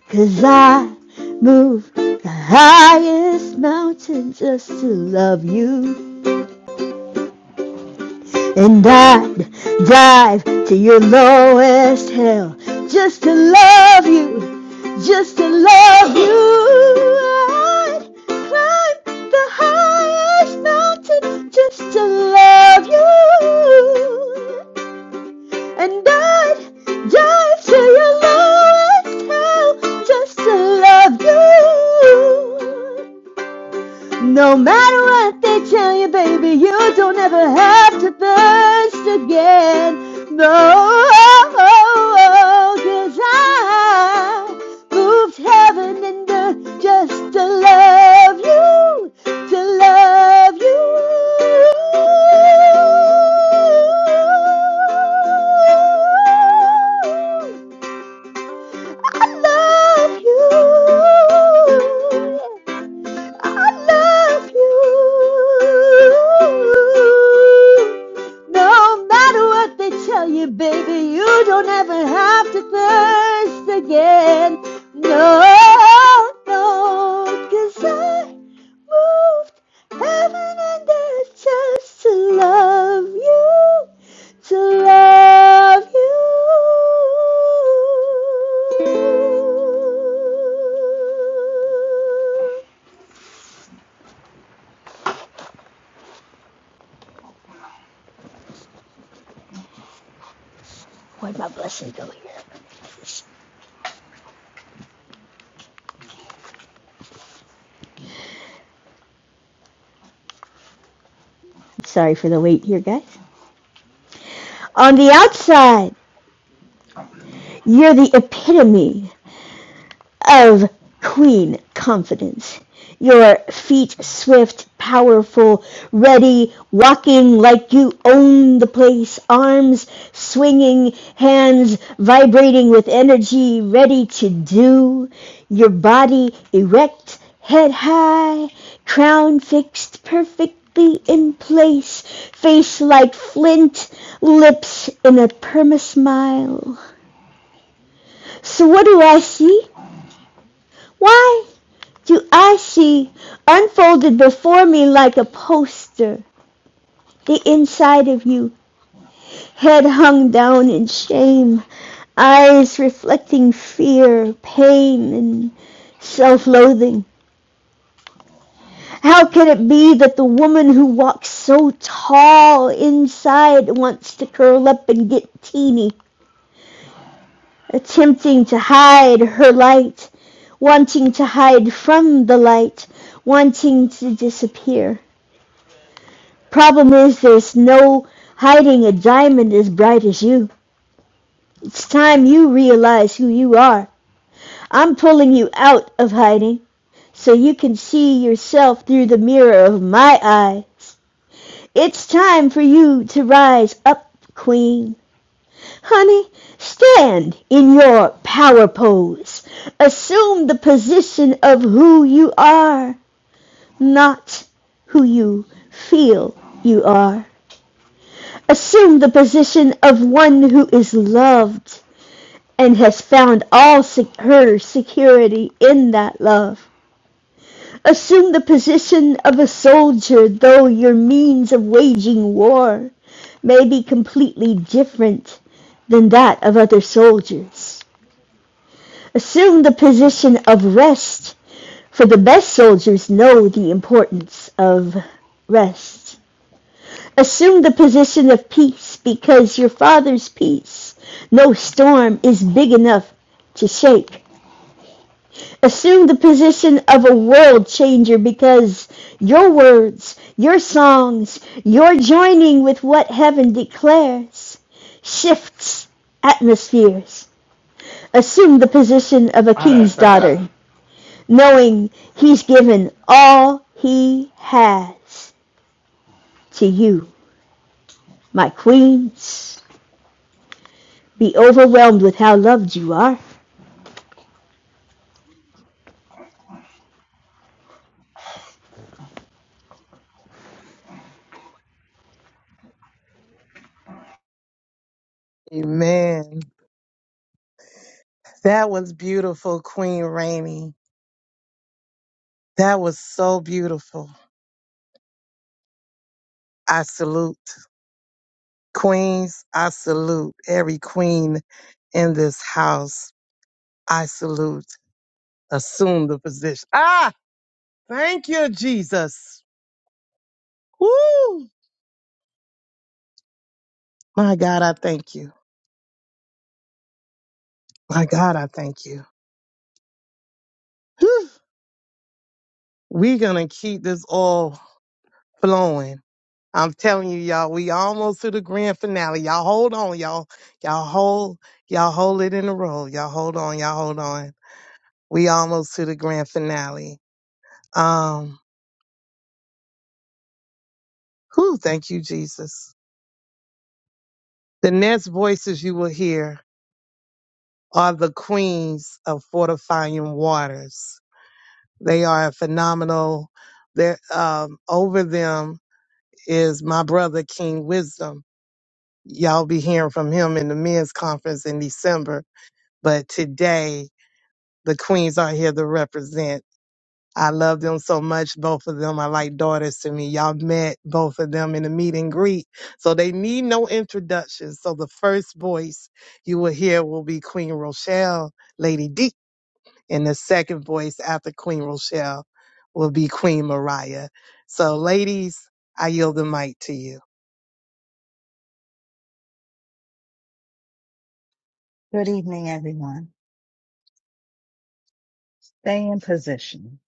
[SPEAKER 3] 'Cause i move the highest mountain just to love you and I'd dive to your lowest hell just to love you, just to love you. I'd climb the highest mountain just to love you, and I'd dive to your lowest hell just to love you. No matter what they tell you, baby, you don't ever have to thirst again. No, oh, oh, oh, cause I moved heaven and earth just to love you, to love you. I love you. I love you. No matter what they tell you, baby, you don't ever have to thirst again. No, no, 'cause I moved heaven and earth just to love you, to love you. Where'd my blessing go here? Sorry for the wait here, guys. On the outside, you're the epitome of queen confidence. Your feet swift, powerful, ready, walking like you own the place, arms swinging, hands vibrating with energy, ready to do. Your body erect, head high, crown fixed perfectly in place, face like flint, lips in a perma smile. So what do I see? Why? To us, she unfolded before me like a poster. The inside of you, head hung down in shame, eyes reflecting fear, pain, and self-loathing. How can it be that the woman who walks so tall inside wants to curl up and get teeny, attempting to hide her light, wanting to hide from the light, wanting to disappear? Problem is, there's no hiding a diamond as bright as you. It's time you realize who you are. I'm pulling you out of hiding so you can see yourself through the mirror of my eyes. It's time for you to rise up, queen. Honey, stand in your power pose. Assume the position of who you are, not who you feel you are. Assume the position of one who is loved and has found all sec- her security in that love. Assume the position of a soldier, though your means of waging war may be completely different than that of other soldiers. Assume the position of rest, for the best soldiers know the importance of rest. Assume the position of peace because your father's peace no storm is big enough to shake. Assume the position of a world changer because your words, your songs, your joining with what heaven declares shifts atmospheres. Assume the position of a king's daughter, knowing he's given all he has to you, my queens. be overwhelmed with how loved you are.
[SPEAKER 1] Amen. That was beautiful, Queen Rainey. That was so beautiful. I salute queens. I salute every queen in this house. I salute. Assume the position. Ah, thank you, Jesus. Woo! My God, I thank you. My God, I thank you. Whew. we going to keep this all flowing. I'm telling you, y'all, we almost to the grand finale. Y'all hold on, y'all. Y'all hold, y'all hold it in a row. Y'all hold on, y'all hold on. We almost to the grand finale. Um, whew, thank you, Jesus. The next voices you will hear are the queens of fortifying waters. They are phenomenal. They're um, over them is my brother King Wisdom. Y'all be hearing from him in the men's conference in December. But today, the queens are here to represent. I love them so much, both of them are like daughters to me. Y'all met both of them in a meet and greet. So they need no introduction. So the first voice you will hear will be Queen Rochelle, Lady D. And the second voice after Queen Rochelle will be Queen Mariah. So ladies, I yield the mic to you.
[SPEAKER 16] Good evening, everyone. Stay in position.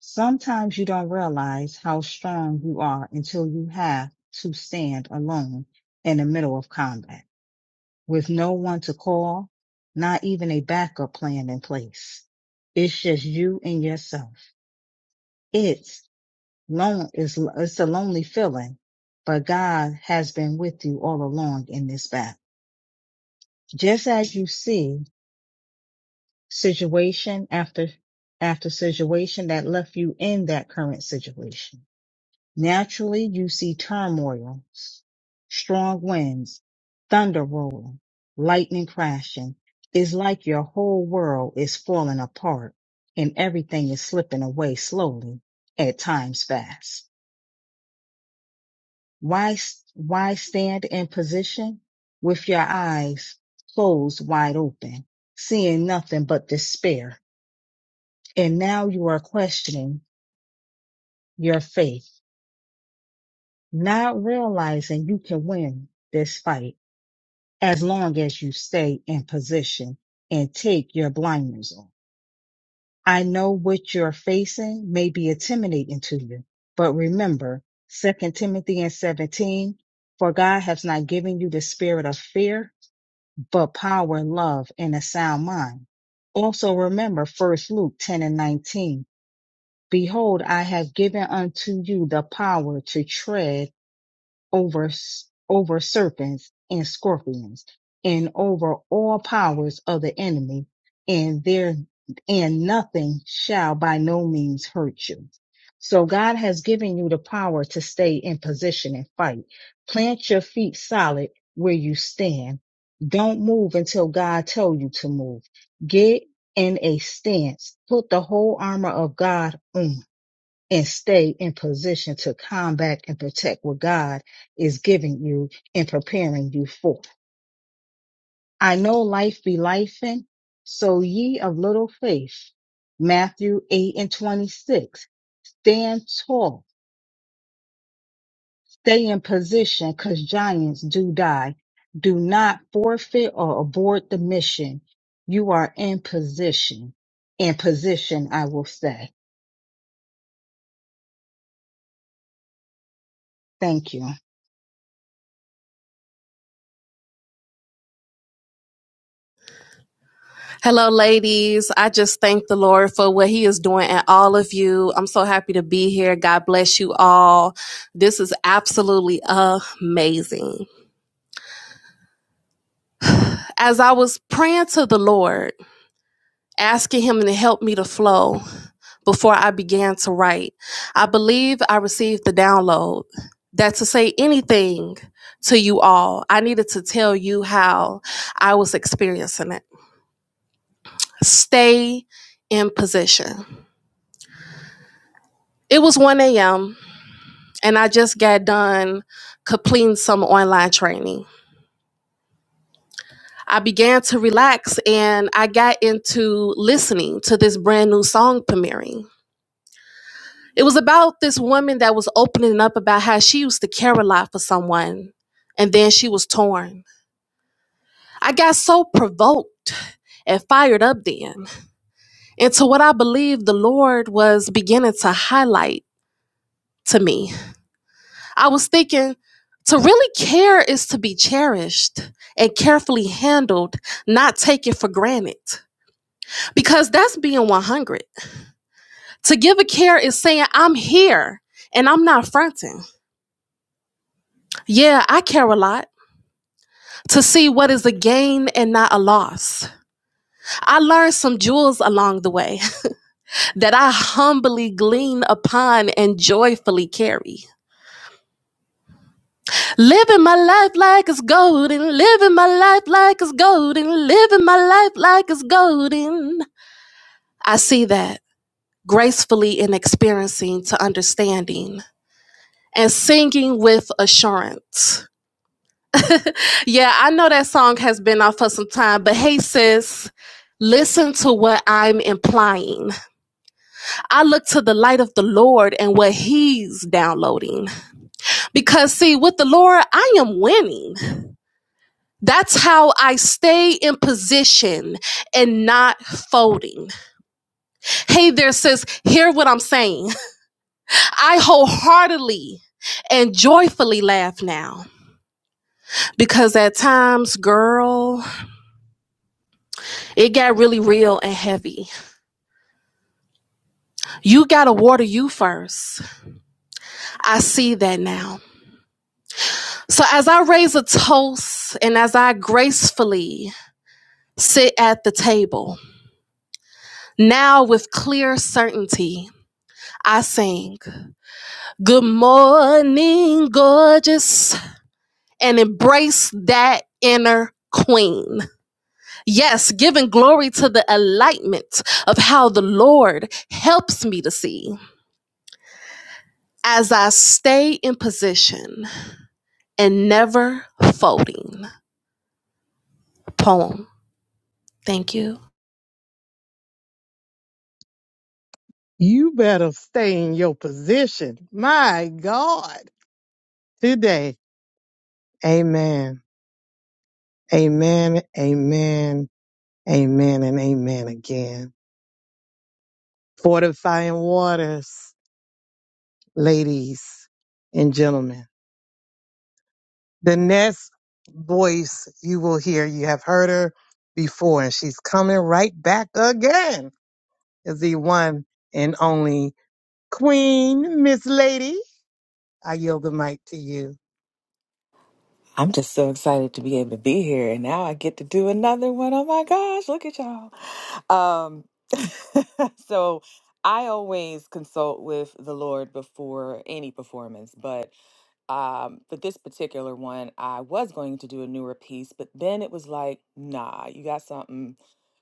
[SPEAKER 16] Sometimes you don't realize how strong you are until you have to stand alone in the middle of combat with no one to call, not even a backup plan in place. It's just you and yourself. It's lone, it's, it's a lonely feeling, but God has been with you all along in this battle. Just as you see situation after after situation that left you in that current situation. Naturally, you see turmoil, strong winds, thunder rolling, lightning crashing. It's like your whole world is falling apart and everything is slipping away slowly, at times fast. Why, why stand in position with your eyes closed wide open, seeing nothing but despair? And now you are questioning your faith, not realizing you can win this fight as long as you stay in position and take your blinders off. I know what you're facing may be intimidating to you, but remember Second Timothy and 17, for God has not given you the spirit of fear, but power, love, and a sound mind. Also remember First Luke 10 and 19, Behold, I have given unto you the power to tread over, s- over serpents and scorpions and over all powers of the enemy and there, and nothing shall by no means hurt you. So God has given you the power to stay in position and fight. Plant your feet solid where you stand. Don't move until God tell you to move. Get in a stance. Put the whole armor of God on and stay in position to combat and protect what God is giving you and preparing you for. I know life be lifing, so ye of little faith. Matthew 8 and 26. Stand tall, stay in position, because giants do die. Do not forfeit or abort the mission. You are in position. In position, I will say. Thank you.
[SPEAKER 17] Hello, ladies. I just thank the Lord for what He is doing and all of you. I'm so happy to be here. God bless you all. This is absolutely amazing. As I was praying to the Lord, asking Him to help me to flow before I began to write, I believe I received the download that to say anything to you all, I needed to tell you how I was experiencing it. Stay in position. It was 1 a.m. and I just got done completing some online training. I began to relax and I got into listening to this brand new song, Premiering. It was about this woman that was opening up about how she used to care a lot for someone and then she was torn. I got so provoked and fired up then into what I believe the Lord was beginning to highlight to me I was thinking to really care is to be cherished and carefully handled, not taken for granted. Because that's being 100. To give a care is saying, I'm here and I'm not fronting. Yeah, I care a lot to see what is a gain and not a loss. I learned some jewels along the way that I humbly glean upon and joyfully carry. Living my life like it's golden. Living my life like it's golden. Living my life like it's golden. I see that gracefully in experiencing to understanding and singing with assurance. Yeah, I know that song has been off for some time, but hey, sis, listen to what I'm implying. I look to the light of the Lord and what He's downloading. Because, see, with the Lord, I am winning. That's how I stay in position and not folding. Hey there, sis, hear what I'm saying. I wholeheartedly and joyfully laugh now because at times, girl, it got really real and heavy. You got to water you first. I see that now. So as I raise a toast and as I gracefully sit at the table, now with clear certainty, I sing. Good morning, gorgeous, and embrace that inner queen. Yes, giving glory to the enlightenment of how the Lord helps me to see as I stay in position and never folding. Poem. Thank you.
[SPEAKER 1] You better stay in your position. My God, today. Amen. Amen. Amen. Amen. And amen again. Fortifying waters, ladies and gentlemen. The next voice you will hear, you have heard her before, and she's coming right back again, is the one and only Queen Miss Lady. I yield the mic to you.
[SPEAKER 15] I'm just so excited to be able to be here. And now I get to do another one. Oh my gosh, look at y'all. Um, so I always consult with the Lord before any performance, but um, for this particular one, I was going to do a newer piece, but then it was like, nah, you got something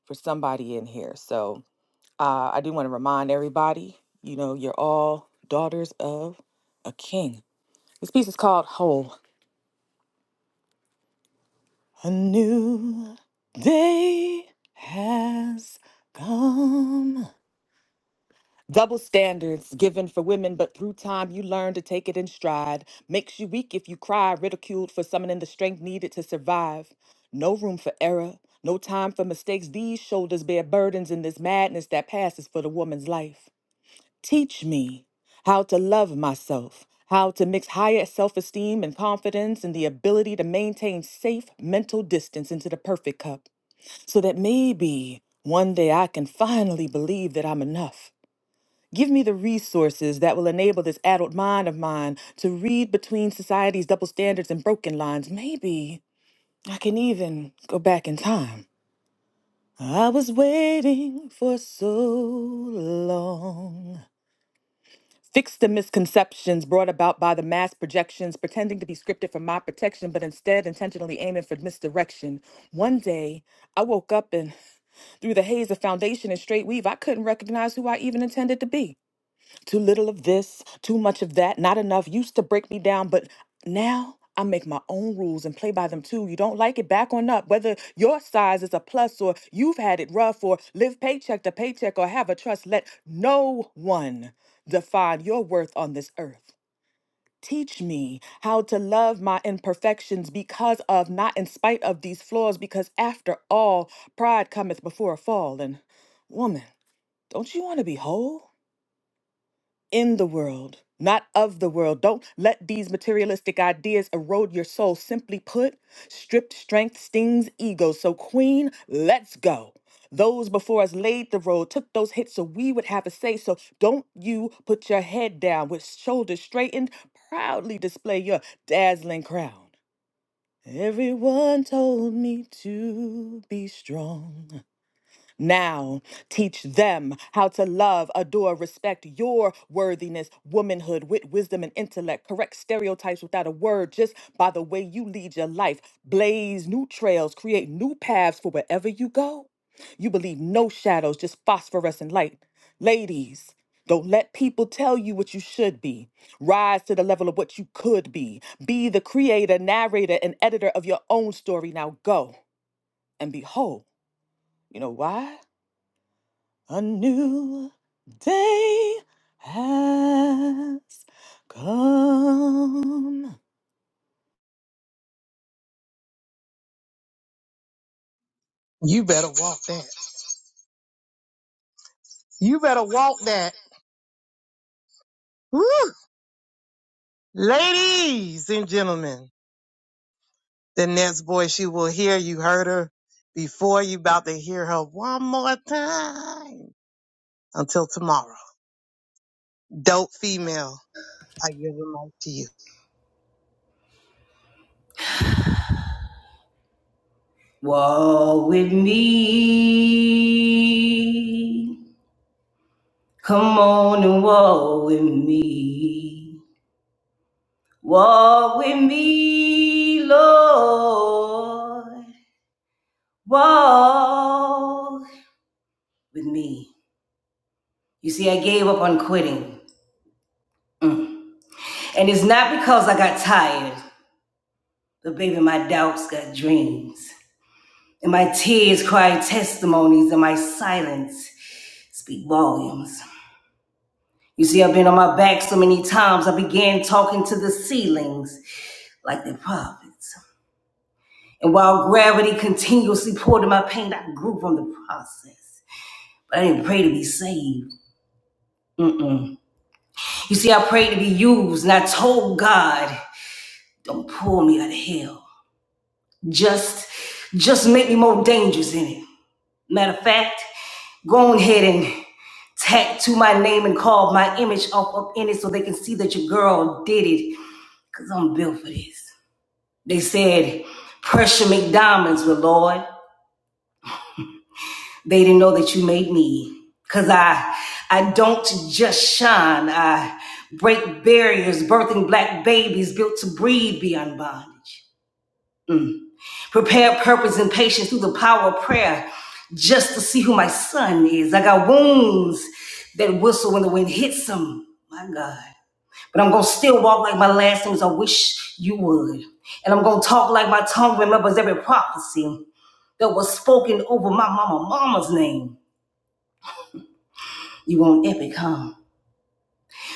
[SPEAKER 15] for somebody in here. So uh, I do want to remind everybody, you know, you're all daughters of a king. This piece is called Whole. A new day has come. Double standards given for women, but through time you learn to take it in stride. Makes you weak if you cry, ridiculed for summoning the strength needed to survive. No room for error, no time for mistakes. These shoulders bear burdens in this madness that passes for the woman's life. Teach me how to love myself, how to mix higher self esteem and confidence, and the ability to maintain safe mental distance into the perfect cup so that maybe one day I can finally believe that I'm enough. Give me the resources that will enable this adult mind of mine to read between society's double standards and broken lines. Maybe I can even go back in time. I was waiting for so long. Fix the misconceptions brought about by the mass projections, pretending to be scripted for my protection, but instead intentionally aiming for misdirection. One day, I woke up and Through the haze of foundation and straight weave, I couldn't recognize who I even intended to be. Too little of this, too much of that, not enough used to break me down, but now I make my own rules and play by them too. You don't like it, back on up. Whether your size is a plus or you've had it rough or live paycheck to paycheck or have a trust, let no one define your worth on this earth. Teach me how to love my imperfections because of, not in spite of these flaws, because after all, pride cometh before a fall. And woman, don't you want to be whole? in the world, not of the world. Don't let these materialistic ideas erode your soul. Simply put, stripped strength stings ego. So, Queen, let's go. Those before us laid the road, took those hits so we would have a say. So, don't you put your head down with shoulders straightened, proudly display your dazzling crown. Everyone told me to be strong. Now, teach them how to love, adore, respect your worthiness, womanhood, wit, wisdom, and intellect. Correct stereotypes without a word, just by the way you lead your life. Blaze new trails, create new paths for wherever you go. You believe no shadows, just phosphorescent light. Ladies, don't let people tell you what you should be. Rise to the level of what you could be. Be the creator, narrator, and editor of your own story. Now go and behold. You know why? A new day has come.
[SPEAKER 10] You better walk that. You better walk that. Woo! Ladies and gentlemen. The next voice you will hear, you heard her before, you about to hear her one more time. Until tomorrow. Dope female. I give the mic to you.
[SPEAKER 8] Walk with me. Come on and walk with me. Walk with me, Lord. Walk with me. You see, I gave up on quitting. And it's not because I got tired, but baby, my doubts got dreams. And my tears cry testimonies, and my silence speak volumes. You see, I've been on my back so many times, I began talking to the ceilings like the prophets. And while gravity continuously poured in my pain, I grew from the process. But I didn't pray to be saved. Mm-mm. You see, I prayed to be used, and I told God, "Don't pull me out of hell. Just, just make me more dangerous in it." Matter of fact, go on ahead and tattoo my name and carve my image up up in it, so they can see that your girl did it. Cause I'm built for this. They said, "Pressure make diamonds, with Lord." They didn't know that you made me. Cause I I don't just shine. I break barriers, birthing black babies built to breathe beyond bondage. Prepare purpose and patience through the power of prayer just to see who my son is. I got wounds that whistle when the wind hits them. My God. But I'm gonna still walk like my last name is I wish you would. And I'm gonna talk like my tongue remembers every prophecy that was spoken over my mama mama's name. You want epic, huh?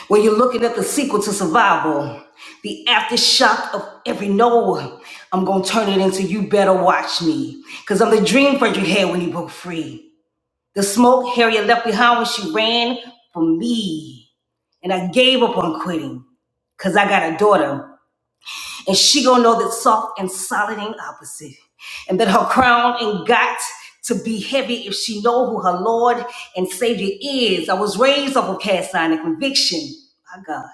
[SPEAKER 8] When you're looking at the sequel to Survival, the aftershock of every no, I'm gonna turn it into You Better Watch Me, cause I'm the dream friend you had when you broke free. The smoke Harriet left behind when she ran for me, and I gave up on quitting, cause I got a daughter and she gonna know that soft and solid ain't opposite. And that her crown ain't got to be heavy if she know who her Lord and Savior is. I was raised up on cast iron and conviction. My God.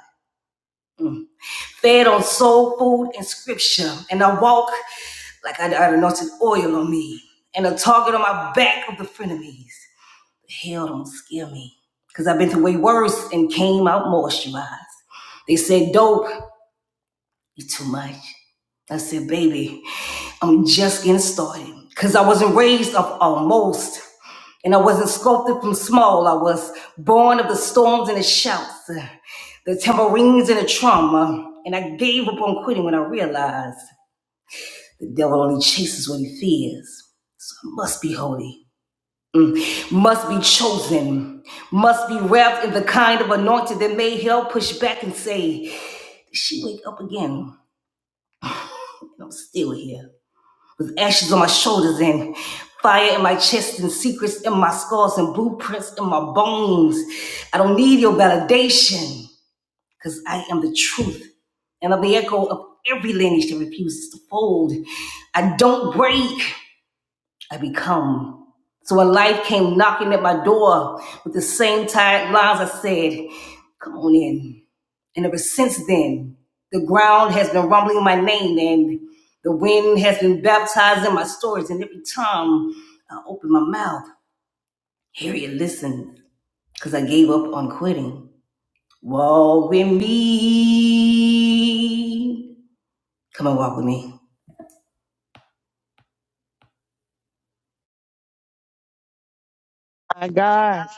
[SPEAKER 8] Fed on soul food and scripture. And I walk like I got anointed oil on me. And a target on my back of the frenemies. Hell don't scare me. Cause I've been through way worse and came out moisturized. They said dope you too much. I said, baby, I'm just getting started. Cause I wasn't raised up almost. And I wasn't sculpted from small. I was born of the storms and the shouts, uh, the tambourines and the trauma. And I gave up on quitting when I realized the devil only chases what he fears. So I must be holy, must be chosen, must be wrapped in the kind of anointing that made hell push back and say, Did she wake up again? And I'm still here. with ashes on my shoulders and fire in my chest and secrets in my scars and blueprints in my bones. I don't need your validation because I am the truth and I'm the echo of every lineage that refuses to fold. I don't break, I become. So when life came knocking at my door with the same tired lines, I said, Come on in. And ever since then, the ground has been rumbling my name and the wind has been baptizing my stories. And every time I open my mouth, Harriet listened because I gave up on quitting. Walk with me. Come and walk with me.
[SPEAKER 1] My God.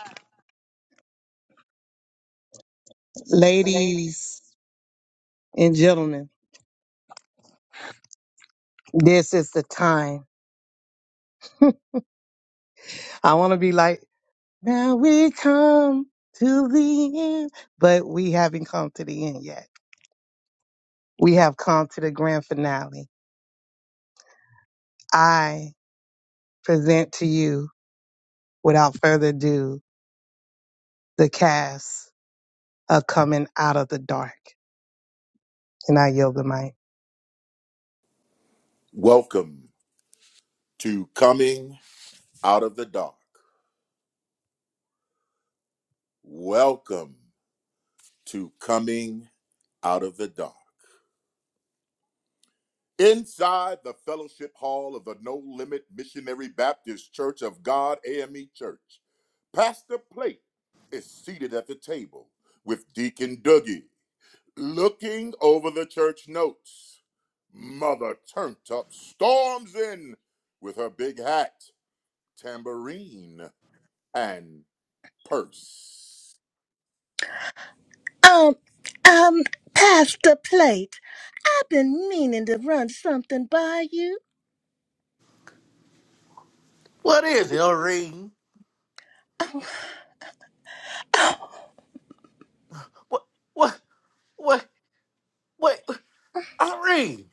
[SPEAKER 1] Ladies. and gentlemen, this is the time. I want to be like, now we come to the end, but we haven't come to the end yet. We have come to the grand finale. I present to you, without further ado, the kiss of dark. And I might.
[SPEAKER 18] Welcome to Coming Out of the Dark. Welcome to Coming Out of the Dark. Inside the fellowship hall of the No Limit Missionary Baptist Church of God, AME Church, Pastor Plate is seated at the table with Deacon Dougie. Looking over the church notes, Mother Turntup storms in with her big hat, tambourine, and purse.
[SPEAKER 4] Um, um, pass the plate. I've been meaning to run something by you.
[SPEAKER 19] What is it, Irene?
[SPEAKER 4] Oh,
[SPEAKER 19] What, what, what, what, Irene?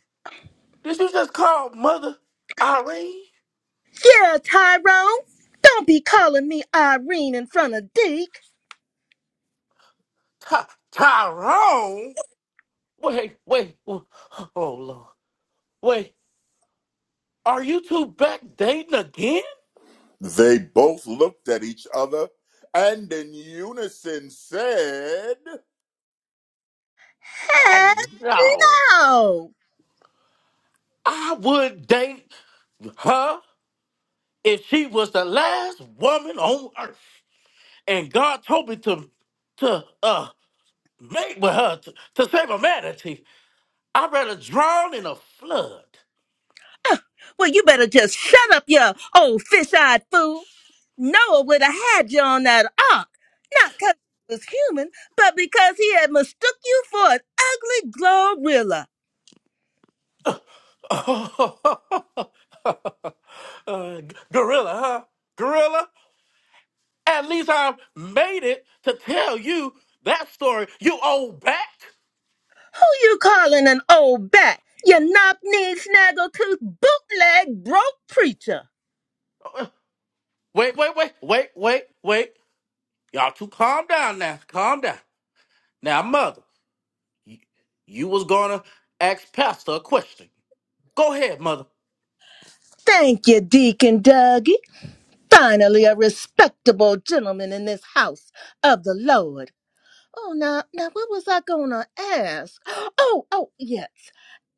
[SPEAKER 19] Did you just call Mother Irene?
[SPEAKER 4] Yeah, Tyrone. Don't be calling me Irene in front of Deke.
[SPEAKER 19] Ty- Tyrone? Wait, wait, oh Lord. Wait, are you two back dating again?
[SPEAKER 18] They both looked at each other and in unison said,
[SPEAKER 19] Heck
[SPEAKER 4] Heck
[SPEAKER 19] No.
[SPEAKER 4] no!
[SPEAKER 19] I would date her if she was the last woman on earth. And God told me to, to, uh, mate with her to, to save humanity. I'd rather drown in a flood.
[SPEAKER 4] Well, you better just shut up, you old fish-eyed fool. Noah would have had you on that ark, not 'cause he was human, but because he had mistook you for an ugly glorilla.
[SPEAKER 19] Uh, g- gorilla, huh? Gorilla? At least I made it to tell you that story, you old back.
[SPEAKER 4] Who you calling an old bat? You knock-kneed, snaggle-tooth, bootleg, broke preacher.
[SPEAKER 19] Uh, Wait, wait, wait, wait, wait, wait. Y'all two calm down now. Calm down. Now, mother, you, you was gonna ask Pastor a question. Go ahead, mother.
[SPEAKER 4] Thank you, Deacon Dougie. Finally, a respectable gentleman in this house of the Lord. Oh, now, now, what was I gonna ask? Oh, oh, yes.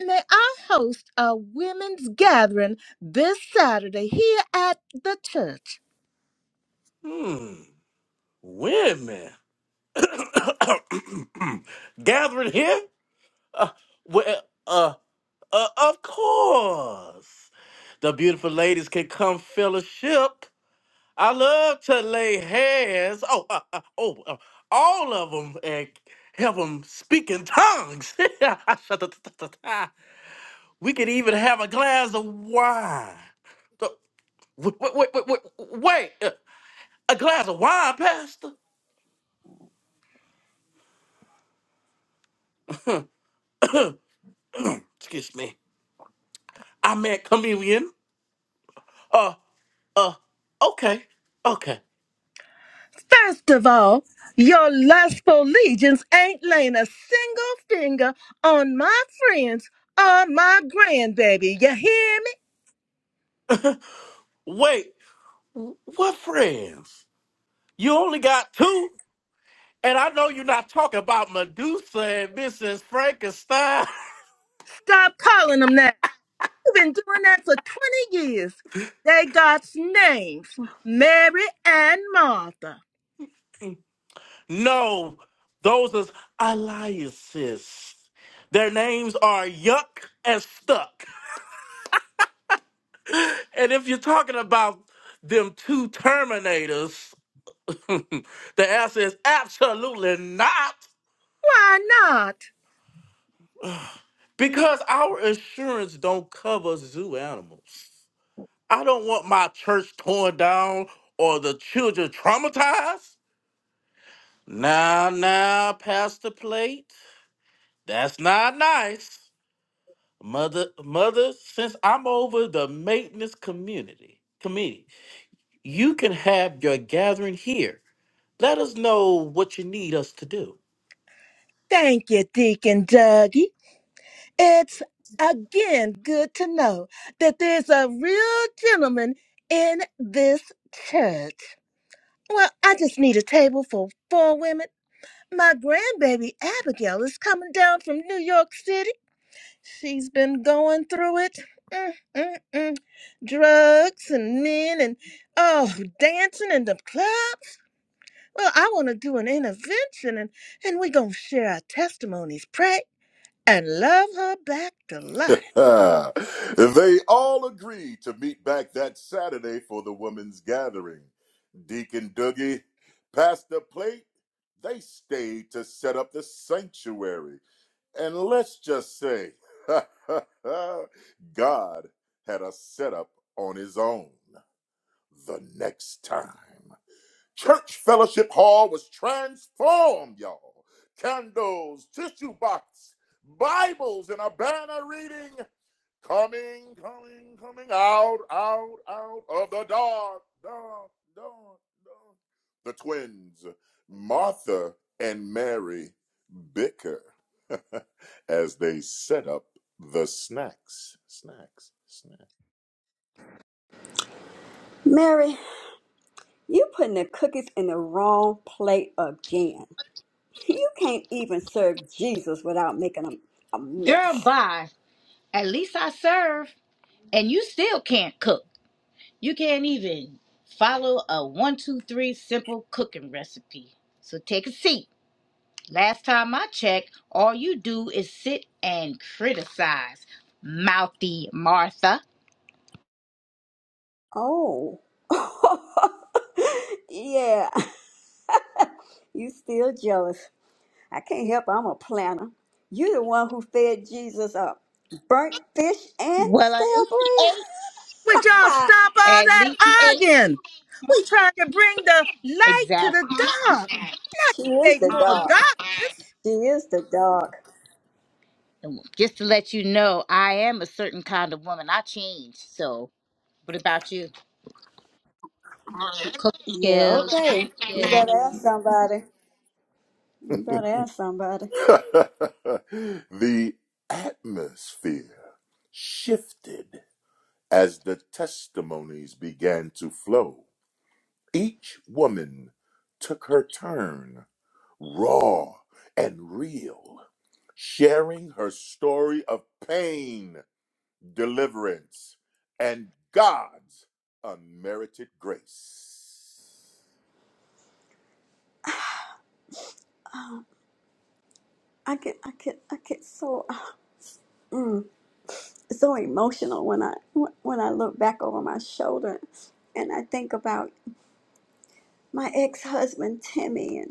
[SPEAKER 4] May I host a women's gathering this Saturday here at the church?
[SPEAKER 19] Hmm, women. Gathering here? Uh, well, uh, uh, uh, of course. The beautiful ladies can come fellowship. I love to lay hands. Oh, uh, uh, oh, uh, all of them and have them speak in tongues. we could even have a glass of wine. Uh, Wait, wait, wait, wait, wait. uh, a glass of wine, Pastor? Excuse me. I meant communion. Uh, uh, okay, okay.
[SPEAKER 4] First of all, your lustful legions ain't laying a single finger on my friends or my grandbaby. You hear me?
[SPEAKER 19] Wait. What friends? You only got two? And I know you're not talking about Medusa and Mrs. Frankenstein.
[SPEAKER 4] Stop calling them that. You've been doing that for 20 years. They got names Mary and Martha.
[SPEAKER 19] no, those are alliances. Their names are Yuck and Stuck. And if you're talking about them two Terminators, the answer is absolutely not
[SPEAKER 4] Why not?
[SPEAKER 19] because our insurance don't cover zoo animals. I don't want my church torn down or the children traumatized. Now, now, Pastor Plate, that's not nice. Mother, mother, since I'm over the maintenance community committee, you can have your gathering here. Let us know what you need us to do.
[SPEAKER 4] Thank you, Deacon Dougie. It's again good to know that there's a real gentleman in this church. Well, I just need a table for four women. My grandbaby Abigail is coming down from New York City. She's been going through it. Mm, mm, mm. Drugs and men and oh, dancing in the club. Well, I want to do an intervention and, and we're going to share our testimonies. Pray. and love her back to life.
[SPEAKER 18] They all agreed to meet back that Saturday for the women's gathering. Deacon Doogie passed the plate. They stayed to set up the sanctuary. And let's just say, God had a setup on his own the next time. Church Fellowship Hall was transformed, y'all. Candles, tissue box, Bibles, and a banner reading coming, coming, coming out, out, out of the dark, dark, dark, dark. The twins, Martha and Mary, bicker as they set up the snacks, snacks, snacks.
[SPEAKER 5] Mary, you putting the cookies in the wrong plate again. You can't even serve Jesus without making a, a
[SPEAKER 20] Girl,
[SPEAKER 5] mess.
[SPEAKER 20] bye. At least I serve, and you still can't cook. You can't even follow a one, two, three simple cooking recipe. So take a seat. Last time I checked, all you do is sit and criticize. Mouthy Martha.
[SPEAKER 5] Oh, yeah. You still jealous? I can't help it. I'm a planner. you the one who fed Jesus up. Burnt fish and
[SPEAKER 20] Well, at
[SPEAKER 5] stale
[SPEAKER 20] least he
[SPEAKER 4] Would y'all
[SPEAKER 5] bread.
[SPEAKER 4] stop all
[SPEAKER 20] ate. At least he
[SPEAKER 4] that
[SPEAKER 20] ate.
[SPEAKER 4] arguing? We trying to bring the light to the
[SPEAKER 20] Exactly.
[SPEAKER 4] dark.
[SPEAKER 5] she is
[SPEAKER 4] Make
[SPEAKER 5] the
[SPEAKER 4] more
[SPEAKER 5] dog.
[SPEAKER 4] dark.
[SPEAKER 5] She is the dog.
[SPEAKER 20] And Just to let you know, I am a certain kind of woman. I changed. So, what about you? Cooking
[SPEAKER 5] Yeah,
[SPEAKER 20] skills,
[SPEAKER 5] okay.
[SPEAKER 20] cooking
[SPEAKER 5] You
[SPEAKER 20] skills.
[SPEAKER 5] better ask somebody. You better ask somebody.
[SPEAKER 18] the atmosphere shifted as the testimonies began to flow. Each woman took her turn, raw and real, sharing her story of pain, deliverance, and God's unmerited grace.
[SPEAKER 5] I get I get I get so mm, so emotional when I when I look back over my shoulder and I think about my ex-husband Timmy and.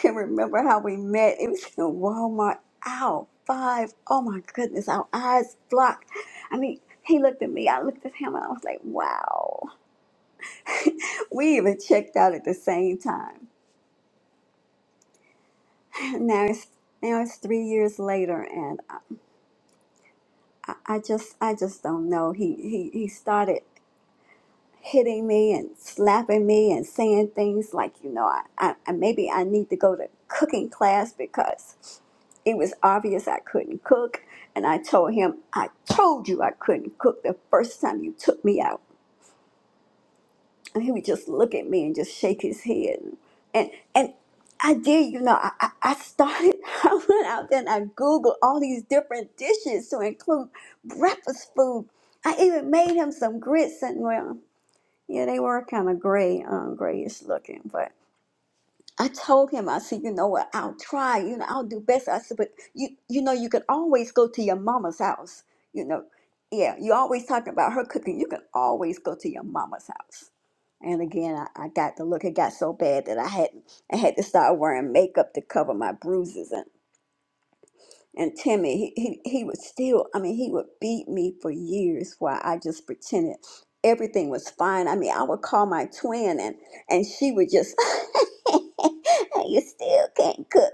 [SPEAKER 5] can remember how we met. It was in Walmart, aisle five. Oh my goodness, our eyes blocked. I mean, he looked at me, I looked at him, and I was like, wow. We even checked out at the same time. Now it's now it's three years later, and I, I I just I just don't know. He he he started. hitting me and slapping me and saying things like, you know, I, I, I maybe I need to go to cooking class because it was obvious I couldn't cook. And I told him, I told you I couldn't cook the first time you took me out. And he would just look at me and just shake his head. And and I did, you know, I, I I started, I went out there and I Googled all these different dishes to include breakfast food. I even made him some grits and well. Yeah, they were kind of gray, um, grayish looking. But I told him, I said, you know what? I'll try. You know, I'll do best. I said, but you, you know, you can always go to your mama's house. You know, yeah, you always talking about her cooking. You can always go to your mama's house. And again, I, I got the look. It got so bad that I had I had to start wearing makeup to cover my bruises and Timmy, he, he, he would still, I mean, he would beat me for years while I just pretended everything was fine. I mean, I would call my twin and, and she would just, you still can't cook.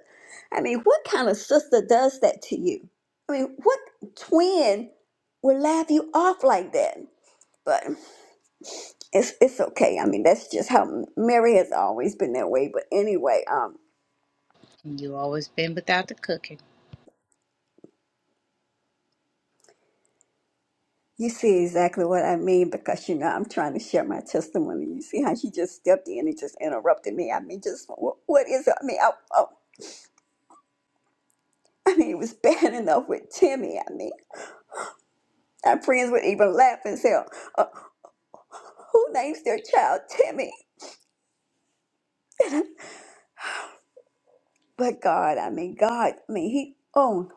[SPEAKER 5] I mean, what kind of sister does that to you? I mean, what twin would laugh you off like that? But it's, it's okay. I mean, that's just how Mary has always been that way. But anyway, um.
[SPEAKER 20] You always been without the cooking.
[SPEAKER 5] You see exactly what I mean because you know I'm trying to share my testimony. You see how she just stepped in and just interrupted me. I mean, just what, what is it? I mean, I, I, I mean, it was bad enough with Timmy. I mean, our friends would even laugh and say, uh, "Who names their child Timmy?" But God, I mean, God, I mean, He. oh.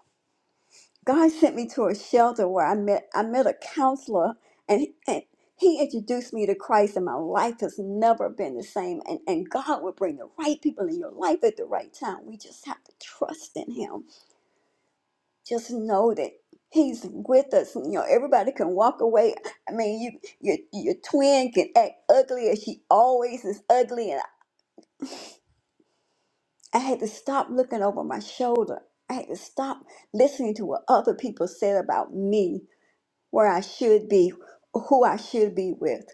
[SPEAKER 5] God sent me to a shelter where I met I met a counselor and, and he introduced me to Christ and my life has never been the same and, and God will bring the right people in your life at the right time. We just have to trust in him. Just know that he's with us. You know, everybody can walk away. I mean, you your your twin can act ugly as she always is ugly and I had to stop looking over my shoulder. I had to stop listening to what other people said about me where I should be, who I should be with,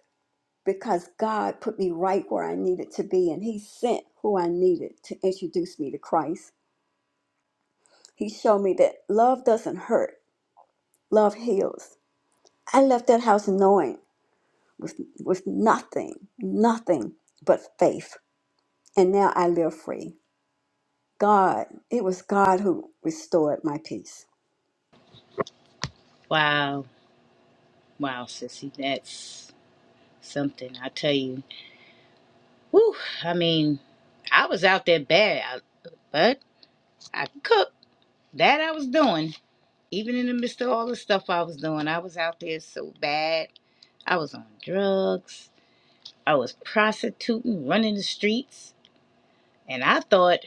[SPEAKER 5] because God put me right where I needed to be, and He sent who I needed to introduce me to Christ. He showed me that love doesn't hurt, love heals. I left that house knowing with, with nothing, nothing but faith, and now I live free. God, it was God who restored my peace.
[SPEAKER 20] Wow, wow, sissy, that's something. I tell you. Whew, I mean, I was out there bad, I- but I cooked. That I was doing, even in the midst of all the stuff I was doing. I was out there so bad. I was on drugs. I was prostituting, running the streets, and I thought,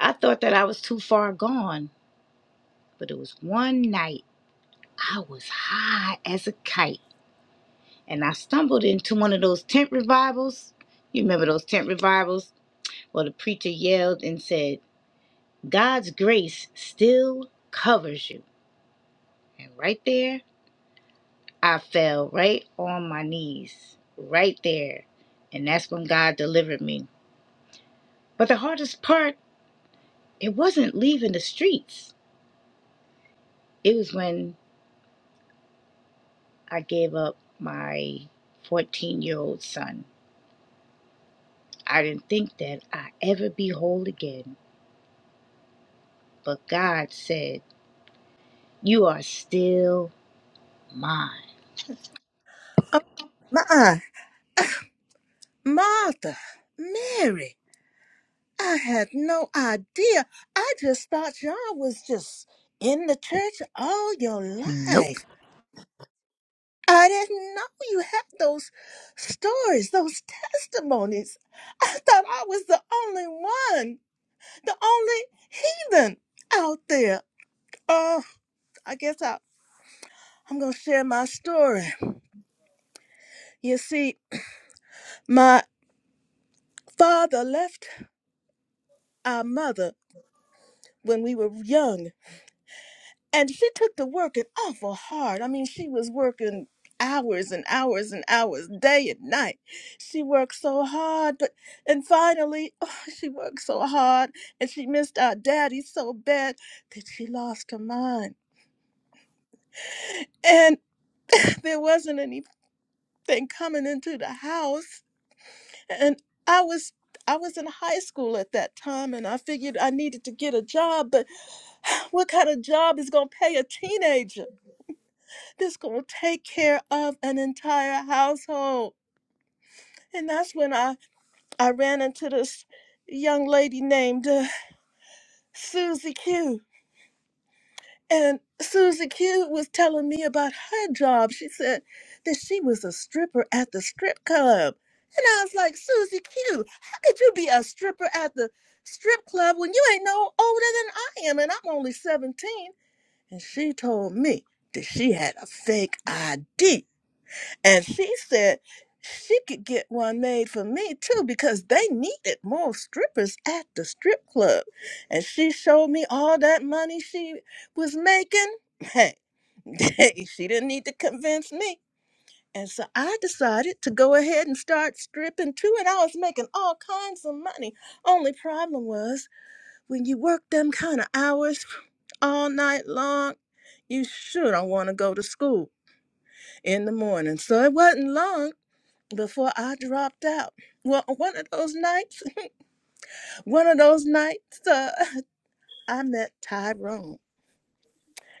[SPEAKER 20] I thought that I was too far gone. But it was one night I was high as a kite and I stumbled into one of those tent revivals. You remember those tent revivals? Well, the preacher yelled and said, God's grace still covers you. And right there, I fell right on my knees, right there. And that's when God delivered me. But the hardest part, it wasn't leaving the streets, it was when I gave up my 14 year old son. I didn't think that I'd ever be whole again, but God said, You are still mine.
[SPEAKER 4] Oh, my, uh, Martha, Mary, I had no idea. I just thought y'all was just in the church all your
[SPEAKER 20] Nope.
[SPEAKER 4] life. I didn't know you had those stories, those testimonies. I thought I was the only one, the only heathen out there. Oh, I guess I, I'm going to share my story. You see, my father left our mother when we were young, and she took to working awful hard. I mean, she was working hours and hours and hours, day and night. She worked so hard, but, and finally, oh, she worked so hard, and she missed our daddy so bad that she lost her mind. And there wasn't anything coming into the house and I was I was in high school at that time and I figured I needed to get a job, but what kind of job is gonna pay a teenager that's gonna take care of an entire household? And that's when I, I ran into this young lady named uh, Susie Q. And Susie Q was telling me about her job. She said that she was a stripper at the strip club. And I was like, Susie Q, how could you be a stripper at the strip club when you ain't no older than I am and I'm only 17? And she told me that she had a fake ID. And she said she could get one made for me too because they needed more strippers at the strip club. And she showed me all that money she was making. Hey, she didn't need to convince me. And so I decided to go ahead and start stripping too, and I was making all kinds of money. Only problem was when you work them kind of hours all night long, you sure don't want to go to school in the morning. So it wasn't long before I dropped out. Well, one of those nights, one of those nights, uh, I met Tyrone.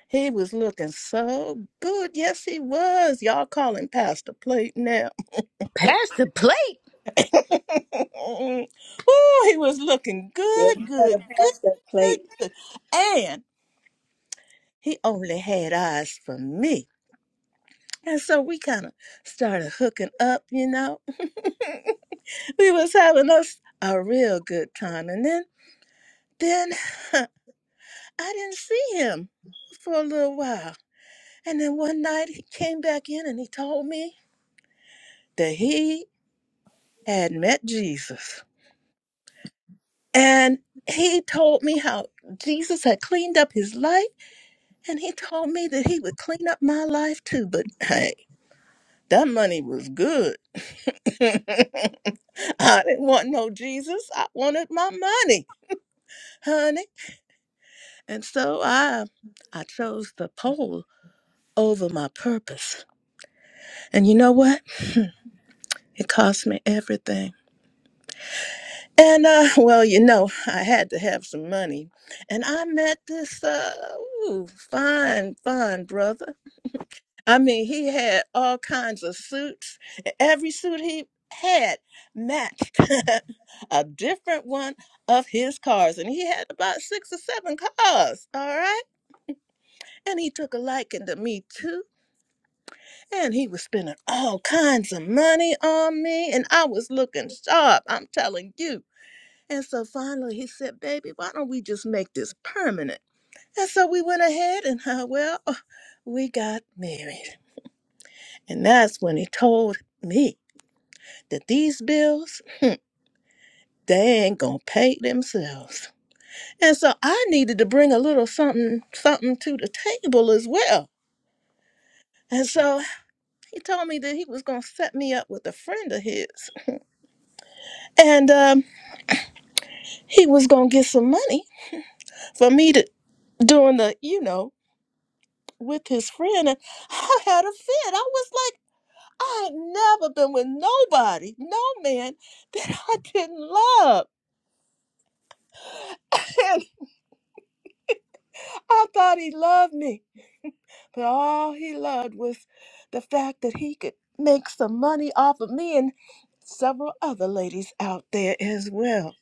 [SPEAKER 4] He was looking so good. Yes, he was. Y'all call him Pastor Plate now.
[SPEAKER 20] Pass the plate.
[SPEAKER 4] oh, he was looking
[SPEAKER 5] Yeah,
[SPEAKER 4] good,
[SPEAKER 5] the
[SPEAKER 4] good, good,
[SPEAKER 5] past the
[SPEAKER 4] good,
[SPEAKER 5] plate,
[SPEAKER 4] good. And he only had eyes for me. And so we kind of started hooking up, you know. we was having us a real good time. And then, then I didn't see him for a little while. And then one night he came back in and he told me that he had met Jesus. And he told me how Jesus had cleaned up his life and he told me that he would clean up my life too. But hey, that money was good. I didn't want no Jesus. I wanted my money, honey. And so I I chose the pole over my purpose. And you know what? It cost me everything. And uh, well, you know, I had to have some money. And I met this uh ooh, fine, fine brother. I mean, he had all kinds of suits. E-, Every suit he had matched a different one of his cars. And he had about six or seven cars, all right? And he took a liking to me too. And he was spending all kinds of money on me. And I was looking sharp, I'm telling you. And so finally he said, Baby, why don't we just make this permanent? And so we went ahead and, uh, well, we got married. And that's when he told me that these bills, hmm, they ain't gonna pay themselves. And so I needed to bring a little something, something to the table as well. And so he told me that he was gonna set me up with a friend of his, and um, he was gonna get some money for me to doing the, you know, with his friend and I had a fit. I was like, I had never been with nobody, no man that I didn't love. And I thought he loved me. But all he loved was the fact that he could make some money off of me and several other ladies out there as well.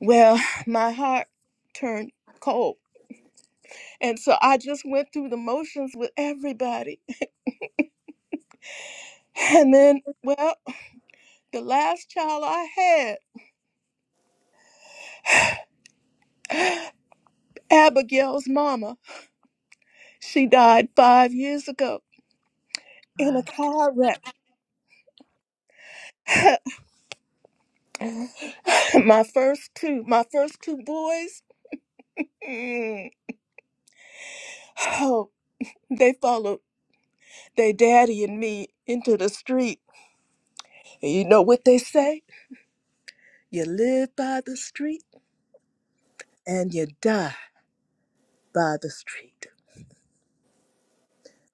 [SPEAKER 4] Well, my heart turned cold. And so I just went through the motions with everybody. And then, well, the last child I had. Abigail's mama. She died five years ago in a car wreck. my first two, my first two boys, mm, oh, they followed their daddy and me into the street. And you know what they say? You live by the street and you die by the street.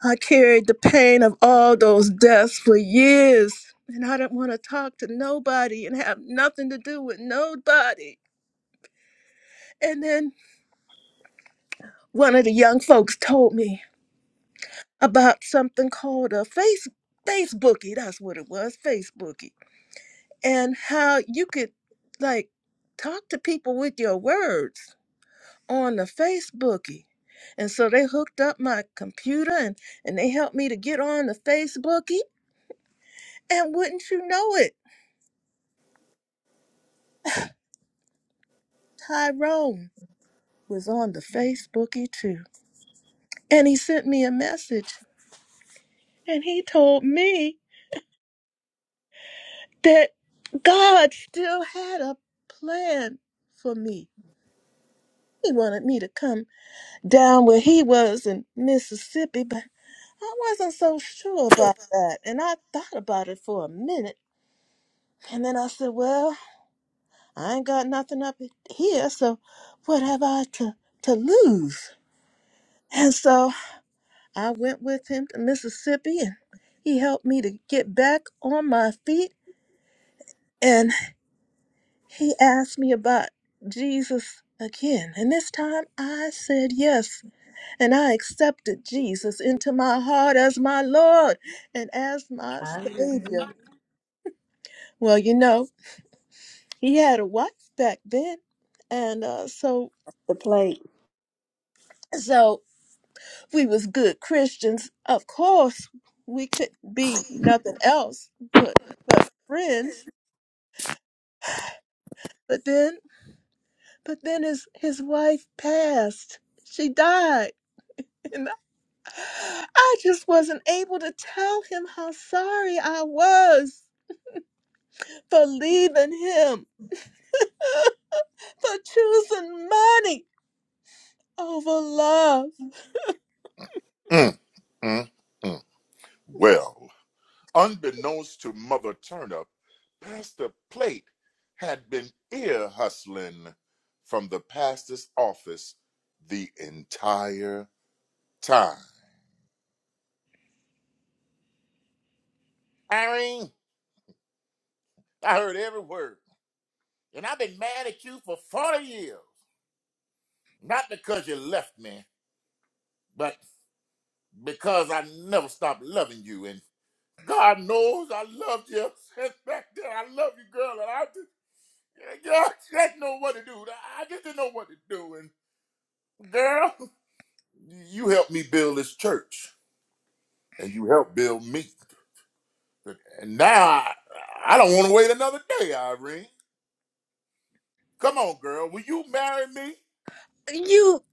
[SPEAKER 4] I carried the pain of all those deaths for years, and I didn't want to talk to nobody and have nothing to do with nobody. And then one of the young folks told me about something called a face Facebookie. That's what it was, Facebookie, and how you could like talk to people with your words on the Facebookie. And so they hooked up my computer and, and they helped me to get on the Facebookie. And wouldn't you know it, Tyrone was on the Facebookie too. And he sent me a message and he told me that God still had a plan for me. He wanted me to come down where he was in Mississippi, but I wasn't so sure about that. And I thought about it for a minute. And then I said, Well, I ain't got nothing up here, so what have I to, to lose? And so I went with him to Mississippi and he helped me to get back on my feet. and. He asked me about Jesus again, and this time I said yes, and I accepted Jesus into my heart as my Lord and as my Savior.
[SPEAKER 20] Hallelujah.
[SPEAKER 4] Well, you know, he had a wife back then, and uh, so
[SPEAKER 5] the plate.
[SPEAKER 4] so we was good Christians. Of course, we could be nothing else but but friends. But then, but then his his wife passed. She died. I just wasn't able to tell him how sorry I was for leaving him, for choosing money over love.
[SPEAKER 18] Mm, mm, mm. Well, Unbeknownst to Mother Turnip, Pastor Plate had been ear hustling from the pastor's office the entire time. Irene, I heard every word, and I've been mad at you for 40 years. Not because you left me, but because I never stopped loving you. And God knows I loved you since back then. I love you, girl, and I just, I just didn't know what to do. I just didn't know what to do. And girl. you helped me build this church and you helped build me. And now I, I don't want to wait another day, Irene. Come on, girl. Will you marry me?
[SPEAKER 4] You,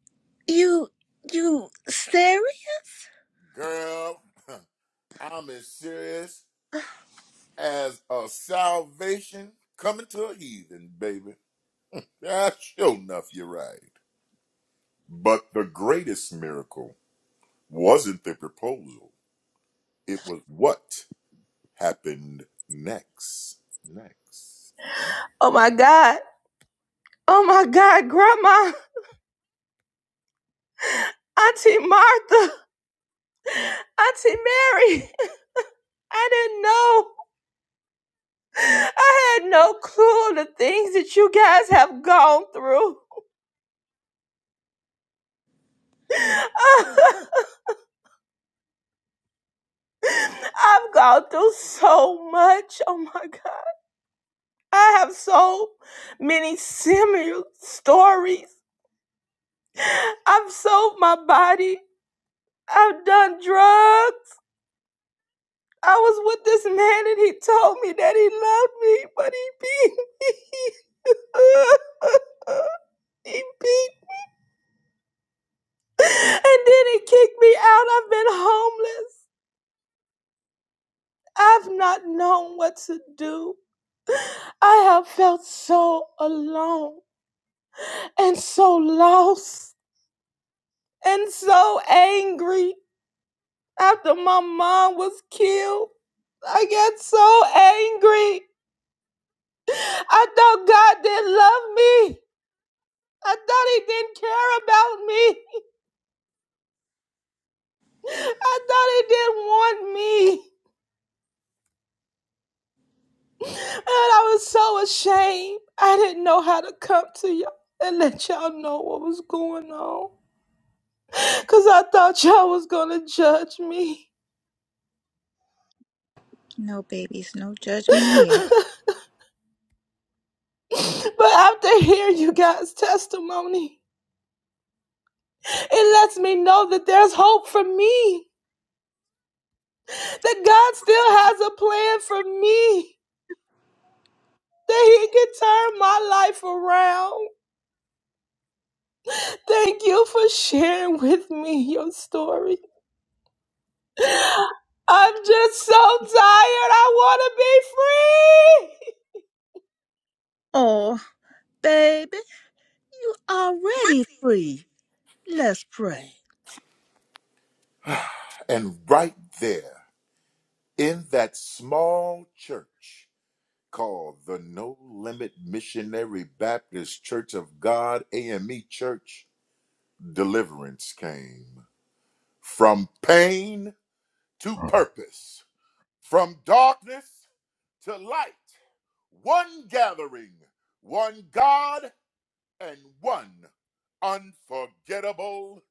[SPEAKER 4] you, you serious?
[SPEAKER 18] Girl, I'm as serious as a salvation coming to a heathen, baby. Yeah, sure enough, you're right. But the greatest miracle wasn't the proposal, it was what happened next. Next. next.
[SPEAKER 6] Oh my God. Oh my God, Grandma, Auntie Martha, Auntie Mary. I didn't know. I had no clue of the things that you guys have gone through. I've gone through so much. Oh my God. I have so many similar stories. I've sold my body. I've done drugs. I was with this man and he told me that he loved me, but he beat me. he beat me, and then he kicked me out. I've been homeless. I've not known what to do. I have felt so alone and so lost and so angry. After my mom was killed, I got so angry. I thought God didn't love me. I thought He didn't care about me. I thought He didn't want me. And I was so ashamed. I didn't know how to come to y'all and let y'all know what was going on. Cause I thought y'all was gonna judge me.
[SPEAKER 20] No babies, no judgment here.
[SPEAKER 6] but after hearing you guys' testimony, it lets me know that there's hope for me. That God still has a plan for me. That He can turn my life around. Thank you for sharing with me your story. I'm just so
[SPEAKER 4] Yeah.
[SPEAKER 6] tired. I wanna be free.
[SPEAKER 4] Oh, baby, you already free. Let's pray.
[SPEAKER 18] And right there. in that small church called the No Limit Missionary Baptist Church of God, AME Church, deliverance came from pain to purpose, from darkness to light. One gathering, one God, and one unforgettable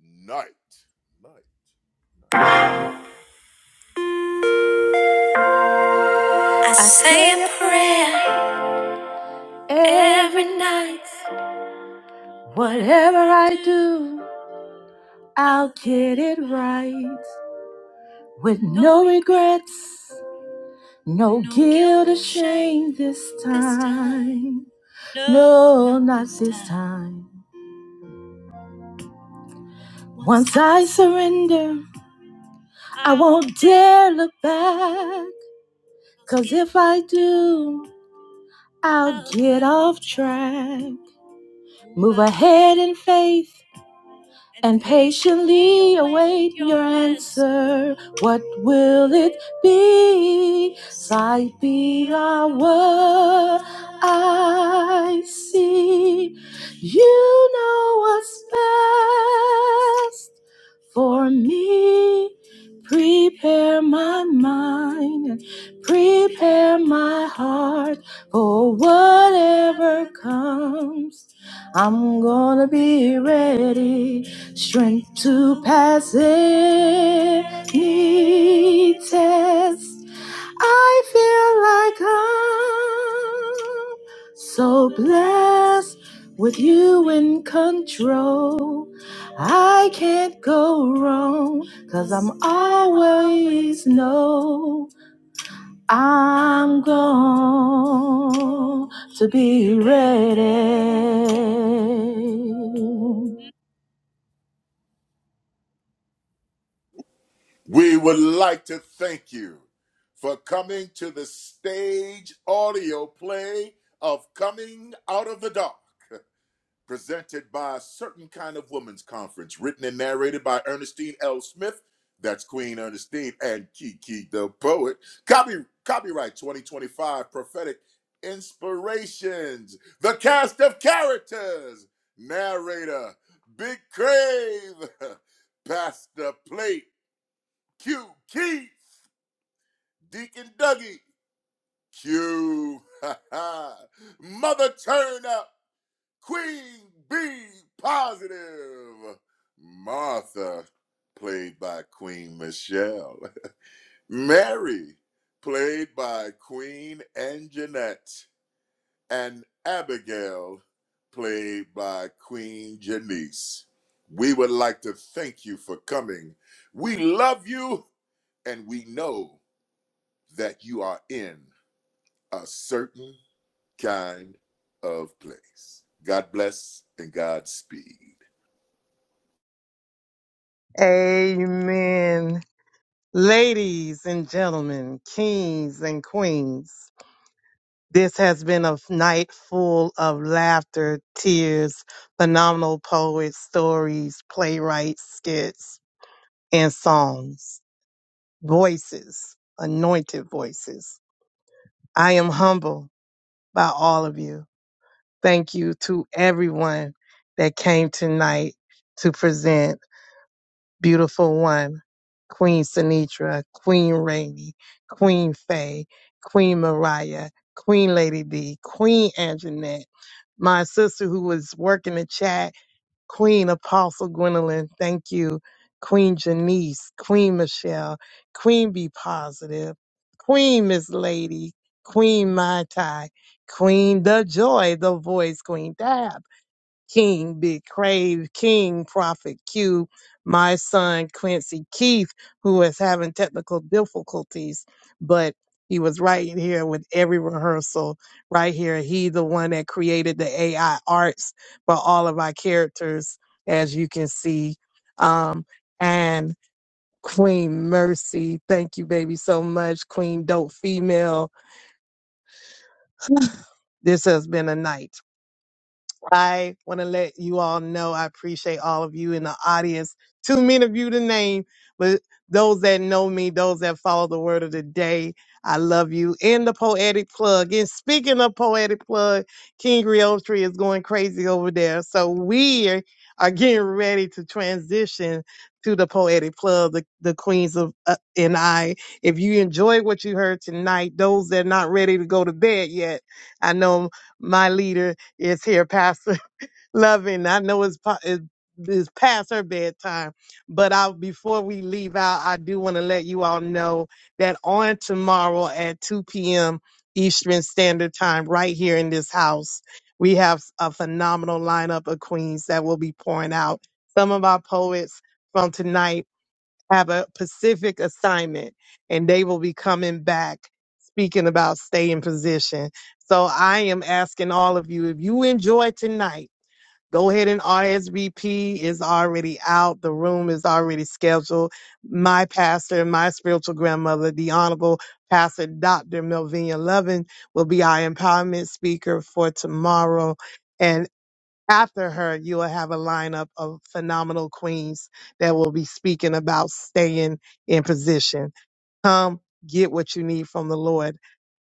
[SPEAKER 18] night. Night, night, night.
[SPEAKER 6] I say a prayer every night. Whatever I do, I'll get it right. With no regrets, no no guilt guilt or shame this time. No, No, not this time. Once I surrender, I won't dare look back. 'Cause if I do, I'll get off track, move ahead in faith and patiently await your answer. What will it be? Sight be our word. I see. You know what's best for me. Prepare my mind and prepare my heart for whatever comes. I'm gonna be ready, strength to pass any test. I feel like I'm so blessed with you in control. I can't go wrong because I'm always know I'm going to be ready.
[SPEAKER 18] We would like to thank you for coming to the stage audio play of Coming Out of the Dark, presented by a certain kind of women's conference, written and narrated by Ernestine L. Smith. That's Queen Ernestine and Kiki the Poet. Copy, copyright 2025 Prophetic Inspirations. The cast of characters. Narrator, Big Crave, Pastor Plate, Q Keith. Deacon Dougie, Q, Mother Turn Up, Queen B Positive, Martha, played by Queen Michelle, Mary, played by Queen Anjanette, and Abigail, played by Queen Janice. We would like to thank you for coming. We love you, and we know that you are in a certain kind of place. God bless and God speed.
[SPEAKER 1] Amen. Ladies and gentlemen, kings and queens, This has been a night full of laughter, tears, phenomenal poets, stories, playwrights, skits, and songs. Voices, anointed voices. I am humbled by all of you. Thank you to everyone that came tonight to present Beautiful One, Queen Sinitra, Queen Rainey, Queen Faye, Queen Mariah, Queen Lady D, Queen Anjanette. my sister who was working the chat, Queen Apostle Gwendolyn, thank you. Queen Janice, Queen Michelle, Queen Be Positive, Queen Miss Lady, Queen Mai Tai, Queen The Joy, The Voice, Queen Dab. King, Big Crave, King, Prophet Q, my son Quincy Keith, who is having technical difficulties, but he was right here with every rehearsal, right here. He the one that created the AI arts for all of our characters, as you can see. Um, and Queen Mercy, thank you, baby, so much. Queen Dope Female, this has been a night. I want to let you all know I appreciate all of you in the audience. Too many of you to name, but those that know me, those that follow the word of the day, I love you. And the poetic plug. And speaking of poetic plug, King Tree is going crazy over there. So we are are getting ready to transition to the poetic plug, the, the queens of uh, and I. If you enjoyed what you heard tonight, those that are not ready to go to bed yet, I know my leader it's here, Pastor Loving. I know it's, po- it- it's past her bedtime, but I, before we leave out, I do want to let you all know that on tomorrow at 2 p.m. Eastern Standard Time, right here in this house, we have a phenomenal lineup of queens that will be pouring out some of our poets from tonight have a Pacific assignment and they will be coming back speaking about stay in position. So I am asking all of you, if you enjoy tonight, go ahead and RSVP is already out. The room is already scheduled. My pastor, my spiritual grandmother, the Honorable Pastor Dr. Melvina Lovin will be our empowerment speaker for tomorrow after her, you will have a lineup of phenomenal queens that will be speaking about staying in position. Come get what you need from the Lord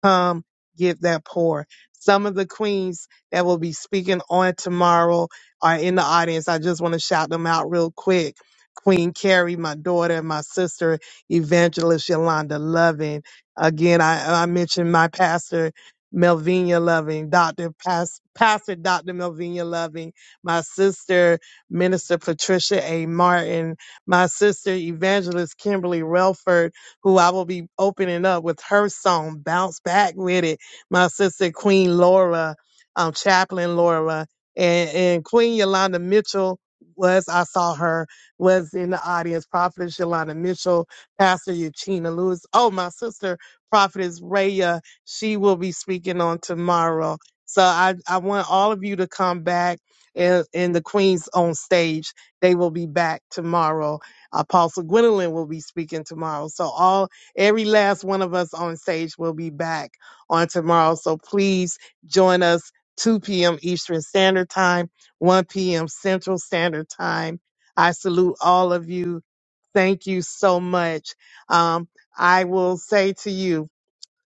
[SPEAKER 1] come give that pour. Some of the queens that will be speaking on tomorrow are in the audience. I just want to shout them out real quick. Queen Carrie, my daughter, and my sister, Evangelist Yolanda Loving. Again, I, I mentioned my pastor, Melvina Loving, Dr. Pas- Pastor Dr. Melvina Loving, my sister, Minister Patricia A. Martin, my sister, Evangelist Kimberly Relford, who I will be opening up with her song, Bounce Back with it. My sister, Queen Laura, um, Chaplain Laura, and, and Queen Yolanda Mitchell was, I saw her, was in the audience. Prophetess Yolanda Mitchell, Pastor Eugenia Lewis. Oh, my sister, Prophetess Raya, she will be speaking on tomorrow. So I, I want all of you to come back and, and the Queens on stage. They will be back tomorrow Apostle Gwendolyn will be speaking tomorrow. So all every last one of us on stage will be back on tomorrow. So please join us 2 p.m. Eastern Standard Time, 1 p.m. Central Standard Time. I salute all of you. Thank you so much. Um, I will say to you.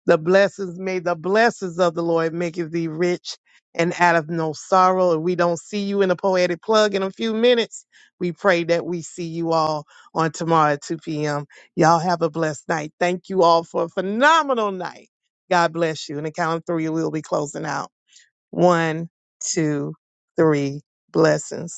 [SPEAKER 1] The blessings, may the blessings of the Lord maketh thee rich and out of no sorrow. If we don't see you in a poetic plug in a few minutes, we pray that we see you all on tomorrow at 2 p.m. Y'all have a blessed night. Thank you all for a phenomenal night. God bless you. And the count of three, we'll be closing out. One, two, three. Blessings.